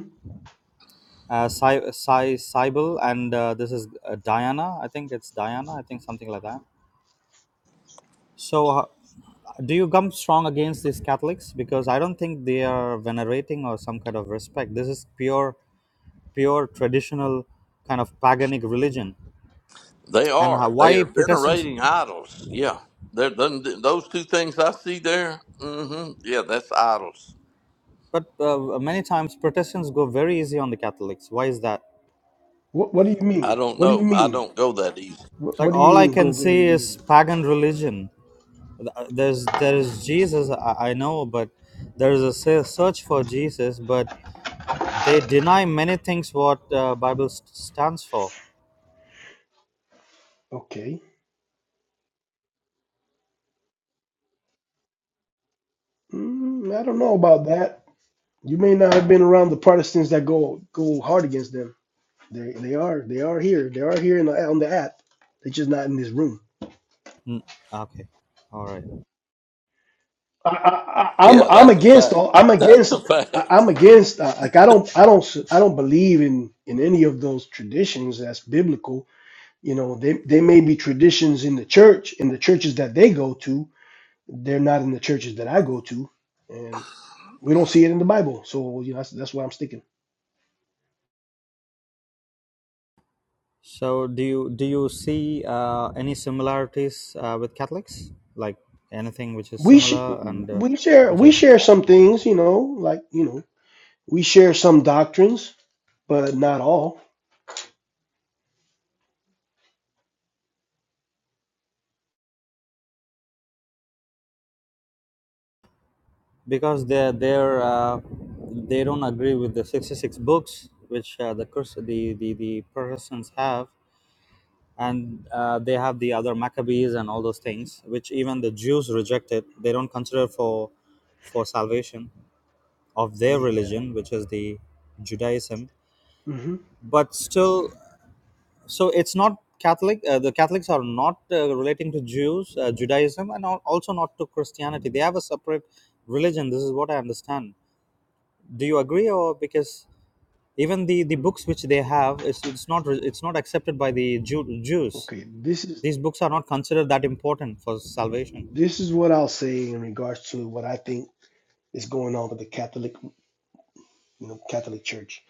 uh, Cy, Cy, Cybele, and uh, this is uh, Diana. I think it's Diana. I think something like that. So. Uh, do you come strong against these Catholics? Because I don't think they are venerating or some kind of respect. This is pure, pure traditional kind of paganic religion. They and how, are. They why are protestants venerating idols. Yeah. They're, them- those two things I see there, hmm yeah, that's idols. but uh, many times protestants go very easy on the catholics why is that What, what do you I mean? don't What do you know. I mean? don't go that easy. What, like what do you all i mean? Go can very see is easy. pagan religion there's there's jesus i, I know but there's a se- search for jesus but they deny many things what uh, bible st- stands for Okay. Mm, I don't know about that. You may not have been around the Protestants that go go hard against them. They they are they are here. They are here in the, on the app. They're just not in this room. Mm, okay all right I, I, I- I'm Yeah, I'm that's a against fact. all I'm That's a against I- fact. I'm against uh, like I don't I don't s- I don't believe in in any of those traditions that's biblical. You know, they they may be traditions in the church in the churches that they go to. They're not in the churches that I go to, and we don't see it in the Bible. So you know that's that's why I'm sticking. so do you do you see uh, any similarities uh, with catholics like anything which is We sh- similar and uh, we share which we is share some things. You know, like you know we share some doctrines, but not all. because they they're uh, they don't agree with the 66 books which uh, the, Chris- the the the Protestants have and uh, they have the other Maccabees and all those things which even the Jews rejected they don't consider for for salvation of their Yeah. religion which is the Judaism hmm but still so it's not Catholic uh, the Catholics are not uh, relating to Jews uh, Judaism and al- also not to Christianity they have a separate religion this is what I understand do you agree or because even the the books which they have is it's not re- it's not accepted by the Jew, jews Okay. This is these books are not considered that important for salvation This is what I'll say in regards to what I think is going on with the Catholic, you know, Catholic Church.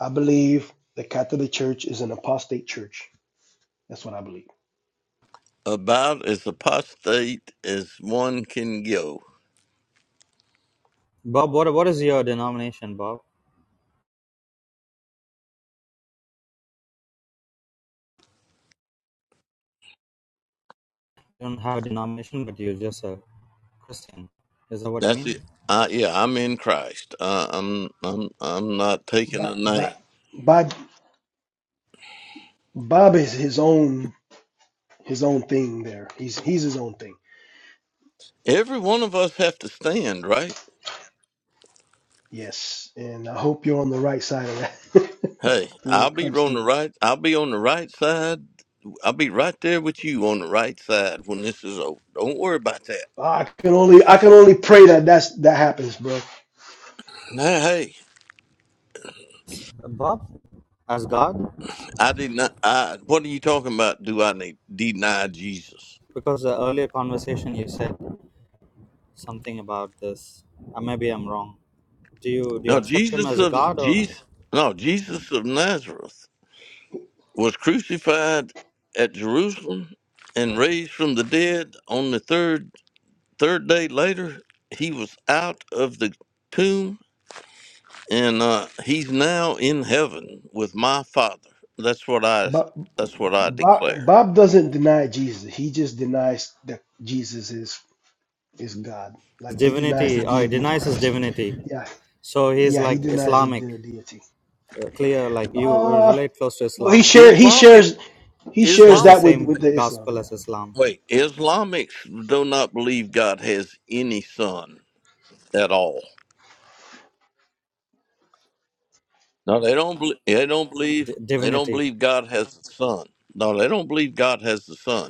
I believe the Catholic Church is an apostate church. That's what I believe. About as apostate as one can go. bob what, what is your denomination bob you don't have a denomination but you're just a christian is that what you That's mean it. I, yeah, I'm in Christ. Uh, I'm I'm I'm not taking a But, name. but, Bob, Bob is his own his own thing. There, he's he's his own thing. Every one of us have to stand, right? Yes, and I hope you're on the right side of that Hey, when I'll it be comes on the to it. right. I'll be on the right side. I'll be right there with you on the right side when this is over. Don't worry about that. I can only I can only pray that that's that happens, bro. Now, hey, bob as god I did not. I what are you talking about? Do I need deny Jesus? because the earlier conversation you said something about this uh, maybe i'm wrong do you do you No, accept him Jesus as a of god or Jesus. his No, Jesus of Nazareth. was crucified at Jerusalem and raised from the dead on the third third day later. He was out of the tomb and uh, he's now in heaven with my Father. That's what I But that's what I Bob, declare. Bob doesn't deny Jesus. He just denies that Jesus is is God. Like he divinity denies the or he deity of denies his Christ. divinity Yeah, so he's yeah, he like denies the, islamic the deity. uh, clear like you Uh relate close to well, he islam shares, he Islamic shares he shares shares the that Islamic with same with wait the Islam. gospel Yeah, as islam wait Islamics do not believe God has any son at all. No, they don't. bel they don't believe. D- They don't divinity believe God has a son. No, they don't believe God has a son.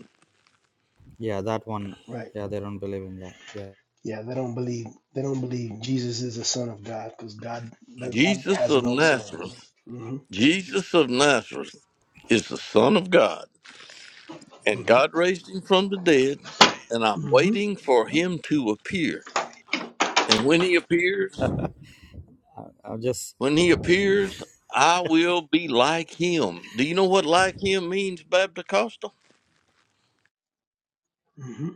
yeah that one right. yeah they don't believe in that yeah Yeah, they don't believe they don't believe Jesus is the son of God because God that God Jesus has of no sons. Nazareth, hmm Jesus of Nazareth is the Son of God, and hmm God raised him from the dead, and I'm hmm waiting for him to appear. And when he appears, i'm just when he appears, I will be like him. Do you know what like him means, Baptist Costa? hmm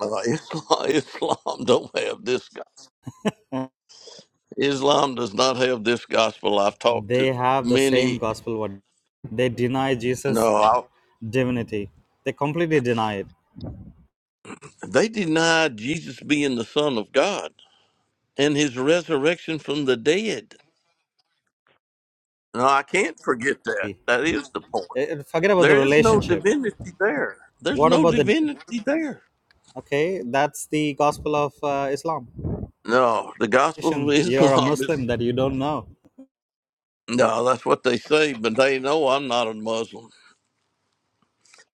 Uh, Islam, Islam don't have this. go- uh, Islam does not have this gospel. I've talked they to have the same many. gospel what they deny jesus No, I, divinity they completely deny it they deny Jesus being the Son of God and his resurrection from the dead. No, I can't forget that. Eh, That is the point. eh, forget about There the is no relationship divinity there. There's what no about the divinity there. okay that's the gospel of uh, islam No, the gospel of you're a Islam is muslim that you don't know no. That's what they say, but they know I'm not a Muslim.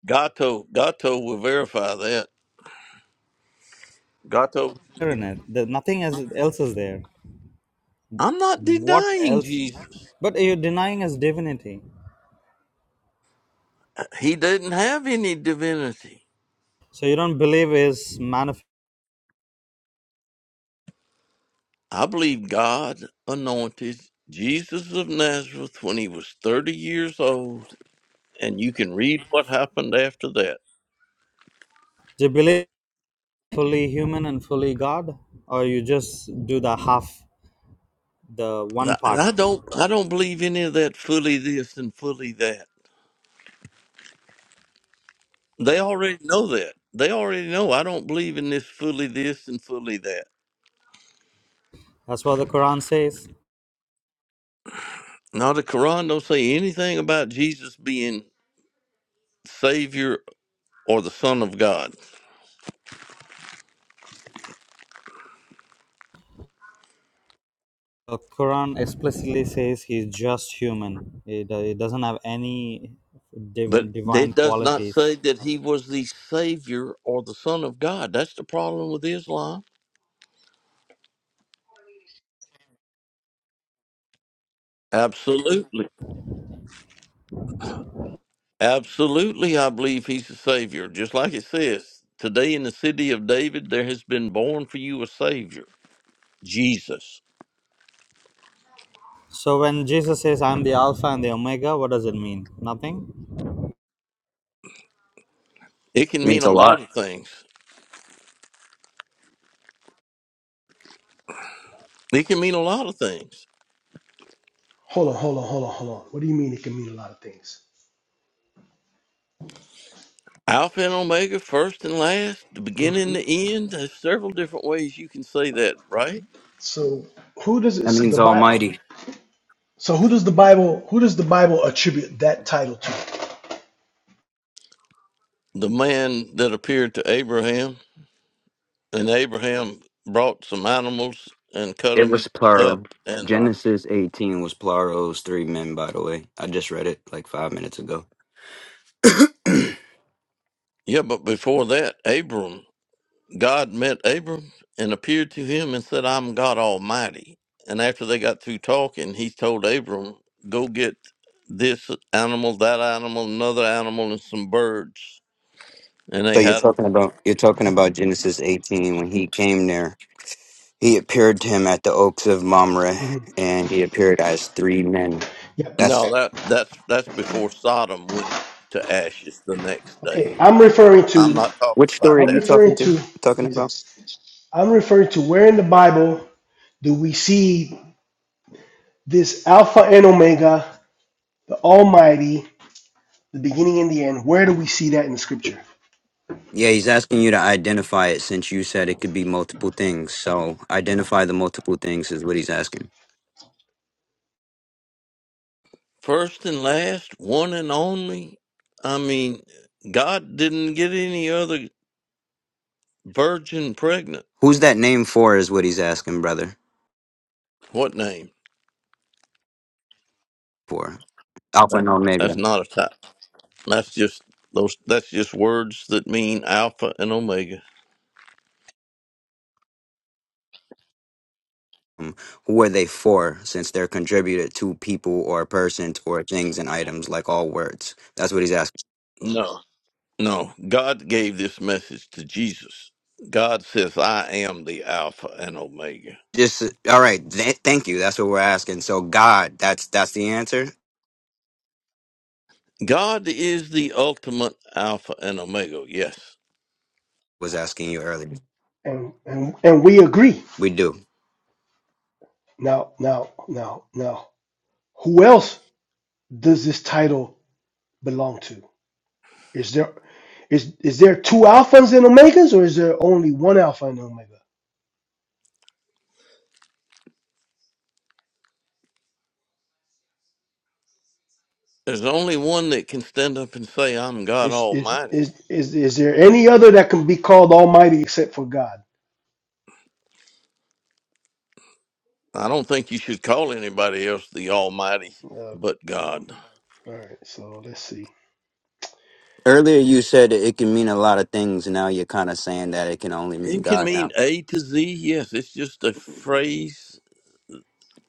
Gato, Gato will verify that. Gato, You're in it. The- nothing else else is there I'm not What denying else? Jesus. But you're denying his divinity. He didn't have any divinity. So you don't believe his manifest. I believe God anointed Jesus of Nazareth when he was 30 years old and you can read what happened after that. Do you believe fully human and fully God? Or you just do the half, the And one I and part? I don't, I don't believe any of that fully this and fully that. They already know that. They already know. I don't believe in this fully this and fully that. That's what the Quran says. Now the Quran don't say anything about Jesus being Savior or the Son of God, The Quran explicitly says he's just human, it, it doesn't have any but divine, divine it does not qualities. say that he was the Savior or the Son of God. That's the problem with Islam. Absolutely. Absolutely, I believe he's the Savior. Just like it says, today in the city of David, there has been born for you a Savior, Jesus. So when Jesus says, I'm the Alpha and the Omega, what does it mean? Nothing? It can mean means a a lot lot. of things. It can mean a lot of things. Hold on, hold on, hold on, hold on. What do you mean it can mean a lot of things? Alpha and Omega, first and last, the beginning and the end. There's several different ways you can say that, right? So who does That this, the means Bible? Almighty. So who does the Bible? Who does the Bible attribute that title to? The man that appeared to Abraham, and Abraham brought some animals and cut It them was up. plural. And uh, Genesis 18 was plural. It was three men, by the way. I just read it like five minutes ago. yeah, but before that, Abram God met Abram and appeared to him and said, I'm God Almighty. And after they got through talking, he told Abram, Go get this animal, that animal, another animal, and some birds. And So they you're had talking about you're talking about Genesis 18 when he came there. He appeared to him at the oaks of Mamre, Mhm. and he appeared as three men. Yep. That's no that that's that's before Sodom went to ashes the next day. Okay, I'm referring I'm to. not talking which about story are I'm you that. talking referring to? to Talking listen, about? I'm referring to where in the Bible do we see this Alpha and Omega, the Almighty, the beginning and the end? Where do we see that in the scripture? Yeah, he's asking you to identify it since you said it could be multiple things. So identify the multiple things is what he's asking. First and last, one and only. I mean, God didn't get any other virgin pregnant. Who's that name for? Is what he's asking, brother. What name? For Alpha That, and that's Omega. not a type. That's just those. That's just words that mean alpha and omega. Um, who are they for? Since they're contributed to people or persons or things and items, like all words. That's what he's asking. No, no. God gave this message to Jesus. God says, "I am the alpha and omega." Just all right. Th- thank you. That's what we're asking. So God, that's that's the answer. God is the ultimate alpha and omega. Yes, Was asking you earlier. And and and we agree. We do. Now, now, now, now, who else does this title belong to? Is there is is there two alphas and omegas or is there only one alpha and omega? there's only one that can stand up and say, "I'm God Is is Almighty." is is, is there any other that can be called almighty except for God? I don't think you should call anybody else the Almighty, but Okay. God. All right, so let's see. Earlier you said that it can mean a lot of things. Now you're kind of saying that it can only mean It can God. mean Now A to Z. Yes, it's just a phrase.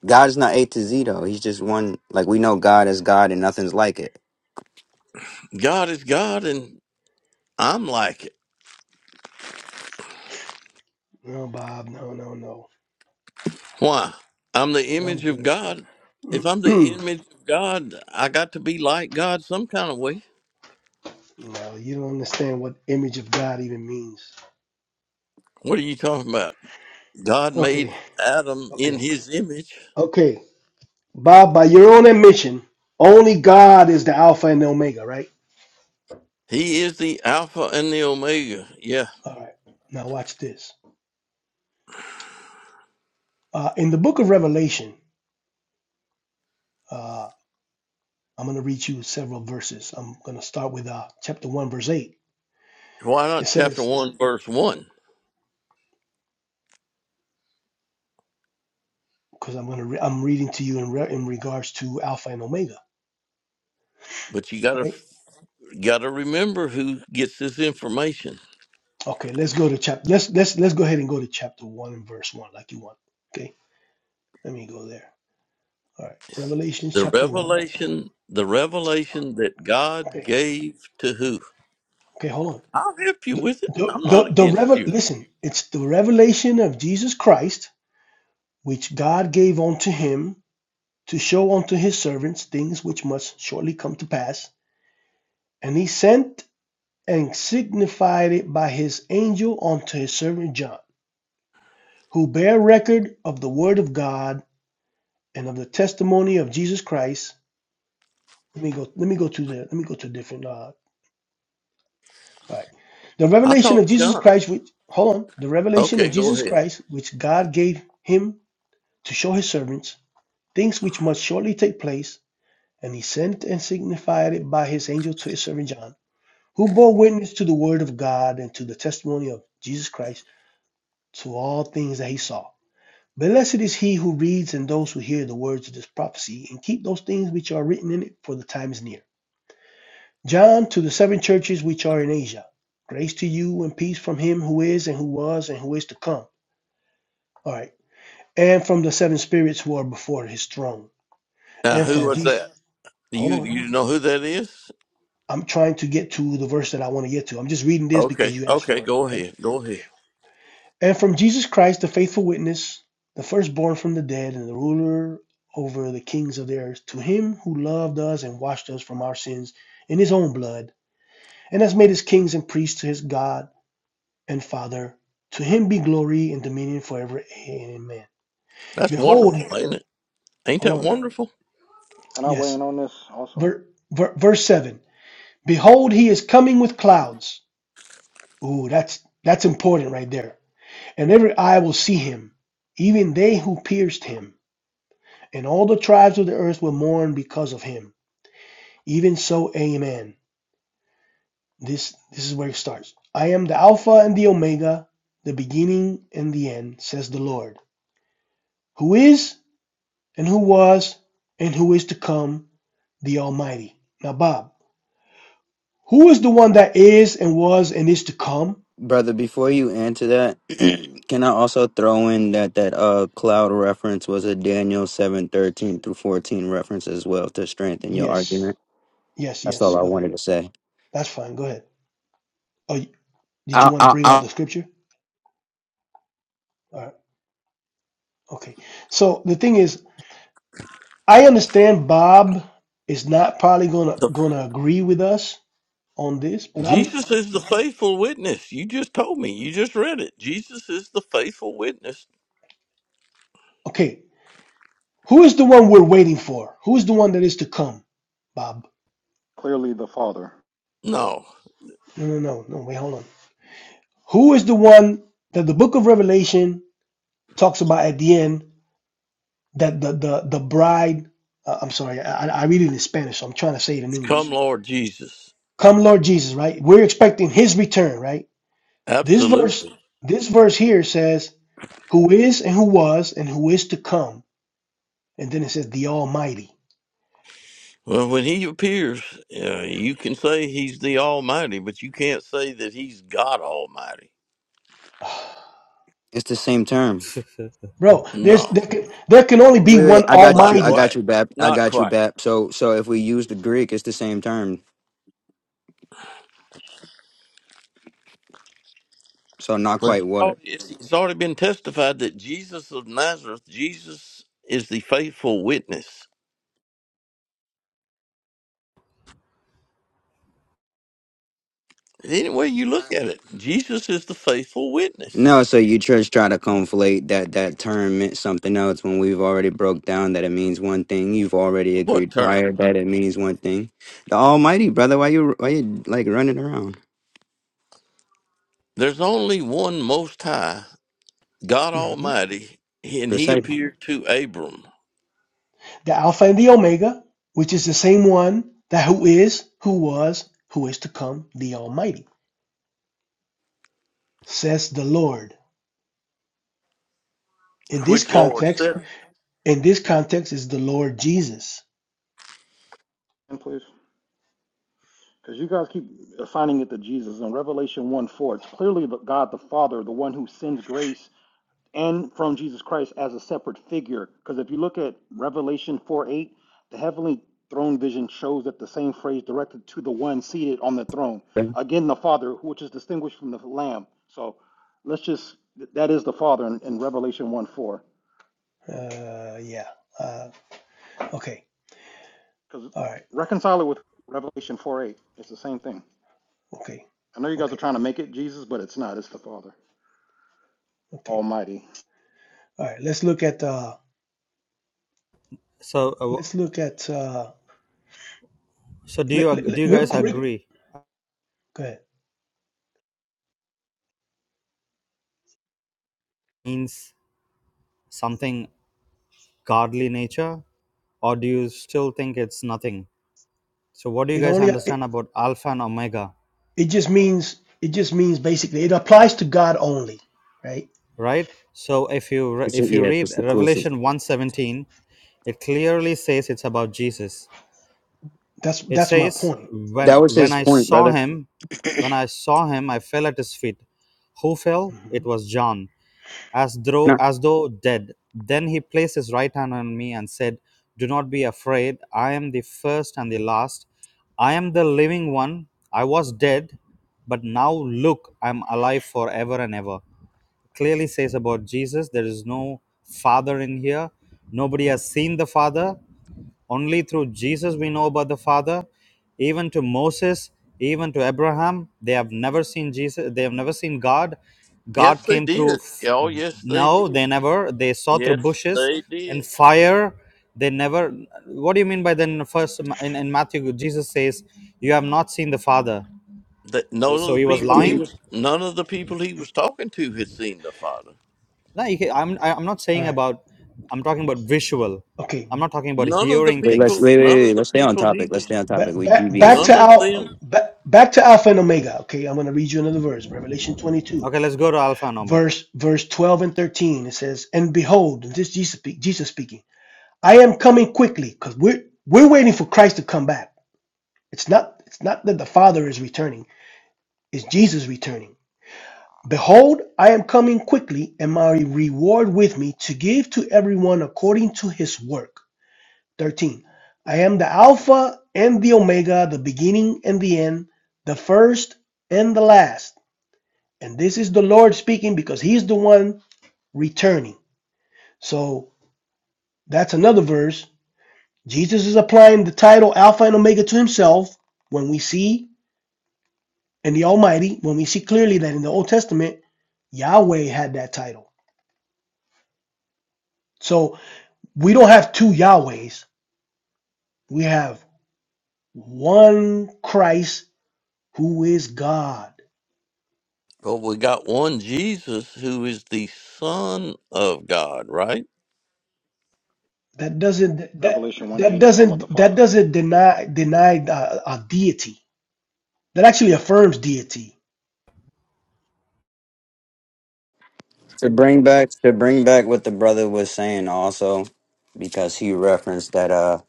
God is not A to Z though. He's just one. Like we know God is God and nothing's like it. God is God, and I'm like it. No, Bob, no, no, no. Why? I'm the Don't image do of God. that. If I'm the image of God, I got to be like God some kind of way. no, you don't understand what image of God even means. What are you talking about? God made Okay, Adam in okay, his image. okay. Bob, by your own admission, only God is the Alpha and the Omega, right? He is the Alpha and the Omega. Yeah. All right, now watch this. Uh, in the book of Revelation, uh, I'm going to read you several verses. I'm going to start with uh, chapter 1, verse 8. Why not It chapter says, 1, verse 1? because I'm going to, re- I'm reading to you in, re- in regards to Alpha and Omega, But you gotta right? gotta remember who gets this information. Okay, let's go to chapter. Let's let's let's go ahead and go to chapter one and verse one, like you want. Okay, let me go there. All right, Revelation The chapter one. revelation, the revelation that God Okay, gave to who? okay, hold on. I'll help you The with it. the I'm not the, the against revel. you. Listen, it's the revelation of Jesus Christ, which God gave unto him to show unto his servants things which must shortly come to pass, and he sent and signified it by his angel unto his servant John, who bare record of the word of God and of the testimony of Jesus Christ Let me go. Let me go to the. Let me go to a different. Uh, all right. The I revelation of thought Jesus John. Christ. Which hold on. The revelation Okay, of go Jesus ahead. Christ, which God gave him to show his servants things which must shortly take place, and he sent and signified it by his angel to his servant John, who bore witness to the word of God and to the testimony of Jesus Christ to all things that he saw. Blessed is he who reads and those who hear the words of this prophecy and keep those things which are written in it, for the time is near. John to the seven churches which are in Asia. Grace to you and peace from him who is and who was and who is to come. All right. And from the seven spirits who are before his throne. Now, And who from was Jesus. that? Do Hold you on. you know who that is? I'm trying to get to the verse that I want to get to. I'm just reading this because Okay, you asked okay, for it. go Okay. ahead, go ahead. And from Jesus Christ, the faithful witness, the firstborn from the dead and the ruler over the kings of the earth, to him who loved us and washed us from our sins in his own blood and has made us kings and priests to his God and Father. To him be glory and dominion forever. Amen. That's Behold, wonderful, ain't it? Ain't hold that on. wonderful? Can I weigh Yes. in on this also? Ver, ver, verse 7. Behold, he is coming with clouds. Ooh, that's that's important right there. And every eye will see him, even they who pierced him, and all the tribes of the earth will mourn because of him. Even so, amen. This this is where it starts. I am the Alpha and the Omega, the beginning and the end, says the Lord. Who is? and who was and who is to come, the Almighty. Now, Bob, who is the one that is and was and is to come? Brother, before you answer that, can I also throw in that that uh cloud reference was a Daniel seven thirteen through fourteen reference as well to strengthen your Yes, argument? yes, That's yes. all I Go ahead. wanted to say. That's fine. Go ahead. Oh, did you I, want to I, bring out I, the scripture? All right. Okay. So the thing is, I understand Bob is not probably gonna The, gonna agree with us on this, but I'm Jesus is the faithful witness. You just told me. You just read it. Jesus is the faithful witness. okay. Who is the one we're waiting for? Who is the one that is to come, Bob? Clearly the Father. No, No, no, no, no. Wait, hold on. Who is the one that the Book of Revelation talks about at the end that the the the bride. Uh, I'm sorry, I, I read it in Spanish, so I'm trying to say it in come, English. Lord Jesus. Come, Lord Jesus, right? We're expecting His return, right? This verse, Absolutely. this verse here says, "Who is and who was and who is to come," and then it says, "The Almighty." Well, when He appears, uh, you can say He's the Almighty, but you can't say that He's God Almighty. it's the same term. Bro, there's No, there can, there can only Wait, be one wait, I got not you. I Almighty. got quite. you, Bap. I Not got you, quite. Bap. So, so if we use the Greek, it's the same term. So not But quite he's what. already, it's it's already been testified that Jesus of Nazareth, Jesus is the faithful witness. Any way you look at it, Jesus is the faithful witness. No, so you just try to conflate that that term meant something else when we've already broke down that it means one thing. You've already What agreed term? prior that it means one thing. The Almighty, brother, why you why you like running around? There's only one Most High, God hmm Almighty, and He Precise. hmm appeared to Abram, The Alpha and the Omega, which is the same one that who is, who was, who is to come, the Almighty, says the Lord. in this which Lord context, said, in this context is the Lord Jesus. And please. Because you guys keep assigning it to Jesus. In Revelation 1 4, it's clearly the God the Father, the one who sends grace and from Jesus Christ as a separate figure. Because if you look at Revelation 4 8, the heavenly throne vision shows that the same phrase directed to the one seated on the throne. brother. Again, the Father, which is distinguished from the Lamb. So let's just, that is the Father in, in Revelation 1 4. Uh, yeah. Uh, okay. Because All right. reconcile it with Revelation 4 8. It's the same thing. Okay. I know you guys are Okay. trying to make it Jesus, but it's not. It's the Father Okay. Almighty. All right. Let's look at. Uh, so uh, let's look at. Uh, so do you let, let, ag- do let- you real guys quick. agree Go ahead. means something godly nature, or do you still think it's nothing? So, what do you It guys only. understand It, about Alpha and Omega, it just means. It just means basically. It applies to God only. Right. right? So, if you re- It's if you yeah, it's read just the closest. Revelation 1:17, it clearly says it's about Jesus. That's It that's my says, point. "When That was when his I point, saw brother. him, when I saw him, I fell at his feet. Who fell? It Mhm. was John. as You though as though dead. Then he placed his right hand on me and said, "Do not be afraid. I am the first and the last. I am the living one. I was dead, but now look, I am alive forever and ever clearly says about Jesus there is no Father in here. Nobody has seen the Father. Only through Jesus we know about the Father. Even to Moses, even to Abraham, they have never seen Jesus. They have never seen God. "Yes, God they came through. did. f- Oh, yes, they no, they did. never. They saw through Yes, bushes they did." and fire. They never. What do you mean by then? First, in, in Matthew, Jesus says, "You have not seen the Father." That none of So the he was people know, he lying was, none of the people he was talking to had seen the Father. no you can, i'm I- i'm not All saying right. about i'm talking about visual Okay. i'm not talking about None of the hearing wait, let's people, things wait, none wait, of wait, the let's stay on people he topic. Let's was stay on Back topic. We back back let's to None deviating. of them. Al. Back, back to Alpha and Omega. Okay. I'm going to read you another verse. Revelation 22. okay let's go to alpha and omega verse verse 12 and 13 it says and behold and this is jesus, speak, jesus speaking i am coming quickly because we're we're waiting for christ to come back it's not it's not that the father is returning it's jesus returning behold i am coming quickly and my reward with me to give to everyone according to his work 13 i am the alpha and the omega the beginning and the end the first and the last and this is the lord speaking because he's the one returning so That's another verse. Jesus is applying the title Alpha and Omega to himself when we see in the Almighty, when we see clearly that in the Old Testament, Yahweh had that title. So we don't have two Yahwehs. We have one Christ who is God. But we got one Jesus who is the Son of God, right? That doesn't that Revelation 1 that 8 is talking about the doesn't that Father. doesn't deny deny uh, a deity. That actually affirms deity. To bring back to bring back what the brother was saying also, because he referenced that. uh.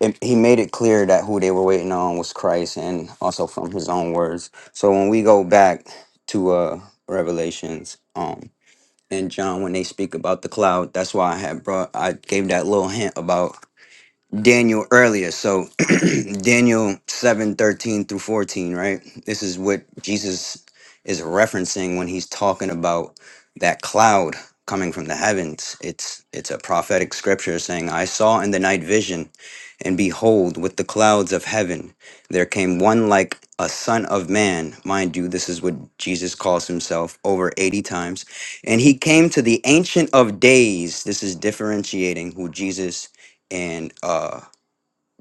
it, he made it clear that who they were waiting on was Christ, and also from his own words. So when we go back to uh Revelations, um, and John, when they speak about the cloud, that's why I had brought, I gave that little hint about Daniel earlier. So Daniel seven thirteen through 14, right? This is what Jesus is referencing when he's talking about that cloud coming from the heavens. It's it's a prophetic scripture saying, I saw in the night vision, and behold, with the clouds of heaven, there came one like a son of man. Mind you, this is what Jesus calls himself over 80 times. And he came to the ancient of days. This is differentiating who Jesus and uh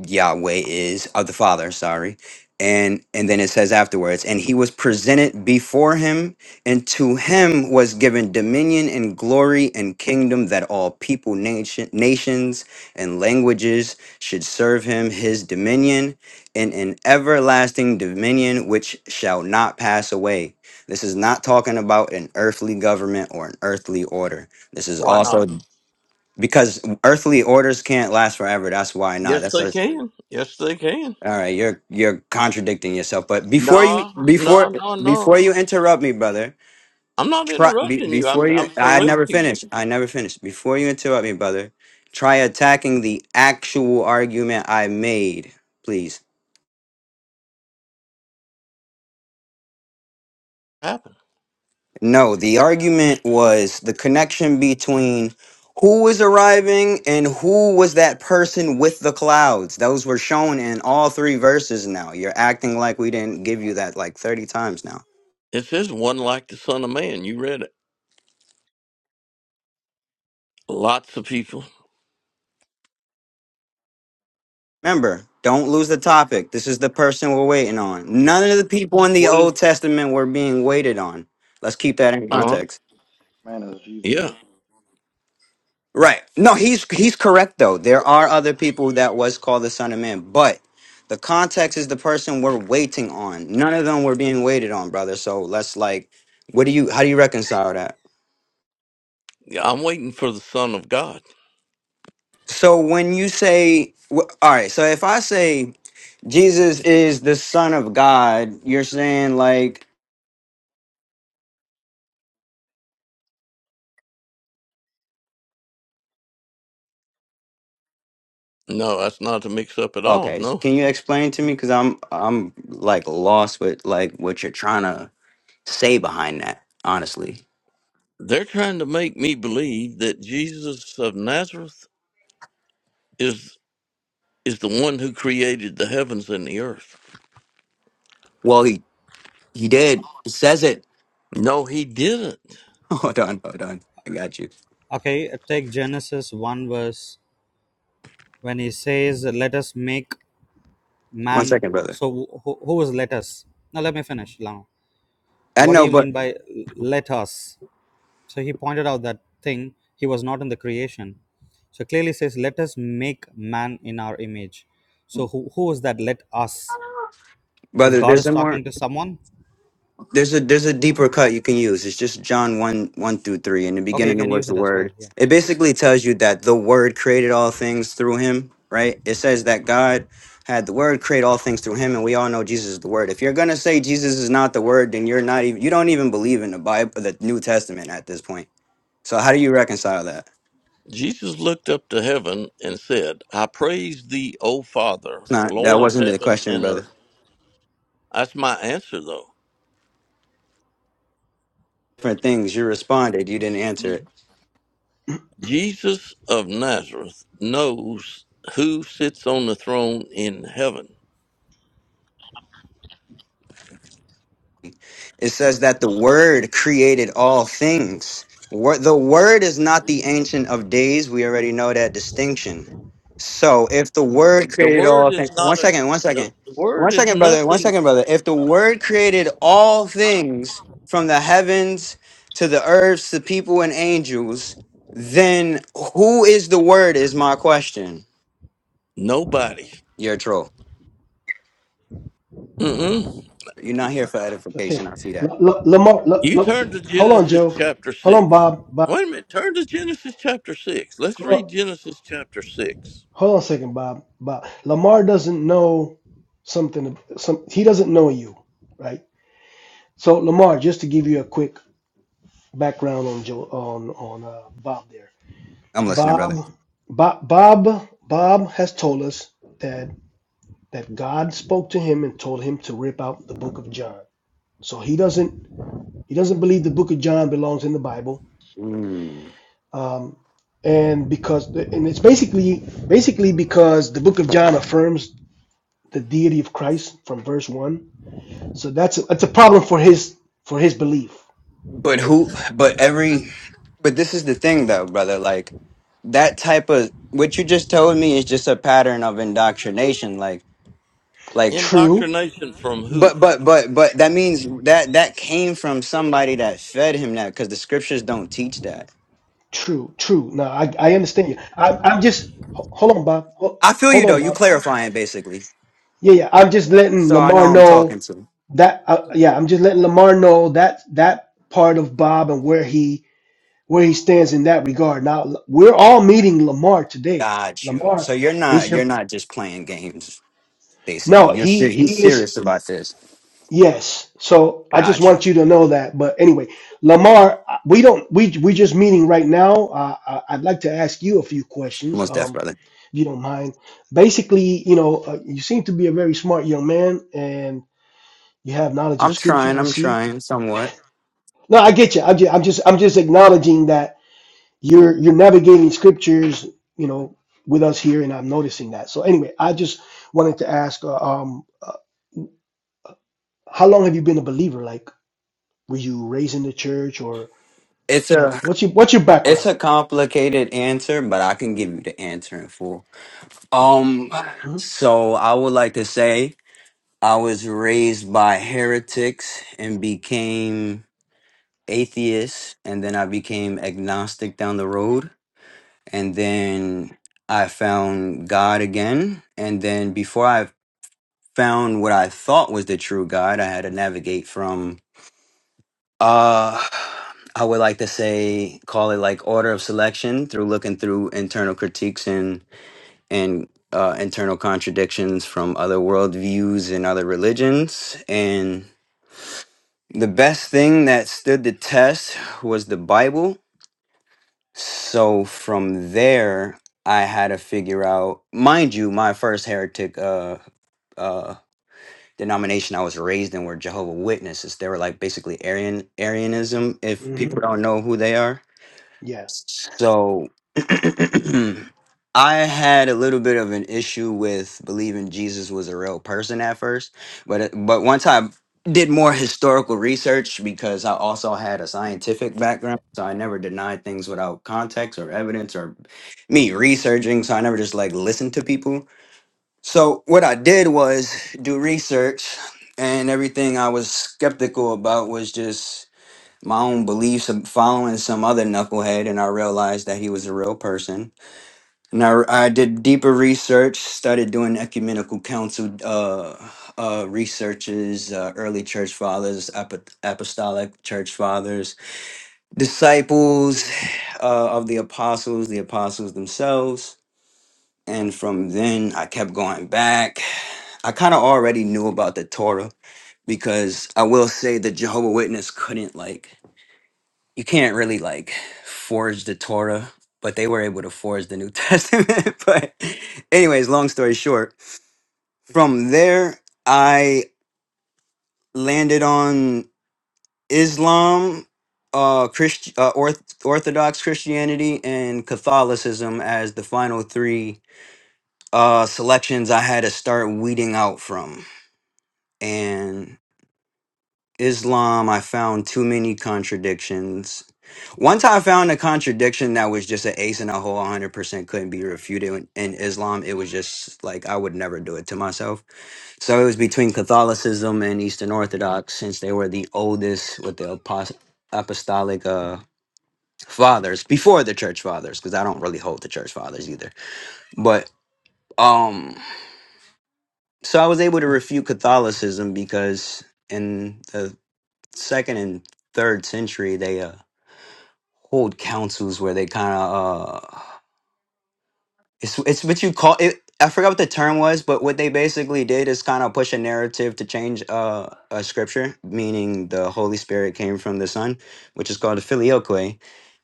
Yahweh is of the Father, sorry. And and then it says afterwards, and he was presented before him, and to him was given dominion and glory and kingdom that all people, nation, nations, and languages should serve him his dominion and an everlasting dominion which shall not pass away. This is not talking about an earthly government or an earthly order. This is Why not? also because earthly orders can't last forever. That's why not. Yes, That's they a can. Yes, they can. all right, you're you're contradicting yourself. But before you No, no, before no, before no. you interrupt me, brother, I'm not try be, interrupting you. I'm before you I'm I never correcting you. finished. I never finished. Before you interrupt me, brother, try attacking the actual argument I made, please. Happen. No, the argument was the connection between who was arriving and who was that person with the clouds. Those were shown in all three verses now. You're acting like we didn't give you that like 30 times now. It says one like the Son of Man. You read it. Lots of people. Remember, don't lose the topic. This is the person we're waiting on. None of the people in the What is? Old Testament were being waited on. Let's keep that in Uh huh. context. Man is Jesus. Yeah. Right. No, he's he's correct though. There are other people that was called the Son of Man, but the context is the person we're waiting on. None of them were being waited on, brother. So let's like, what do you? How do you reconcile that? Yeah. I'm waiting for the Son of God. So when you say, wh- all right. So if I say Jesus is the Son of God, you're saying like No, that's not to mix up at all. Okay, No, can you explain to me? Because I'm I'm like lost with like what you're trying to say behind that. Honestly, they're trying to make me believe that Jesus of Nazareth is is the one who created the heavens and the earth. well, he he did he says it. No, he didn't. Hold on, hold on. I got you. okay take genesis 1 verse when he says let us make One man second, brother. so who, who was let us now let me finish now I what do know, you but mean by let us so he pointed out that thing he was not in the creation so clearly says let us make man in our image so who, who is that let us if brother, god there's is some more. talking to someone There's a there's a deeper cut you can use. It's just John one one through three. In the Okay, you beginning, there can was use the it as word. well. Yeah. It basically tells you that the word created all things through him, right? It says that God had the word create all things through him, and we all know Jesus is the word. If you're gonna say Jesus is not the word, then you're not even you don't even believe in the Bible, the New Testament at this point. So how do you reconcile that? Jesus looked up to heaven and said, I praise thee, O Father, It's not that Lord of wasn't the heaven question, and brother. earth. That's my answer, though. Different things. You responded. You didn't answer Mhm. it. Jesus of Nazareth knows who sits on the throne in heaven. It says that the Word created all things. Wor- The Word is not the Ancient of Days. We already know that distinction. So if the Word The created all word is things, one not a, second, one the, second, the word one is second, brother, one nothing, second, brother. If the Word created all things from the heavens to the earth to people and angels, then who is the Word? Is my question. nobody. You're a troll. Mm-mm. You're not here for Okay, edification. I see that. L- L- Lamar, L- You L- turn to hold on, Genesis Joe. chapter Hold on, 6. Bob. Bob. Wait a minute. Turn to Genesis chapter 6. Let's Hold on. read Genesis chapter 6. Hold on a second, Bob. Bob Lamar doesn't know something. Some he doesn't know you, right? So Lamar, just to give you a quick background on Joe on on uh, Bob there. I'm listening, brother. Bob, Bob, Bob, Bob has told us that that God spoke to him and told him to rip out the book of John. So he doesn't he doesn't believe the book of John belongs in the Bible. Um, and because and it's basically basically because the book of John affirms the deity of Christ from verse one. So that's a, that's a problem for his for his belief. But who? But every. But this is the thing, though, brother. Like that type of what you just told me is just a pattern of indoctrination. Like, like. True, Indoctrination from who? But but but but that means that that came from somebody that fed him that because the scriptures don't teach that. true, true. Now I, I understand you. I, I'm just ho- hold on, Bob. Ho- I feel Hold you on, though. You Bob. clarifying basically, Yeah, yeah. I'm just letting so I know Lamar I'm know talking to. that. Uh, yeah, I'm just letting Lamar know that that part of Bob and where he where he stands in that regard. Now l- we're all meeting Lamar today. Got you. So Lamar you're is not your you're not just playing games. Basically, no. you're He ser- he's he is serious about this. Yes. So I just Got you. want you to know that. But anyway, Lamar, we don't we we just meeting right now. Uh, I, I'd like to ask you a few questions, Most deaf um, brother. if you don't mind. Basically, you know, uh, you seem to be a very smart young man, and you have knowledge of I'm scripture. trying. I I'm see. trying somewhat. No, I get you. I'm just I'm just I'm just acknowledging that you're you're navigating scriptures, you know, with us here, and I'm noticing that. So anyway, I just wanted to ask, uh, um, uh, how long have you been a believer? Like, were you raised in the church or It's a Like, what's your what's your It's background? a complicated answer, but I can give you the answer in full. Um, Mm-hmm. so I would like to say I was raised by heretics and became atheist, and then I became agnostic down the road, and then I found God again, and then before I found what I thought was the true God, I had to navigate from uh I would like to say, call it like order of selection through looking through internal critiques and uh, internal contradictions from other worldviews and other religions. And the best thing that stood the test was the Bible. So from there, I had to figure out, mind you, my first heretic uh, uh, denomination I was raised in were Jehovah Witnesses. They were like basically Arian Arianism, if Mm-hmm. people don't know who they are. Yeah. so. I had a little bit of an issue with believing Jesus was a real person at first, but uh, but once I did more historical research because I also had a scientific background, so I never denied things without context or evidence or me researching, so I never just like listened to people. So what I did was do research and everything I was skeptical about was just my own beliefs of following some other knucklehead and I realized that he was a real person and I, I did deeper research, started doing ecumenical council uh, uh, researches, uh, early church fathers, apo- apostolic church fathers, disciples uh, of the apostles, the apostles themselves. And from then, I kept going back. I kind of already knew about the Torah because I will say the Jehovah Witness couldn't like you can't really like forge the Torah, but they were able to forge the New Testament. but anyways, long story short, from there I landed on Islam, uh, Christ- uh Orth- Orthodox Christianity, and Catholicism as the final three uh selections I had to start weeding out from. And Islam, I found too many contradictions. Once I found a contradiction that was just an ace in a hole, 100% couldn't be refuted in, in Islam. It was just like I would never do it to myself. So it was between Catholicism and Eastern Orthodox, since they were the oldest with the apos- apostolic uh, fathers before the church fathers, because I don't really hold the church fathers either. But um, so I was able to refute Catholicism because in the second and third century, they. uh. hold councils where they kind of uh it's it's what you call it I forgot what the term was, but what they basically did is kind of push a narrative to change uh, a scripture, meaning the Holy Spirit came from the Son, which is called the filioque,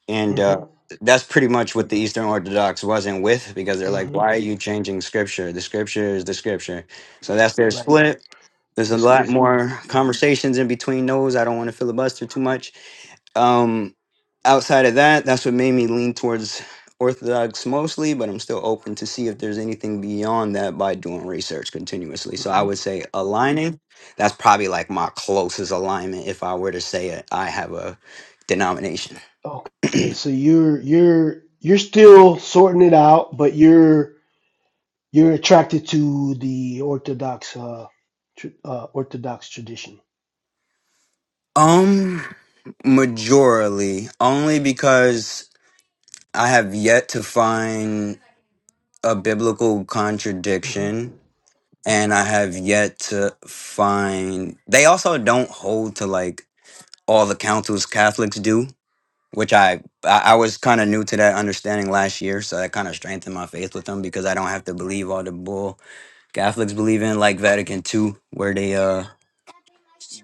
and uh, Mm-hmm. that's pretty much what the Eastern Orthodox wasn't with because they're like, Mm-hmm. why are you changing scripture? The scripture is the scripture, so that's their Right. split. There's The a lot schism. more Yeah. conversations in between those. I don't want to filibuster too much, um, outside of that, that's what made me lean towards Orthodox mostly, but I'm still open to see if there's anything beyond that by doing research continuously. So I Mm-hmm. would say aligning. That's probably like my closest alignment if I were to say it, I have a denomination. Okay. So you're you're you're still sorting it out, but you're you're attracted to the Orthodox uh, tr- uh Orthodox tradition. Um, majorly, only because I have yet to find a biblical hmm contradiction and I have yet to find they also don't hold to like all the councils Catholics do, which I I I was kind of new to that understanding last year, so that kind of strengthened my faith with them because I don't have to believe all the bull Catholics believe in, like Vatican II, where they uh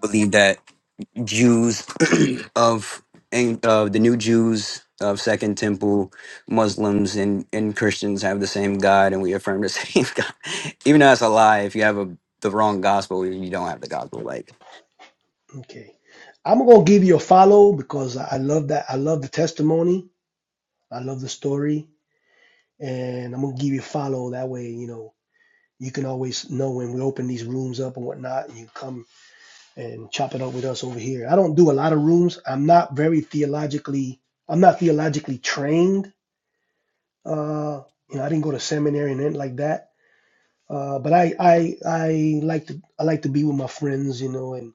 believe that Jews of and uh, the new Jews of Second Temple, Muslims and and Christians have the same God, and we affirm the same God, even though that's a lie. If you have a the wrong gospel, you don't have the gospel. Like Okay. I'm gonna give you a follow because I I love that. I love the testimony. I love the story, and I'm gonna give you a follow. That way, you know. you can always know when we open these rooms up and whatnot, and you come and chop it up with us over here. I don't do a lot of rooms. I'm not very theologically, I'm not theologically trained. Uh, you know, I didn't go to seminary and anything like that. Uh, but I, I, I like to, I like to be with my friends, you know, and,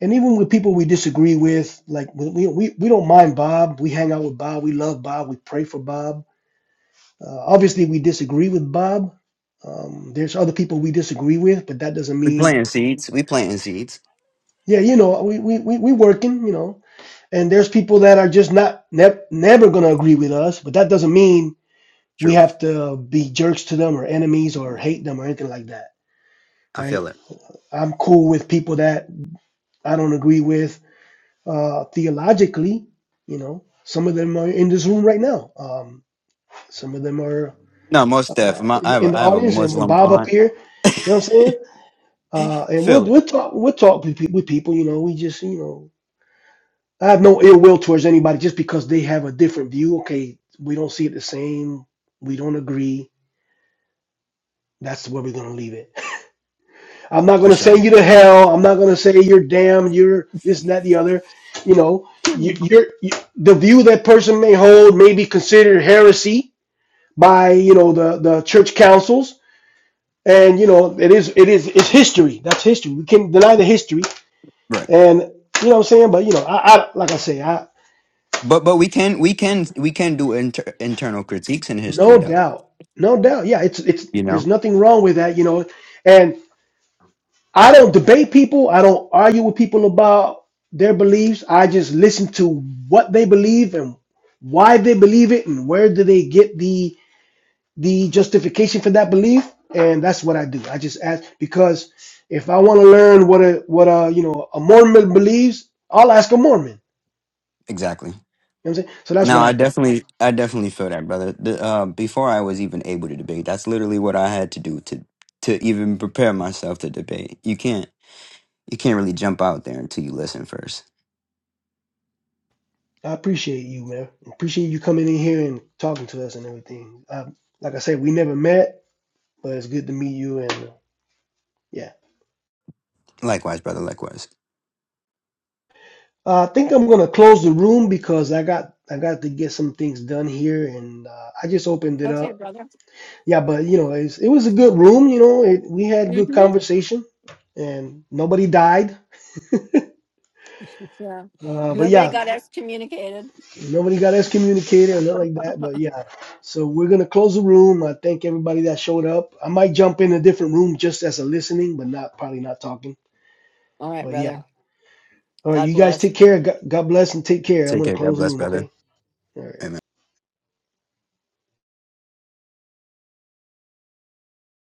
and even with people we disagree with, like we, we, we don't mind Bob. We hang out with Bob. We love Bob. We pray for Bob. Uh, obviously, we disagree with Bob. Um, there's other people we disagree with, but that doesn't we mean planting seeds, we planting seeds. Yeah, you know, we we we we working, you know, and there's people that are just not ne- never going to agree with us, but that doesn't mean we True, have to be jerks to them or enemies or hate them or anything like that, I right? feel it. I'm cool with people that I don't agree with uh, theologically, you know. Some of them are in this room right now. Um, some of them are No, most def. uh, My, I in, have in a, the I have a audience, and, and Muslim Bob up aunt. here. You know what I'm saying? Uh, and we'll Feel it we'll talk we'll talk with, pe- with people. You know, we just you know I have no ill will towards anybody just because they have a different view. Okay, we don't see it the same. We don't agree. That's where we're gonna leave it. I'm not for gonna say sure. you to Um, hell. I'm not gonna say you're damned. You're this and that the other. You know, you, you're you, the view that person may hold may be considered heresy by you know the the church councils, and you know it is it is it's history. That's history. We can deny the history, right, and you know what I'm saying. But you know, I, I like I say, I. but but we can we can we can do inter- internal critiques in history No though. doubt. No doubt. Yeah, it's it's You there's know. nothing wrong with that, you know. And I don't debate people, I don't argue with people about their beliefs. I just listen to what they believe and why they believe it and where do they get the the justification for that belief. And that's what I do. I just ask because if I want to learn what a what a you know a Mormon believes, I'll ask a Mormon. Exactly. You know what I'm saying? So that's No, what I I do. definitely, I definitely feel that, brother. The, uh, before I was even able to debate, that's literally what I had to do to to even prepare myself to debate. You can't. You can't really jump out there until you listen first. I appreciate you, man. Appreciate you coming in here and talking to us and everything. Uh, like I said, we never met, but it's good to meet you. And uh, yeah, Likewise, brother. Likewise. uh, I think I'm gonna close the room because I got I got to get some things done here, and uh, I just opened it Okay, up. brother. Yeah, but you know, it's, it was a good room. You know, it, we had good mhm. conversation, and nobody died. Yeah. Uh, but Nobody yeah, got excommunicated. Nobody got excommunicated or nothing like that, but yeah. So we're gonna close the room. I thank everybody that showed up. I might jump in a different room just as a listening, but not probably not talking. All right, But yeah. brother. All right, God you guys bless. take care. God God bless and take care. I'm Take gonna care. close God the bless, room, brother. okay? All right. Amen.